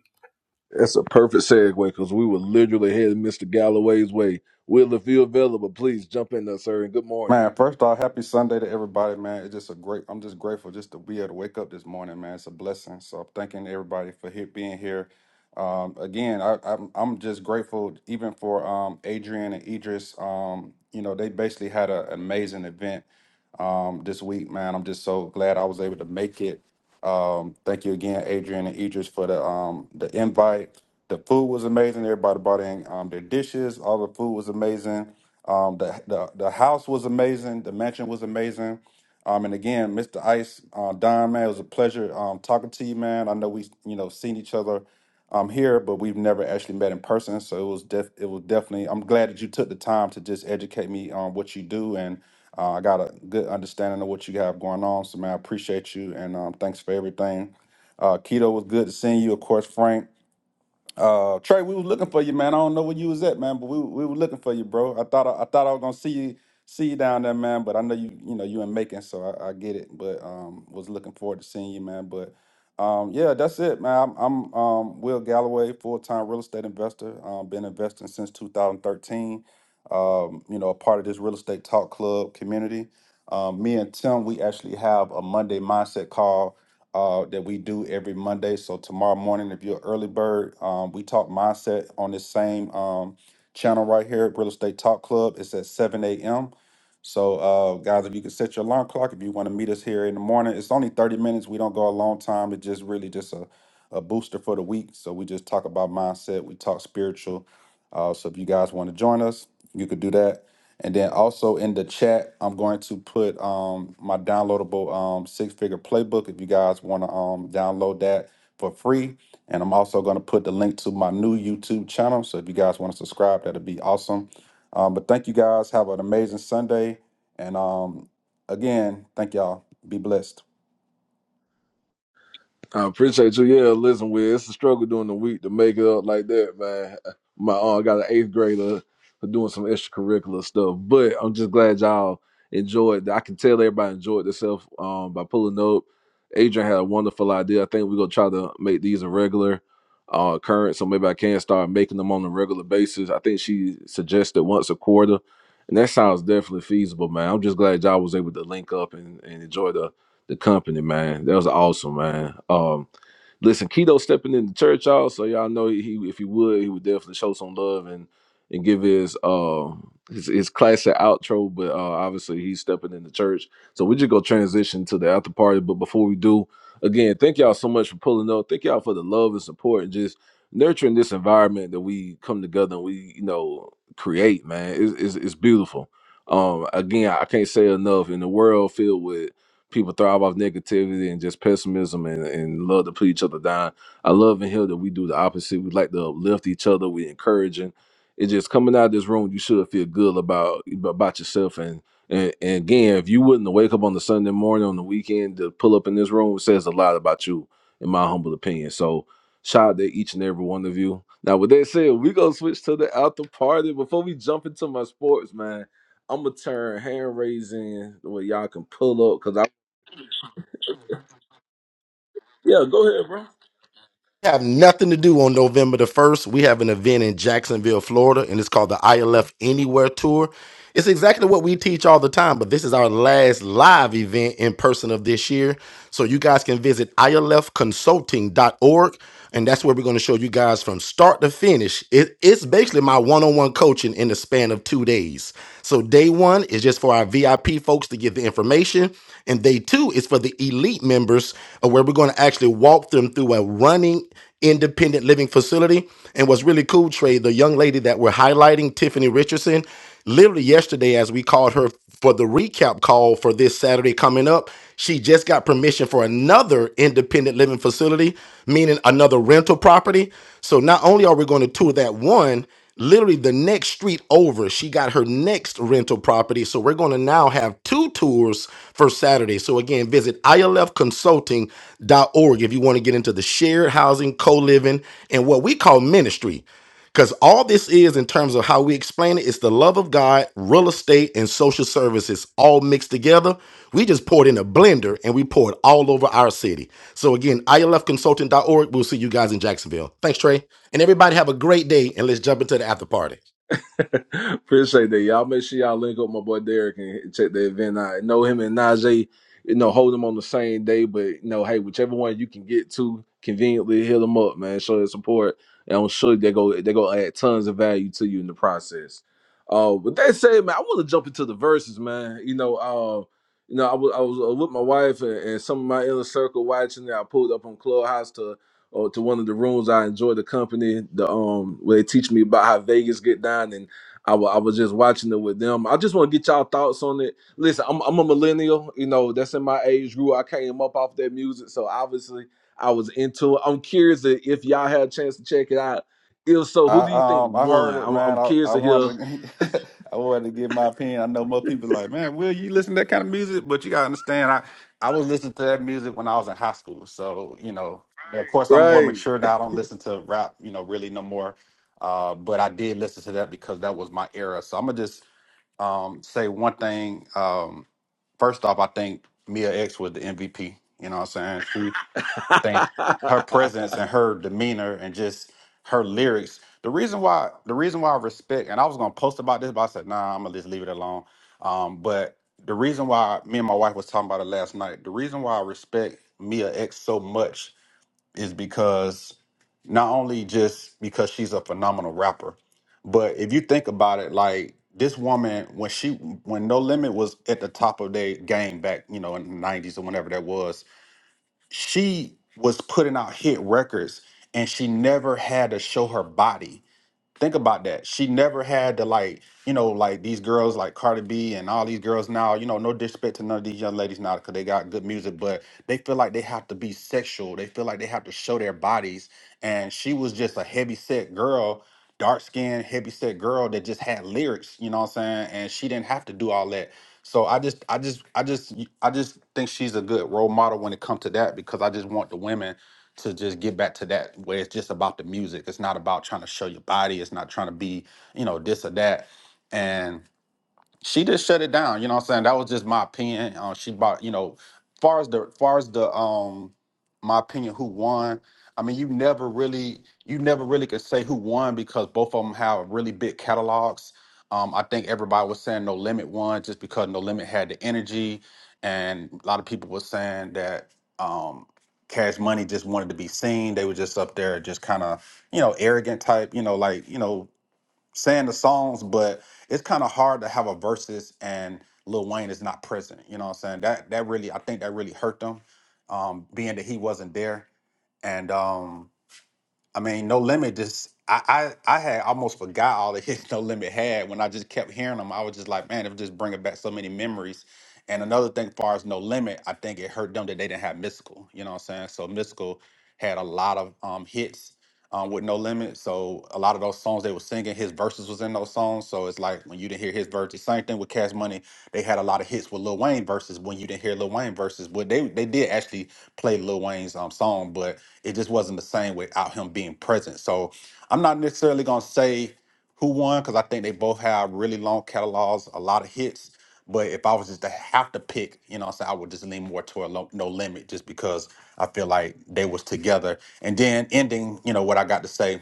S1: That's a perfect segue because we were literally heading Mr. Galloway's way. Will, if you're available, please jump in there, sir, and good morning.
S16: Man, first off, happy Sunday to everybody, man. It's just a great. I'm just grateful just to be able to wake up this morning, man. It's a blessing. So I'm thanking everybody for here, being here. Um, again, I, I'm I'm just grateful even for um, Adrian and Idris. Um, you know, they basically had a- an amazing event um, this week, man. I'm just so glad I was able to make it. Um, thank you again, Adrian and Idris, for the um, the invite. The food was amazing. Everybody brought in um, their dishes. All the food was amazing. Um, the, the the house was amazing. The mansion was amazing. Um, and again, Mr. Ice, uh, Don, man, it was a pleasure um, talking to you, man. I know we, you know, seen each other um here, but we've never actually met in person. So it was def- it was definitely. I'm glad that you took the time to just educate me on what you do, and uh, I got a good understanding of what you have going on. So man, I appreciate you, and um, thanks for everything. Uh, Keto was good to seeing you, of course, Frank. Uh, Trey, we was looking for you, man. I don't know where you was at, man, but we we were looking for you, bro. I thought I, I thought I was gonna see you see you down there, man. But I know you you know you in Macon, so I, I get it. But um, was looking forward to seeing you, man. But um, yeah, that's it, man. I'm, I'm um Will Galloway, full time real estate investor. Um, been investing since 2013. Um, you know, a part of this real estate talk club community. Um, me and Tim, we actually have a Monday mindset call uh, that we do every Monday. So tomorrow morning, if you're an early bird, um, we talk mindset on this same um, channel right here at Real Estate Talk Club. It's at 7 a.m. So, uh, guys, if you can set your alarm clock, if you want to meet us here in the morning, it's only 30 minutes. We don't go a long time. It's just really just a, a booster for the week. So we just talk about mindset. We talk spiritual. Uh, so if you guys want to join us, you could do that. And then also in the chat, I'm going to put um, my downloadable um, six figure playbook if you guys want to um, download that for free. And I'm also going to put the link to my new YouTube channel. So if you guys want to subscribe, that'd be awesome. Um, but thank you guys. Have an amazing Sunday. And um, again, thank y'all. Be blessed.
S1: I appreciate you. Yeah, listen, Will, it's a struggle during the week to make it up like that, man. My aunt got an eighth grader doing some extracurricular stuff, but I'm just glad y'all enjoyed. I can tell everybody enjoyed themselves um, by pulling up. Adrian had a wonderful idea. I think we're gonna try to make these a regular uh, current, so maybe I can start making them on a regular basis. I think she suggested once a quarter, and and that sounds definitely feasible, man. I'm just glad y'all was able to link up and, and enjoy the the company, man. That was awesome, man. Um, listen, Keto stepping in the church, y'all. So y'all know he, if he would, he would definitely show some love and and give his uh his, his classic outro. But uh, obviously, he's stepping in the church. So we just go transition to the after party. But before we do, again, thank y'all so much for pulling up. Thank y'all for the love and support and just nurturing this environment that we come together and we you know create, man. It's it's, it's beautiful. Um, again, I can't say enough in the world filled with people thrive off negativity and just pessimism and, and love to put each other down. I love and hear that we do the opposite. We like to uplift each other. We encouraging. It's just coming out of this room, you should feel good about about yourself. And, and and again, if you wouldn't wake up on the Sunday morning on the weekend to pull up in this room, it says a lot about you, in my humble opinion. So shout out to each and every one of you. Now, with that said, we gonna switch to the after party. Before we jump into my sports, man, I'm gonna turn hand raising where y'all can pull up because I yeah, go ahead, bro.
S6: have nothing to do on November the 1st. We have an event in Jacksonville, Florida, and it's called the ILF Anywhere Tour. It's exactly what we teach all the time, but this is our last live event in person of this year. So you guys can visit I L F consulting dot org, and that's where we're going to show you guys from start to finish. It, it's basically my one on one coaching in the span of two days. So day one is just for our VIP folks to get the information, and day two is for the elite members, uh, where we're going to actually walk them through a running independent living facility. And what's really cool, Trey, the young lady that we're highlighting, Tiffany Richardson, Literally yesterday, as we called her for the recap call for this Saturday coming up, she just got permission for another independent living facility, meaning another rental property. So not only are we going to tour that one, literally the next street over, she got her next rental property. So we're going to now have two tours for Saturday. So again, visit I L F consulting dot org if you want to get into the shared housing, co living, and what we call ministry. Because all this is, in terms of how we explain it, it's the love of God, real estate, and social services all mixed together. We just poured in a blender and we poured all over our city. So, again, ilfconsulting.org. We'll see you guys in Jacksonville. Thanks, Trey. And everybody have a great day. And let's jump into the after party.
S1: Appreciate that. Y'all make sure y'all link up with my boy Derek and check the event out. I know him and Najee, you know, hold them on the same day, but you know, hey, whichever one you can get to conveniently hit them up, man. Show their support. And I'm sure they go they go add tons of value to you in the process. Uh with that said, man, I want to jump into the verses, man. You know, uh, you know, I was I was uh, with my wife and, and some of my inner circle watching it. I pulled up on Clubhouse to or to one of the rooms. I enjoy the company. The um where they teach me about how Vegas get down, and I wa- I was just watching it with them. I just want to get y'all thoughts on it. Listen, I'm I'm a millennial. You know, that's in my age group. I came up off that music, so obviously I was into it. I'm curious to- if y'all had a chance to check it out. If so, who do you
S16: I
S1: think
S16: um I
S1: won?
S16: heard it,
S1: I'm,
S16: man.
S1: I'm
S16: I,
S1: curious
S16: I
S1: to hear.
S16: wanted to, [LAUGHS] I wanted to give my opinion. I know most people like, man, will you listen to that kind of music? But you gotta understand, I I was listening to that music when I was in high school. So you know, of course, I'm more
S1: Right.
S16: mature now. I don't listen to rap, you know, really no more. Uh, but I did listen to that because that was my era. So I'm gonna just um say one thing. Um, first off, I think Mia X was the MVP. You know what I'm saying? think her
S1: [LAUGHS]
S16: presence and her demeanor and just her lyrics. The reason why the reason why I respect and I was gonna post about this, but I said, nah, I'm gonna just leave it alone. Um, but the reason why me and my wife was talking about it last night, the reason why I respect Mia X so much is because not only just because she's a phenomenal rapper, but if you think about it, like this woman, when she when No Limit was at the top of their game back, you know, in the nineties or whenever that was, she was putting out hit records and she never had to show her body. Think about that. She never had to like, you know, like these girls like Cardi B and all these girls now, you know, no disrespect to none of these young ladies now because they got good music, but they feel like they have to be sexual. They feel like they have to show their bodies. And she was just a heavy set girl, dark skinned, heavy set girl that just had lyrics, you know what I'm saying? And she didn't have to do all that. So I just I just I just I just think she's a good role model when it comes to that because I just want the women to just get back to that where it's just about the music. It's not about trying to show your body. It's not trying to be, you know, this or that. And she just shut it down. You know what I'm saying? That was just my opinion. Uh, she bought, you know, far as the far as the um my opinion who won. I mean, you never really you never really could say who won because both of them have really big catalogs. Um, I think everybody was saying No Limit won just because No Limit had the energy, and a lot of people were saying that um, Cash Money just wanted to be seen. They were just up there, just kind of you know arrogant type, you know, like you know saying the songs, but it's kind of hard to have a versus and Lil Wayne is not present. You know what I'm saying? That that really, I think that really hurt them, um, being that he wasn't there. And um, I mean, No Limit just I, I I had almost forgot all the hits [LAUGHS] No Limit had when I just kept hearing them. I was just like, man, it was just bringing back so many memories. And another thing, far as No Limit, I think it hurt them that they didn't have Mystical. You know what I'm saying? So Mystical had a lot of um hits um with No Limit. So a lot of those songs they were singing, his verses was in those songs. So it's like when you didn't hear his verses. Same thing with Cash Money, they had a lot of hits with Lil Wayne verses. When you didn't hear Lil Wayne verses, well, they they did actually play Lil Wayne's um song, but it just wasn't the same without him being present. So I'm not necessarily gonna say who won because I think they both have really long catalogs, a lot of hits. But if I was just to have to pick, you know, what i I would just lean more toward Lo- No Limit just because I feel like they was together. And then ending, you know, what I got to say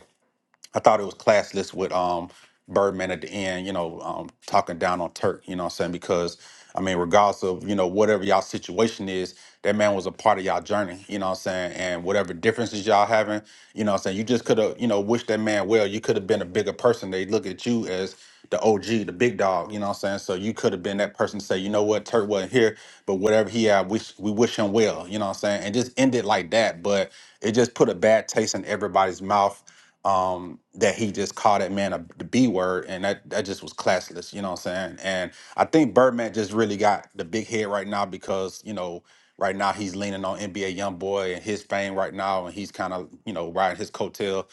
S16: I thought it was classless with um Birdman at the end, you know, um talking down on Turk, you know what I'm saying? Because I mean, regardless of, you know, whatever y'all situation is, that man was a part of y'all journey, you know what I'm saying? And whatever differences y'all having, you know what I'm saying, you just could have, you know, wished that man well. You could have been a bigger person. They look at you as the OG, the big dog, you know what I'm saying? So you could have been that person to say, you know what, Turk wasn't here, but whatever he had, we, we wish him well, you know what I'm saying? And just end it like that. But it just put a bad taste in everybody's mouth um, that he just called that man a, the B word, and that that just was classless. You know what I'm saying? And I think Birdman just really got the big head right now because you know right now he's leaning on NBA YoungBoy and his fame right now, and he's kind of you know riding his coattail.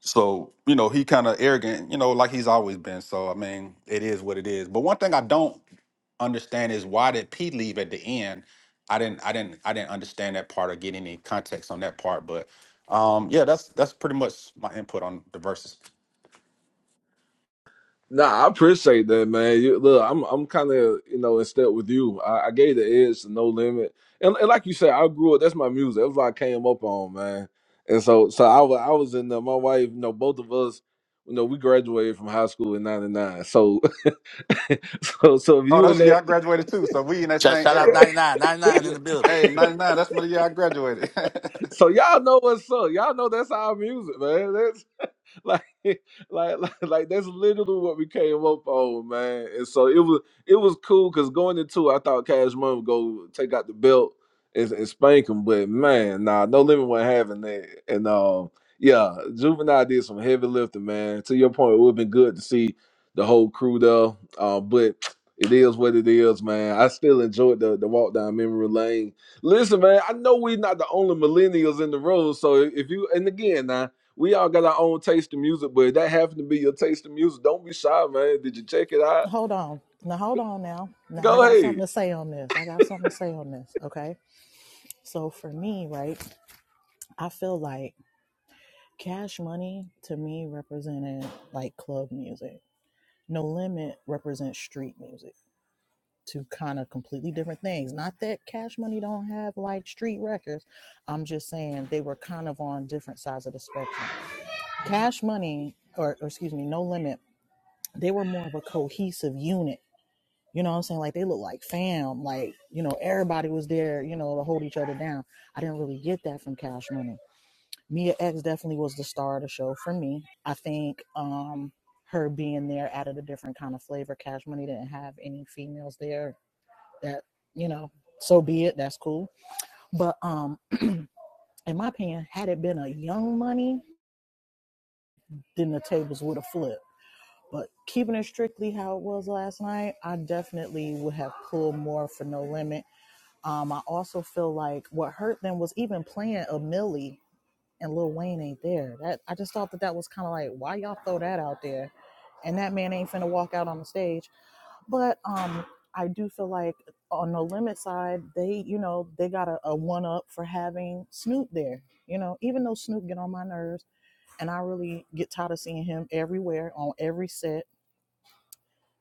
S16: So you know he kind of arrogant, you know, like he's always been. So I mean, it is what it is. But one thing I don't understand is why did Pete leave at the end? I didn't, I didn't, I didn't understand that part or get any context on that part. But um, yeah, that's that's pretty much my input on the verses.
S1: Nah, I appreciate that, man. You, look, I'm I'm kind of you know in step with you. I, I gave the edge to No Limit, and, and like you said, I grew up. That's my music. That's what I came up on, man. And so, so I was I was in the, my wife. You know, both of us. You know, we graduated from high school in '99. So, [LAUGHS] so, so if
S16: Oh,
S1: you
S16: that's
S1: and
S16: the year I
S1: that,
S16: graduated too. So we in that
S11: Shout,
S16: same
S11: shout out
S16: era.
S11: 99, 99 in
S16: Yeah.
S11: the building.
S16: Hey,
S11: [LAUGHS]
S16: ninety nine. That's my year I graduated. [LAUGHS]
S1: so y'all know what's up. Y'all know that's our music, man. [LAUGHS] like, like, like, like that's literally what we came up on, man. And so it was, it was cool because going into, it, I thought Cash Money would go take out the belt and, and spank him, but man, nah, no limit wasn't having that. And um, yeah, Juvenile did some heavy lifting, man. To your point, it would have been good to see the whole crew though, uh, but [TSK] it is what it is, man. I still enjoyed the the walk down memory lane. Listen, man, I know we're not the only millennials in the room. So if you and again, now we all got our own taste in music, but if that happened to be your taste in music, don't be shy, man. Did you check it out?
S13: Hold on. Now, hold on now. Now, I
S1: Go
S13: got something
S1: ahead.
S13: to say on this. I got something to say on this. Okay. So, for me, right, I feel like cash money to me represented like club music. No Limit represents street music. Two kind of completely different things. Not that Cash Money don't have like street records. I'm just saying they were kind of on different sides of the spectrum. Cash Money, or, or excuse me, No Limit, they were more of a cohesive unit. You know what I'm saying? Like they look like fam. Like, you know, everybody was there, you know, to hold each other down. I didn't really get that from Cash Money Mia X definitely was the star of the show for me. I think um her being there added a different kind of flavor. Cash Money didn't have any females there that, you know, so be it, that's cool. But um in my opinion, had it been a young money, then the tables would have flipped. But keeping it strictly how it was last night, I definitely would have pulled more for no limit. Um, I also feel like what hurt them was even playing a Millie. and Lil Wayne ain't there. That I just thought that that was kind of like, why y'all throw that out there? And that man ain't finna walk out on the stage. But um, I do feel like on the limit side, they you know they got a, a one up for having Snoop there. You know, even though Snoop get on my nerves, and I really get tired of seeing him everywhere on every set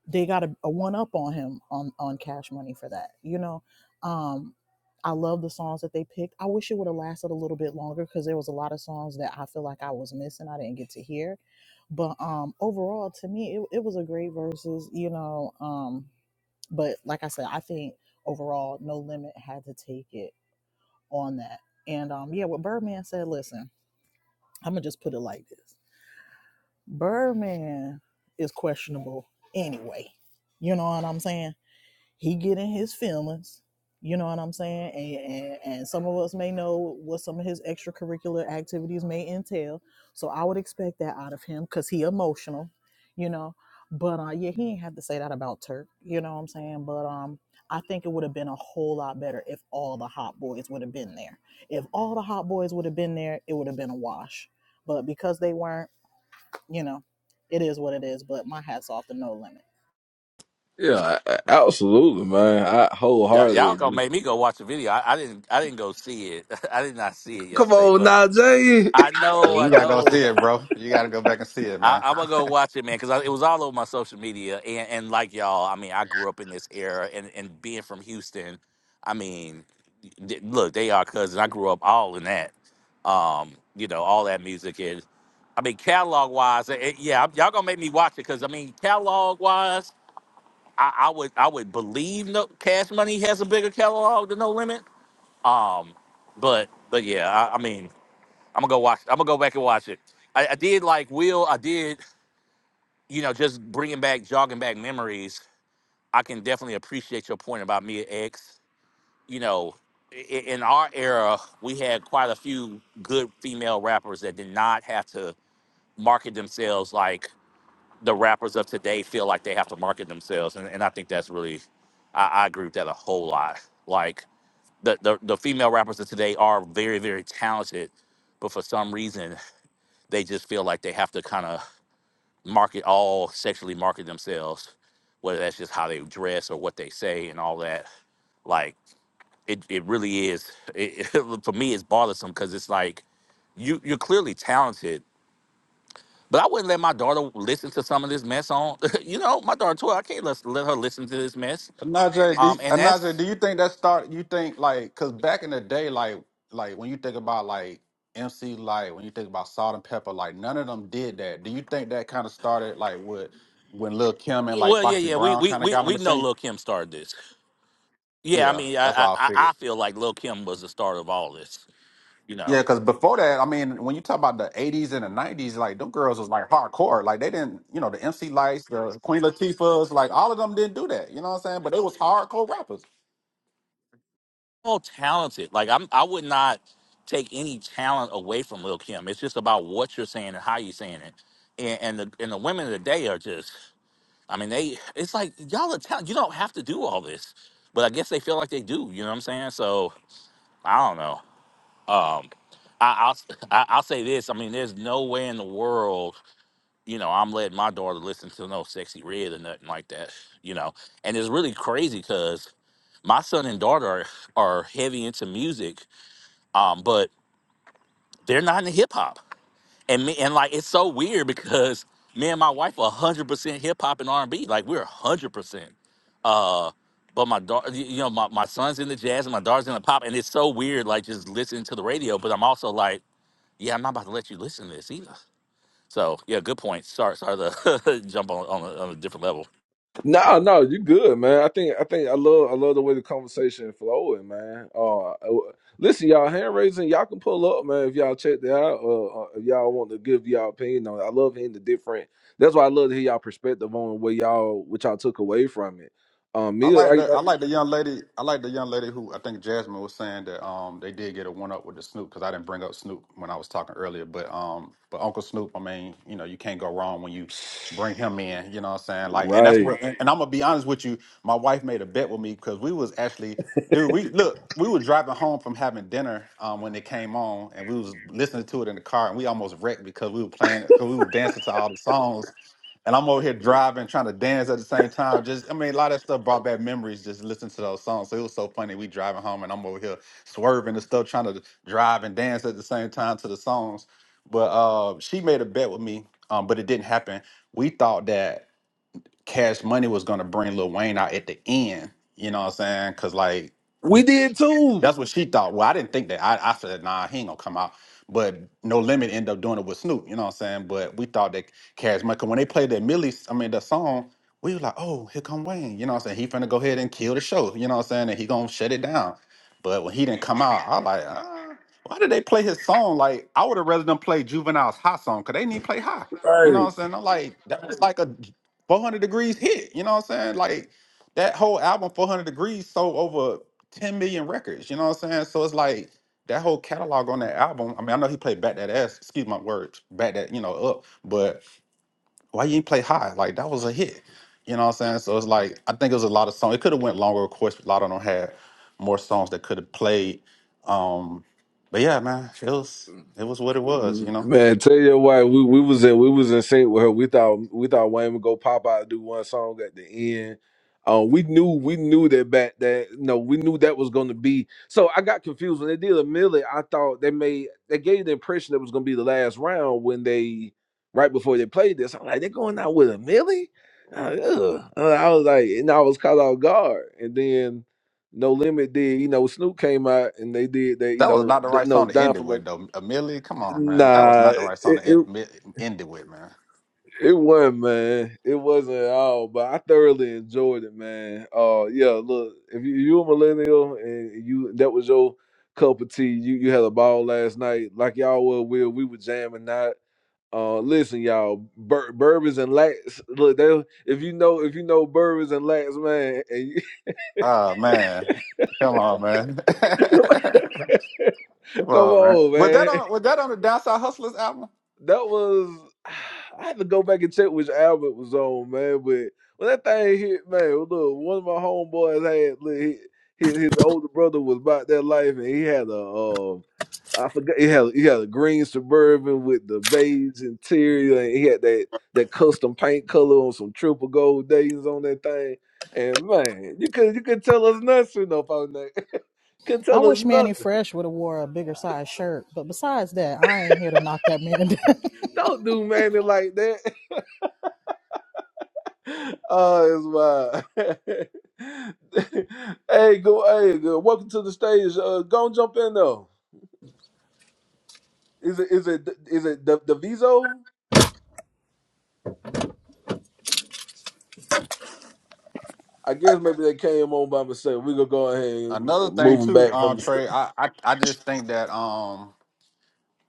S13: they got a, a one up on him on on cash money for that you know um i love the songs that they picked i wish it would have lasted a little bit longer because there was a lot of songs that i feel like i was missing i didn't get to hear but um overall to me it, it was a great versus you know um but like i said i think overall no limit had to take it on that and um yeah what birdman said listen i'm gonna just put it like this birdman is questionable anyway you know what i'm saying he get in his feelings you know what i'm saying and, and and some of us may know what some of his extracurricular activities may entail so i would expect that out of him because he emotional you know but uh yeah he ain't have to say that about turk you know what i'm saying but um i think it would have been a whole lot better if all the hot boys would have been there if all the hot boys would have been there it would have been a wash but because they weren't you know, it is what it is. But my hat's off to No Limit.
S1: Yeah, a- a- absolutely, man. I
S11: Y'all,
S1: wholeheartedly [LAUGHS]
S11: y'all gonna
S1: agree.
S11: make me go watch the video. I, I didn't I didn't go see it. [LAUGHS] I did not see it
S1: Come
S11: yesterday,
S1: on,
S11: but
S1: now, Jay. [LAUGHS]
S11: I
S16: yeah,
S11: know, I
S16: you gotta go
S11: know.
S16: see it, bro. You gotta go back and see it,
S11: I,
S16: man.
S11: I'm gonna
S16: [LAUGHS]
S11: go watch it, man, because it was all over my social media. And, and like y'all, I mean, I grew up in this era, and, and being from Houston, I mean, th- look, they are cousins. I grew up all in that, um, you know, all that music. And I mean, catalog wise, it, it- yeah, y'all gonna make me watch it because I mean, catalog wise, I, I would I would believe no Cash Money has a bigger catalog than No Limit. Um, but but yeah, I, I mean, I'm gonna go watch. I'm gonna go back and watch it. I, I did like Will. I did you know, just bringing back, jogging back memories, I can definitely appreciate your point about Mia X. You know, i- in our era, we had quite a few good female rappers that did not have to market themselves like the rappers of today feel like they have to market themselves. And, and I think that's really, I, I agree with that a whole lot. Like the, the, the female rappers of today are very, very talented, but for some reason, they just feel like they have to kind of market all sexually market themselves, whether that's just how they dress or what they say and all that. Like it, it really is. It, [LAUGHS] it, for me, it's bothersome because it's like you you're clearly talented, but I wouldn't let my daughter listen to some of this mess on. [LAUGHS] you know, my daughter twelve. I can't let, let her listen to this mess.
S16: Najee, do you,
S11: Um, and
S16: Najee,
S11: that's
S16: do you think that start? You think like because back in the day, like like when you think about like MC Light, when you think about Salt and Pepper, like none of them did that. Do you think that kind of started like with when Lil Kim and like
S11: well, yeah,
S16: Foxy
S11: yeah. We
S16: Brown
S11: we
S16: kind of
S11: we
S16: got on
S11: we
S16: the
S11: know
S16: scene?
S11: Lil Kim started this. Yeah, I
S16: Yeah,
S11: mean,
S16: that's what
S11: I,
S16: I
S11: I
S16: figured.
S11: I feel like Lil Kim was the start of all this. You
S16: Yeah,
S11: know.
S16: because before that, I mean, when you talk about the '80s and the '90s, like them girls was like hardcore. Like they didn't, you know, the MC Lights, the Queen Latifahs, like all of them didn't do that. You know what I'm saying? But they was hardcore rappers.
S11: all talented. Like I'm, I would not take any talent away from Lil Kim. It's just about what you're saying and how you're saying it. And, and the and the women of the day are just, I mean, they. It's like y'all are talented. You don't have to do all this, but I guess they feel like they do. You know what I'm saying? So I don't know. Um, I, I'll [LAUGHS] I, I'll say this. I mean, there's no way in the world, you know, I'm letting my daughter listen to no sexy red or nothing like that. You know, and it's really crazy because my son and daughter are, are heavy into music um, but they're not in hip hop. And me and like it's so weird because me and my wife are hundred percent hip hop and R and B. Like we're hundred percent. Uh, but my daughter, you know, my, my son's in the jazz and my daughter's in the pop, and it's so weird. Like just listening to the radio, but I'm also like, yeah, I'm not about to let you listen to this either. So yeah, good point. Sorry, sorry to [LAUGHS] jump on on a, on a different level.
S1: No, no, you good, man. I think I think I love I love the way the conversation flowing, man. Uh, w- listen, y'all, hand raising, y'all can pull up, man. If y'all check that out, uh, uh, if y'all want to give y'all opinion on, it. I love hearing the different. That's why I love to hear y'all perspective on what y'all what y'all took away from it. Um,
S16: I
S1: me
S16: like
S1: like,
S16: the I like the young lady. I like the young lady who I think Jasmine was saying that um they did get a one up with the Snoop because I didn't bring up Snoop when I was talking earlier, but um but Uncle Snoop, I mean, you know, you can't go wrong when you
S1: like
S16: bring him in. You know what I'm saying? Like, and that's where
S1: Right.
S16: And, and I'm gonna be honest with you. My wife made a bet with me because we was actually, dude. We look, we were driving home from having dinner um when it came on, and we was listening to it in the car, and we almost wrecked because we were playing because we were dancing to all the songs and I'm over here driving, trying to dance at the same time. Just, I mean, a lot of that stuff brought back memories just listening to those songs. So it was so funny. We driving home, and I'm over here swerving and stuff, trying to drive and dance at the same time to the songs. But uh, she made a bet with me, um, but it didn't happen. We thought that Cash Money was gonna bring Lil Wayne out at the end. You know what I'm saying? Cause like.
S1: We
S16: we.
S1: did too.
S16: That's what she thought. Well, I didn't think that. I, I said, nah, he ain't gonna come out. But No Limit ended up doing it with Snoop. You know what I'm saying? But we thought that Cash Money. 'cause when they played that Millie, I mean the song, we were like, oh, here come Wayne. You know what I'm saying? He finna go ahead and kill the show. You know what I'm saying? And he gonna shut it down. But when he didn't come out, I was like, uh, why did they play his song? Like I would have rather them play Juvenile's Hot song. 'Cause they didn't even play High. You know what
S1: Right.
S16: I'm saying? I'm like, that was like a 400 degrees hit. You know what I'm saying? Like that whole album, 400 degrees, sold over. 10 million records. You know what I'm saying? So it's like that whole catalog on that album. I mean, I know he played back that ass, excuse my words, back that, you know, up, but why you didn't play high? Like that was a hit. You know what I'm saying? So it's like I think it was a lot of songs. It could have went longer, of course. A lot of them had more songs that could have played. Um, but yeah, man, it was it was what it was, you know.
S1: Man, tell you why we, we was in we was in sync with her. We thought we thought Wayne would go pop out and do one song at the end. Um, we knew we knew that back that no, we knew that was gonna be. So I got confused when they did a millie. I thought they made they gave the impression that was gonna be the last round when they right before they played this. I'm like they're going out with a millie. I was like, "Ugh." I was like, and I was caught off guard. And then No Limit did, you know, Snoop came out and they did they you
S16: That was
S1: know,
S16: not the
S1: th-
S16: right
S1: no
S16: song to end
S1: down
S16: it
S1: from
S16: with though. Amelie, come on, man. That was
S1: Nah,
S16: not the right song
S1: it,
S16: to
S1: it
S16: end, end it with, man.
S1: it wasn't, man. It wasn't at all. But I thoroughly enjoyed it, man. Uh, yeah. Look, if you you a millennial and you that was your cup of tea, you you had a ball last night, like y'all were. Will we were jamming out. Uh, listen, y'all, bur- bourbons and lats. Look, they, if you know if you know bourbons and lats, man, and
S16: Oh man. Come on,
S1: you,
S16: man. [LAUGHS] Come
S1: [LAUGHS] come
S16: on, man.
S1: on,
S16: Was that
S1: man.
S16: on was that on the Downside Hustlers album?
S1: That was [SIGHS] I had to go back and check which album it was on, man. But when that thing hit, man, look, one of my homeboys had look, he- his his older brother was about that life, and he had a um, I forgot he had he had a green suburban with the beige interior, and he had that that custom paint color on some triple gold days on that thing. And man, you could you could tell us nothing up on that. [LAUGHS] could
S13: I
S1: tell us
S13: wish Manny
S1: nothing.
S13: Fresh would have wore a bigger size shirt, but besides that, I ain't here to knock that man down.
S1: Don't do Manny like that. Oh, it's wild. [LAUGHS] hey, go, hey, go. welcome to the stage. Uh, go and jump in though. Is it, is it, is it the the Viso? I guess maybe they came on by mistake. We gonna go ahead
S16: Another
S1: and
S16: thing
S1: move them
S16: too,
S1: back from
S16: um,
S1: the.
S16: Trey, I, I I just think that um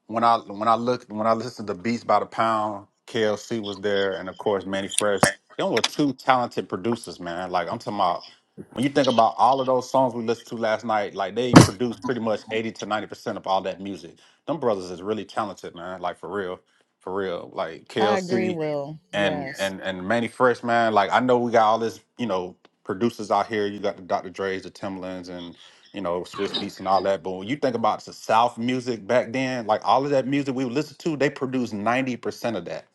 S16: when I when I looked when I listened to Beats by the Pound, KLC was there, and of course Manny Fresh. They were two talented producers, man. Like I'm talking about when you think about all of those songs we listened to last night, like they produced pretty much 80 to 90 percent of all that music. Them brothers is really talented, man. Like for real. For real. Like
S13: [LAUGHS] I agree,
S16: KLC
S13: Will.
S16: and
S13: Yes.
S16: and and Manny Fresh, man. Like I know we got all this, you know, producers out here. You got the Dr. Dre's, the Timbalands, and you know, Swiss beats and all that. But when you think about the South music back then, like all of that music we would listen to, they produced 90% of that.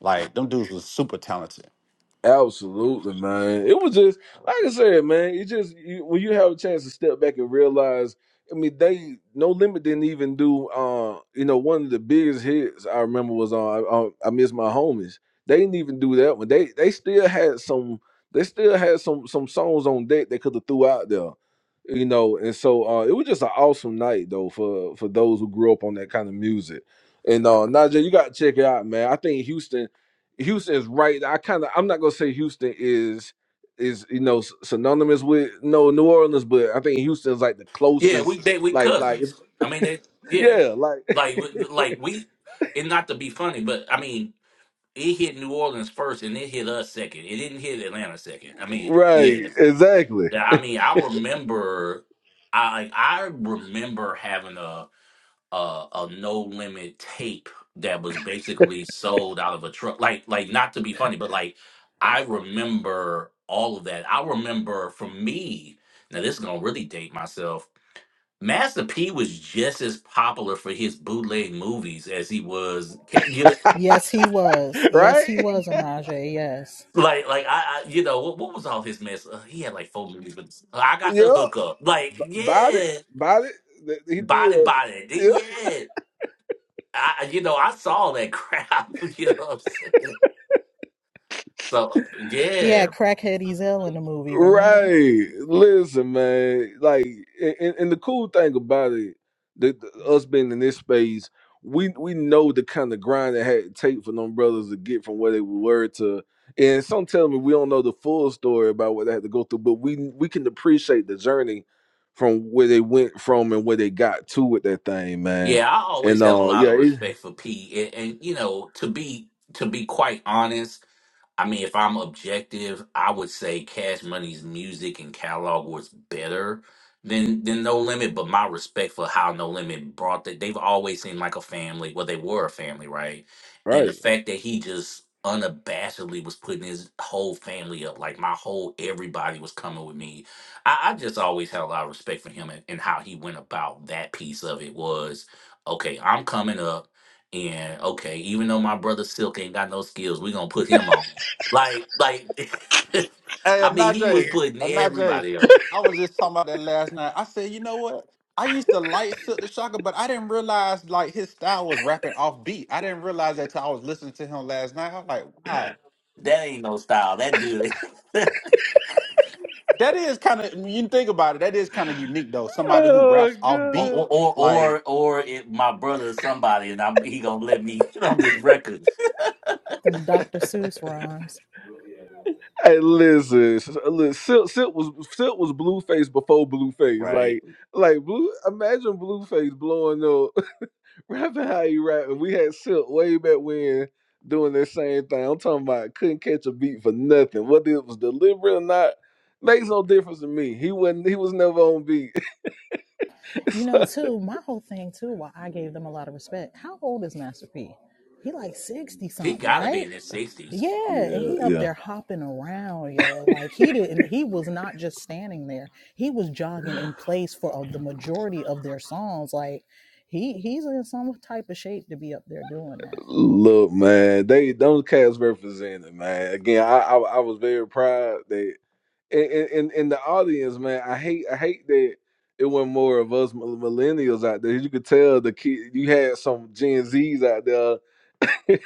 S16: Like them dudes was super talented.
S1: Absolutely, man. It was just like I said, man. It just you, when you have a chance to step back and realize. I mean, they no limit didn't even do. Uh, you know, one of the biggest hits I remember was on. I, uh, I miss my homies. They didn't even do that one. They they still had some. They still had some some songs on deck they could have threw out there. You know, and so uh, it was just an awesome night though for for those who grew up on that kind of music. And uh, Najee, you got to check it out, man. I think Houston. Houston is right. I kind of I'm not gonna say Houston is is you know s- synonymous with no New Orleans, but I think Houston's like the
S11: Yeah,
S1: closest.
S11: we they we
S1: Like like if-
S11: cousins. I mean, they yeah,
S1: yeah like
S11: like we- like we. It not to be funny, but I mean it hit New Orleans first, and it hit us second. It didn't hit Atlanta
S1: [LAUGHS]
S11: second. I mean,
S1: right
S11: yeah.
S1: exactly
S11: Yeah, I mean, I remember, I like, I remember having a a, a no limit tape that was basically sold out of a truck. Like, like not to be funny, but like I remember all of that. I remember for me. Now this is gonna really date myself. Master P was just as popular for his bootleg movies as he was. Can you?
S13: Yes, he was.
S1: [LAUGHS]
S13: Yes,
S1: right
S13: he was a Najee. Yes.
S11: Like, like I, I you know, what, what was all his mess? Uh, he had like four movies, but uh, I got
S1: yeah
S11: the hookup. Like,
S1: b- about it
S11: yeah,
S1: about it that he did
S11: body, body,
S1: yeah
S11: yeah. I, I- you know, I saw that crap. [LAUGHS] You know what I'm saying? So,
S13: He
S11: yeah,
S13: had crackhead Ezel in the movie, remember?
S1: Right. Listen, man. Like, and, and the cool thing about it, the, the- us being in this space, we we know the kind of grind it had to take for them brothers to get from where they were to. And some tell me we don't know the full story about what they had to go through, but we we can appreciate the journey from where they went from and where they got to with that thing, man.
S11: yeah. I always
S1: And
S11: had a
S1: uh,
S11: lot
S1: yeah,
S11: of
S1: it,
S11: respect for P, and, and you know, to be to be quite honest. I mean, if I'm objective, I would say Cash Money's music and catalog was better than than No Limit. But my respect for how No Limit brought that, they've always seemed like a family. Well, they were a family, right? And the
S1: right.
S11: fact that he just unabashedly was putting his whole family up, like my whole everybody was coming with me. I, I just always had a lot of respect for him and, and how he went about that piece of it was okay, I'm coming up. And okay, even though my brother Silk ain't got no skills, we gonna put him on. Like, like, [LAUGHS]
S16: Hey,
S11: I mean, he was
S16: Anajay,
S11: putting
S16: Anajay,
S11: everybody up.
S16: I was just talking about that last night. I said, you know what? I used to like Silk the Shocker, but I didn't realize like his style was rapping off beat. I didn't realize that till I was listening to him last night. I was like, wow.
S11: That ain't no style. That dude. [LAUGHS]
S16: That is kind of, when you think about it, that is kind of unique though. Somebody who
S1: Oh
S16: raps off
S11: Or
S1: God.
S16: beat,
S11: or or
S16: like
S11: or, or if my brother is somebody and I'm he gonna let me [LAUGHS] get on this record,
S13: Them Dr.
S16: [LAUGHS]
S13: Seuss rhymes.
S1: Hey, listen, s- uh, look, Silk, Silk was Silk was Blueface before Blueface.
S11: right?
S1: Like, like Blue. Imagine Blueface blowing up, [LAUGHS] rapping how you rapping. We had Silk way back when doing that same thing. I'm talking about couldn't catch a beat for nothing, whether it was deliberate or not. Makes no difference to me. He wasn't. He was never on beat. [LAUGHS]
S13: You know,
S1: So,
S13: too, my whole thing too, why I gave them a lot of respect. How old is Master P? He like sixty
S11: He
S13: something,
S11: gotta be
S13: right?
S11: in his sixties.
S13: Yeah, and
S1: Yeah,
S13: he up
S1: yeah.
S13: there hopping around, yo. Like he didn't he was not just standing there. He was jogging in place for uh, the majority of their songs. Like he he's in some type of shape to be up there doing that. [LAUGHS]
S1: Look, man, they those cats represented, man. Again, I, I I was very proud. in, in in the audience, man, I hate I hate that it wasn't more of us mil- millennials out there. You could tell the kid you had some Gen Zs out there,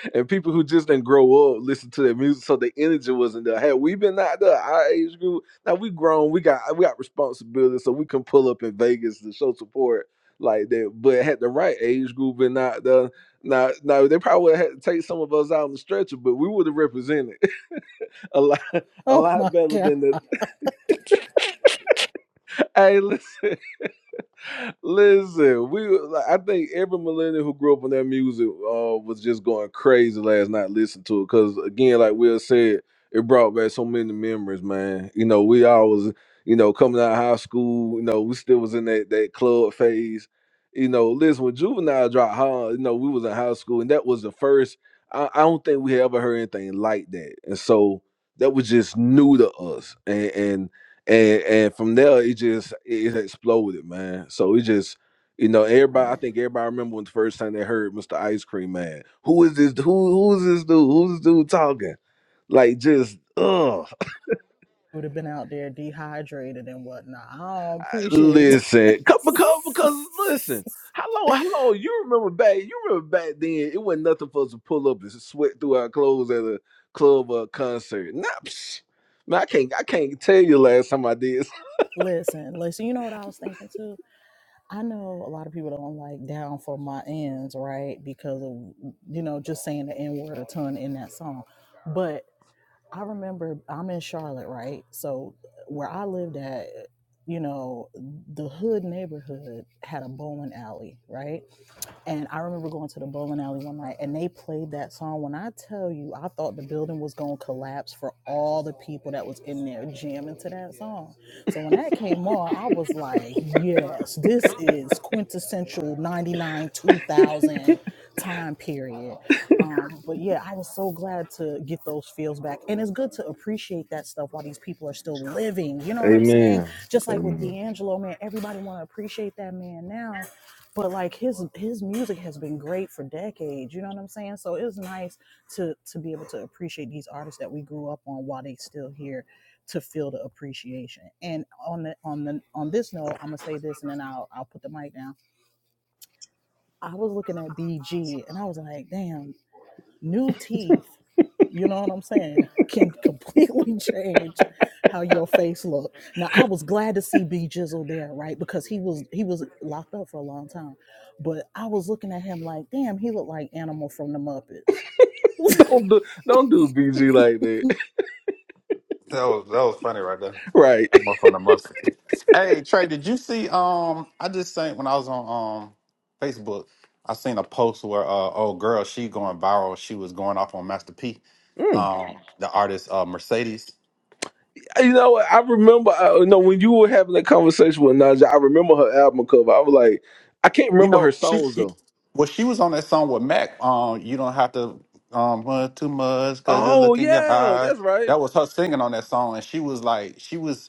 S1: [LAUGHS] and people who just didn't grow up listen to their music, so the energy wasn't there. Had we been out there, our age group, now we grown, we got we got responsibilities, so we can pull up in Vegas to show support like that. But had the right age group been out there. Now, now they probably would have had to take some of us out on the stretcher, but we would have represented [LAUGHS] a lot a
S13: Oh my
S1: lot better
S13: god.
S1: than the Hey, listen, [LAUGHS] listen. We, were- like, I think every millennial who grew up on that music uh, was just going crazy last night listening to it. Cause again, like Will said, it brought back so many memories, man. You know, we always, you know, coming out of high school, you know, we still was in that that club phase. You know, listen, when Juvenile dropped, huh, you know, we was in high school, and that was the first. I, I don't think we had ever heard anything like that, and so that was just new to us, and and and and from there it just it, exploded, man. So it just you know everybody. I think everybody remember when the first time they heard Mr. Ice Cream Man. Who is this? Who who is this dude? Who's this dude talking? Like just ugh.
S13: Would have been out there dehydrated and whatnot. I don't
S1: I-
S13: appreciate that.
S1: Listen, co- because because listen. How long? How long? You remember back? You remember back then? It wasn't nothing for us to pull up and sweat through our clothes at a club or a concert. Nah, psh, man, I can't. I can't tell you last time I did
S13: [LAUGHS] listen, listen, you know what I was thinking too? I know a lot of people don't like down for my ends, right? Because of mm, you know, just saying the N word a ton in that song. But I remember I'm in Charlotte, right? So where I lived at, you know, the hood neighborhood had a bowling alley, right? And I remember going to the bowling alley one night and they played that song. When I tell you, I thought the building was going to collapse for all the people that was in there jamming to that song. So when that came on, I was like, yes, this is quintessential 99 2000 time period. Um, but yeah, I was so glad to get those feels back. And it's good to appreciate that stuff while these people are still living. You know what I'm saying?
S1: Amen.
S13: Just like with
S1: Amen.
S13: D'Angelo, man, everybody want to appreciate that man now but like his his music has been great for decades you know what i'm saying so it's nice to to be able to appreciate these artists that we grew up on while they still here to feel the appreciation and on the on the on this note i'm gonna say this and then i'll i'll put the mic down i was looking at bg and i was like damn new teeth, you know what I'm saying, can [LAUGHS] completely change how your face look. Now I was glad to see B Jizzle there, right? Because he was he was locked up for a long time. But I was looking at him like, damn, he looked like animal from the Muppets. [LAUGHS]
S1: Don't do don't do BG like that.
S16: That was that was funny right there.
S1: [LAUGHS] right.
S16: That more fun than mustard. Hey Trey, did you see? Um, I just seen when I was on um Facebook, I seen a post where uh old girl she going viral. She was going off on Master P,
S1: Mm.
S16: um the artist uh Mercedes.
S1: You know, what? I remember uh, you know when you were having that conversation with Naja, I remember her album cover. I was like, I can't
S16: You
S1: remember her
S16: know she,
S1: songs
S16: she
S1: though.
S16: well she was on that song with Mac. Um, you don't have to um run too much because you
S1: Oh
S16: look in your
S1: yeah,
S16: eyes.
S1: that's right.
S16: That was her singing on that song, and she was like she was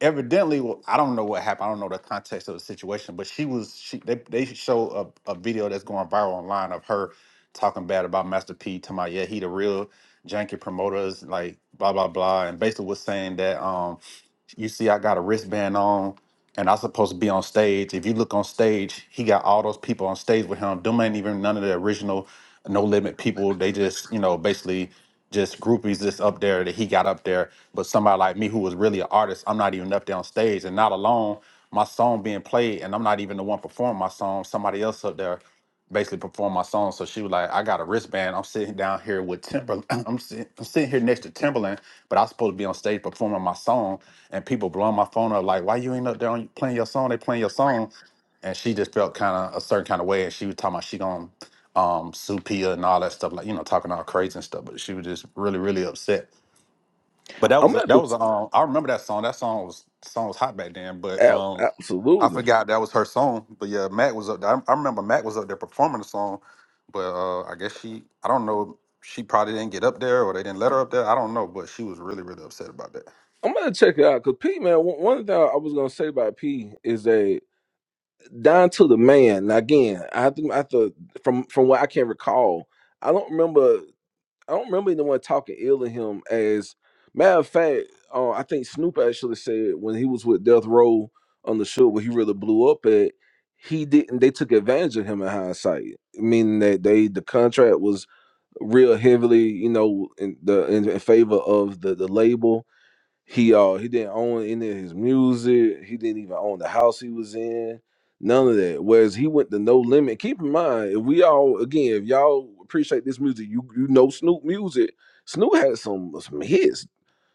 S16: evidently well, i don't know what happened i don't know the context of the situation but she was she they, they show a, a video that's going viral online of her talking bad about master p talking about yeah he the real janky promoters like blah blah blah and basically was saying that um you see, I got a wristband on, and I'm supposed to be on stage. If you look on stage, he got all those people on stage with him. Them ain't even none of the original No Limit people. They just, you know, basically just groupies just up there that he got up there. But somebody like me who was really an artist, I'm not even up there on stage, and not alone my song being played, and I'm not even the one performing my song. Somebody else up there basically perform my song. So she was like, I got a wristband. I'm sitting down here with Timber. [CLEARS THROAT] I'm sitting, I'm sitting here next to Timberland, but I'm supposed to be on stage performing my song. And people blowing my phone up like, why you ain't up there on, playing your song? They playing your song. And she just felt kind of a certain kind of way. And she was talking about she going to um, sue Pia and all that stuff, like, you know, talking all crazy and stuff. But she was just really, really upset but that was
S1: I'm
S16: a,
S1: at
S16: that
S1: the
S16: was
S1: t-
S16: a, um I remember that song. That song was song was hot back then, but
S1: ab-
S16: um I
S1: absolutely.
S16: forgot that was her song. But yeah, Mac was up there. I, I remember Mac was up there performing the song, but uh I guess she I don't know she probably didn't get up there or they didn't let her up there. I don't know, but she was really really upset about that.
S1: I'm gonna check it out because P man, one one thing I was gonna say about P is that down to the man. Now again, I have to, I have to from from what I can recall, I don't remember. I don't remember anyone talking ill of him. As matter of fact, uh, I think Snoop actually said when he was with Death Row on the show where he really blew up at, he didn't. They took advantage of him in hindsight, meaning that they the contract was real heavily, you know, in the in, in favor of the the label he uh he didn't own any of his music. He didn't even own the house he was in. None of that. Whereas he went to no limit. Keep in mind, if we all again, if y'all appreciate this music, you you know Snoop music. Snoop had some some hits,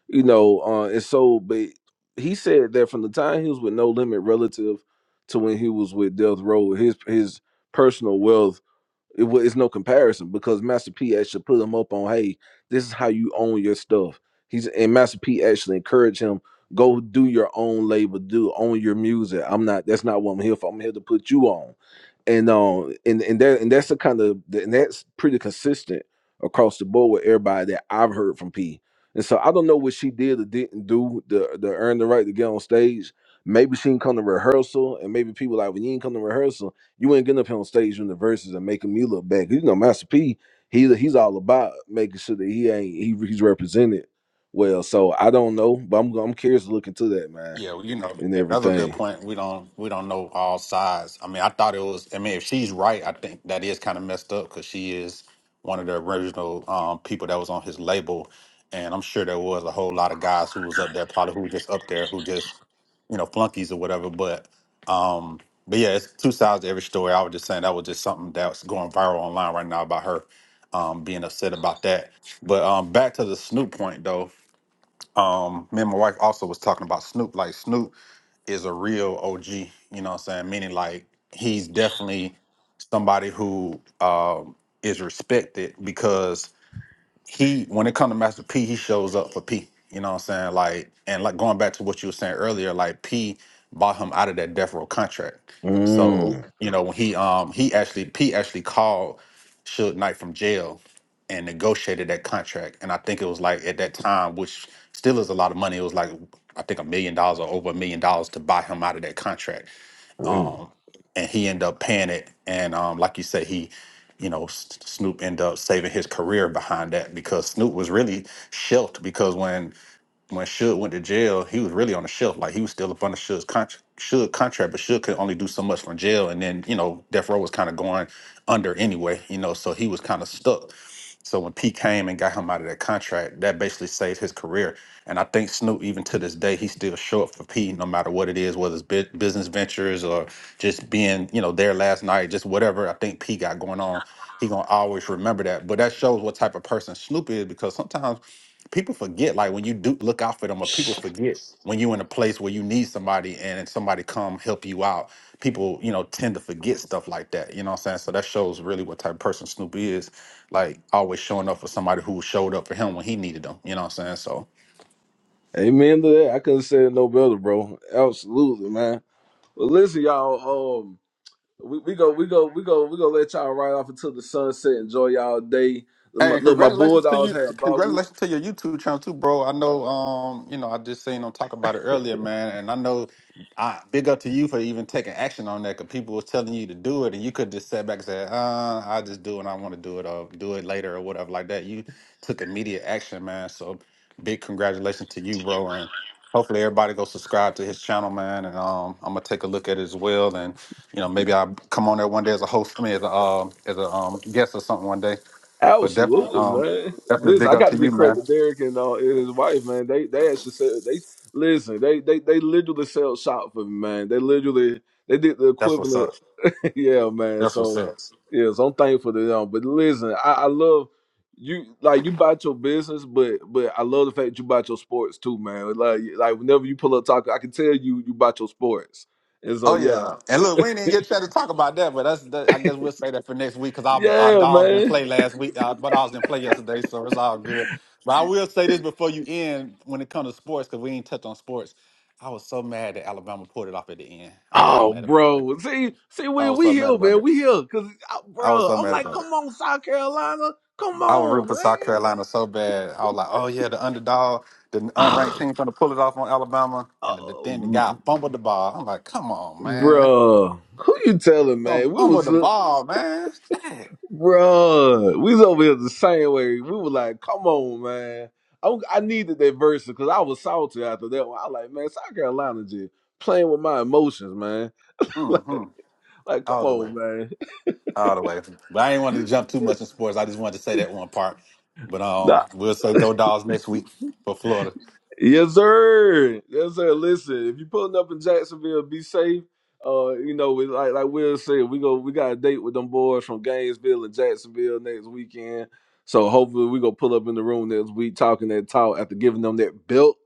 S1: you know. Uh, and so, but he said that from the time he was with No Limit, relative to when he was with Death Row, his his personal wealth it, it's no comparison because Master P actually put him up on, hey, this is how you own your stuff. He's and Master P actually encouraged him, go do your own label, do own your music. I'm not that's not what I'm here for. I'm here to put you on. And um and, and that and that's the kind of and that's pretty consistent across the board with everybody that I've heard from P. And so I don't know what she did or didn't do to, to earn the right to get on stage. Maybe she didn't come to rehearsal, and maybe people like when you didn't come to rehearsal. You ain't getting up here on stage in the verses and making me look bad. 'Cause You know, Master P, he he's all about making sure that he ain't he, he's represented well. So I don't know, but I'm I'm curious to look into that, man,
S16: Yeah, well, you know
S1: and
S16: that's a good
S1: everything.
S16: point. We don't we don't know all sides. I mean, I thought it was. I mean, if she's right, I think that is kind of messed up because she is one of the original um, people that was on his label, and I'm sure there was a whole lot of guys who was up there, probably who just up there who just you know flunkies or whatever. But um, but yeah, it's two sides to every story. I was just saying that was just something that's going viral online right now about her um, being upset about that. But um, back to the Snoop point though. Um, me and my wife also was talking about Snoop. Like Snoop is a real OG, you know what I'm saying? Meaning like he's definitely somebody who um is respected because he when it comes to Master P, he shows up for P. You know what I'm saying? Like and like going back to what you were saying earlier, like P bought him out of that death row contract. So Mhm.
S1: Mm,
S16: you know when he um he actually P actually called Suge Knight from jail and negotiated that contract, and I think it was like at that time, which still is a lot of money. It was like I think a million dollars or over a million dollars to buy him out of that contract
S1: mm.
S16: and he ended up paying it. And um, like you said, he, you know, S- Snoop ended up saving his career behind that because Snoop was really shelved because when when Suge went to jail, he was really on the shelf. Like he was still up under Suge's con- Suge contract, but Suge could only do so much from jail. And then you know, Death Row was kind of going under anyway. You know, so he was kind of stuck. So when P came and got him out of that contract, that basically saved his career. And I think Snoop, even to this day, he still show up for P no matter what it is, whether it's bu- business ventures or just being, you know, there last night, just whatever I think P got going on. He gonna always remember that. But that shows what type of person Snoop is, because sometimes people forget like when you do look out for them or people forget when you're in a place where you need somebody and somebody come help you out people you know tend to forget stuff like that you know what i'm saying so that shows really what type of person snoop is like always showing up for somebody who showed up for him when he needed them you know what i'm saying So.
S1: Amen to that. I couldn't say it no better, bro. Absolutely, man. Well, listen, y'all. Um, we, we go, we go, we go, we go. Let y'all ride off until the sunset. Enjoy y'all day. Look, my,
S16: Hey, and
S1: look, my
S16: congratulations to
S1: Bulldogs
S16: you!
S1: had a bye week.
S16: Congratulations to your YouTube channel too, bro. I know, um, you know, I just seen them talk about it earlier, man, and I know, I big up to you for even taking action on that because people was telling you to do it, and you could just sit back and say, "Uh, I just do it. I want to do it, or do it later, or whatever like that." You took immediate action, man. So, big congratulations to you, bro, and hopefully everybody go subscribe to his channel, man. And um, I'm gonna take a look at it as well, and you know, maybe I'll come on there one day as a host, I mean, as a um, as a um, guest or something one day. But definitely,
S1: Absolutely,
S16: um,
S1: man.
S16: definitely
S1: Listen,
S16: big
S1: I
S16: up
S1: got
S16: to
S1: to
S16: you,
S1: give credit
S16: man.
S1: to Derek and, uh, and his wife, man. They they actually said they listen. They they they literally sell shop for me, man. They literally they did the
S16: That's what's
S1: equivalent,
S16: up.
S1: [LAUGHS] yeah, man.
S16: That's what's
S1: So
S16: up.
S1: yeah, so I'm thankful to them. But listen, I, I love you. Like you bought your business, but but I love the fact that you bought your sports too, man. Like like whenever you pull up talking, I can tell you you bought your sports. And so
S16: Oh
S1: yeah,
S16: yeah, and look, we didn't even get a chance to talk about that, but that's that, I guess we'll say that for next week because our our
S1: yeah,
S16: dogs didn't
S1: man.
S16: play last week, uh, but I was didn't play yesterday, so it's all good. But I will say this before you end, when it comes to sports, because we ain't touched on sports, I was so mad that Alabama pulled it off at the end. I was so
S1: Oh,
S16: mad about that.
S1: bro. See, see,
S16: I
S1: Will,
S16: was
S1: we
S16: so mad
S1: here,
S16: about
S1: man.
S16: that.
S1: We here. Cause, uh,
S16: I was
S1: bro,
S16: so
S1: I'm
S16: mad
S1: like,
S16: about it.
S1: come on, South Carolina. Come
S16: I was rooting
S1: on,
S16: for South
S1: man.
S16: Carolina so bad. I was like, oh yeah, the underdog, the unranked
S1: [SIGHS]
S16: team trying to pull it off on Alabama,
S1: Ah,
S16: and the, then the guy
S1: oh,
S16: fumbled the ball. I'm like, come on, man,
S1: bro. Who you telling,
S16: don't
S1: man? We
S16: fumble
S1: was,
S16: the
S1: uh,
S16: ball, man. Shit.
S1: bro. We was over here the same way. We were like, come on, man. I, I needed that verse because I was salty after that one. I was like, man, South Carolina just playing with my emotions, man. [LAUGHS]
S16: Mm-hmm.
S1: like, like, come
S16: All the way,
S1: on, man. [LAUGHS]
S16: all the way. But I didn't want to jump too much in sports. I just wanted to say that one part. But
S1: Nah,
S16: um, we'll say go dogs next week for Florida.
S1: Yes, sir. Yes, sir. Listen, if you're pulling up in Jacksonville, be safe. Uh, you know, we like like Will said, we go we got a date with them boys from Gainesville and Jacksonville next weekend. So hopefully we go pull up in the room next week talking that talk after giving them that belt.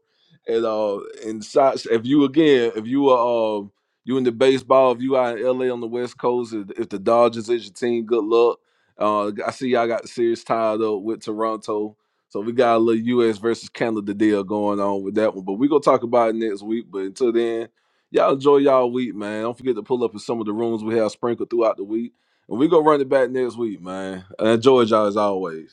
S1: And uh and shots if you again, if you are um you in the baseball, if you out in LA on the West Coast, if, if the Dodgers is your team, good luck. Uh I see y'all got the series tied up with Toronto. So we got a little U.S. versus Canada deal going on with that one, but we gonna talk about it next week. But until then, y'all enjoy y'all week, man. Don't forget to pull up in some of the rooms we have sprinkled throughout the week, and we gonna run it back next week, man. And enjoy y'all as always.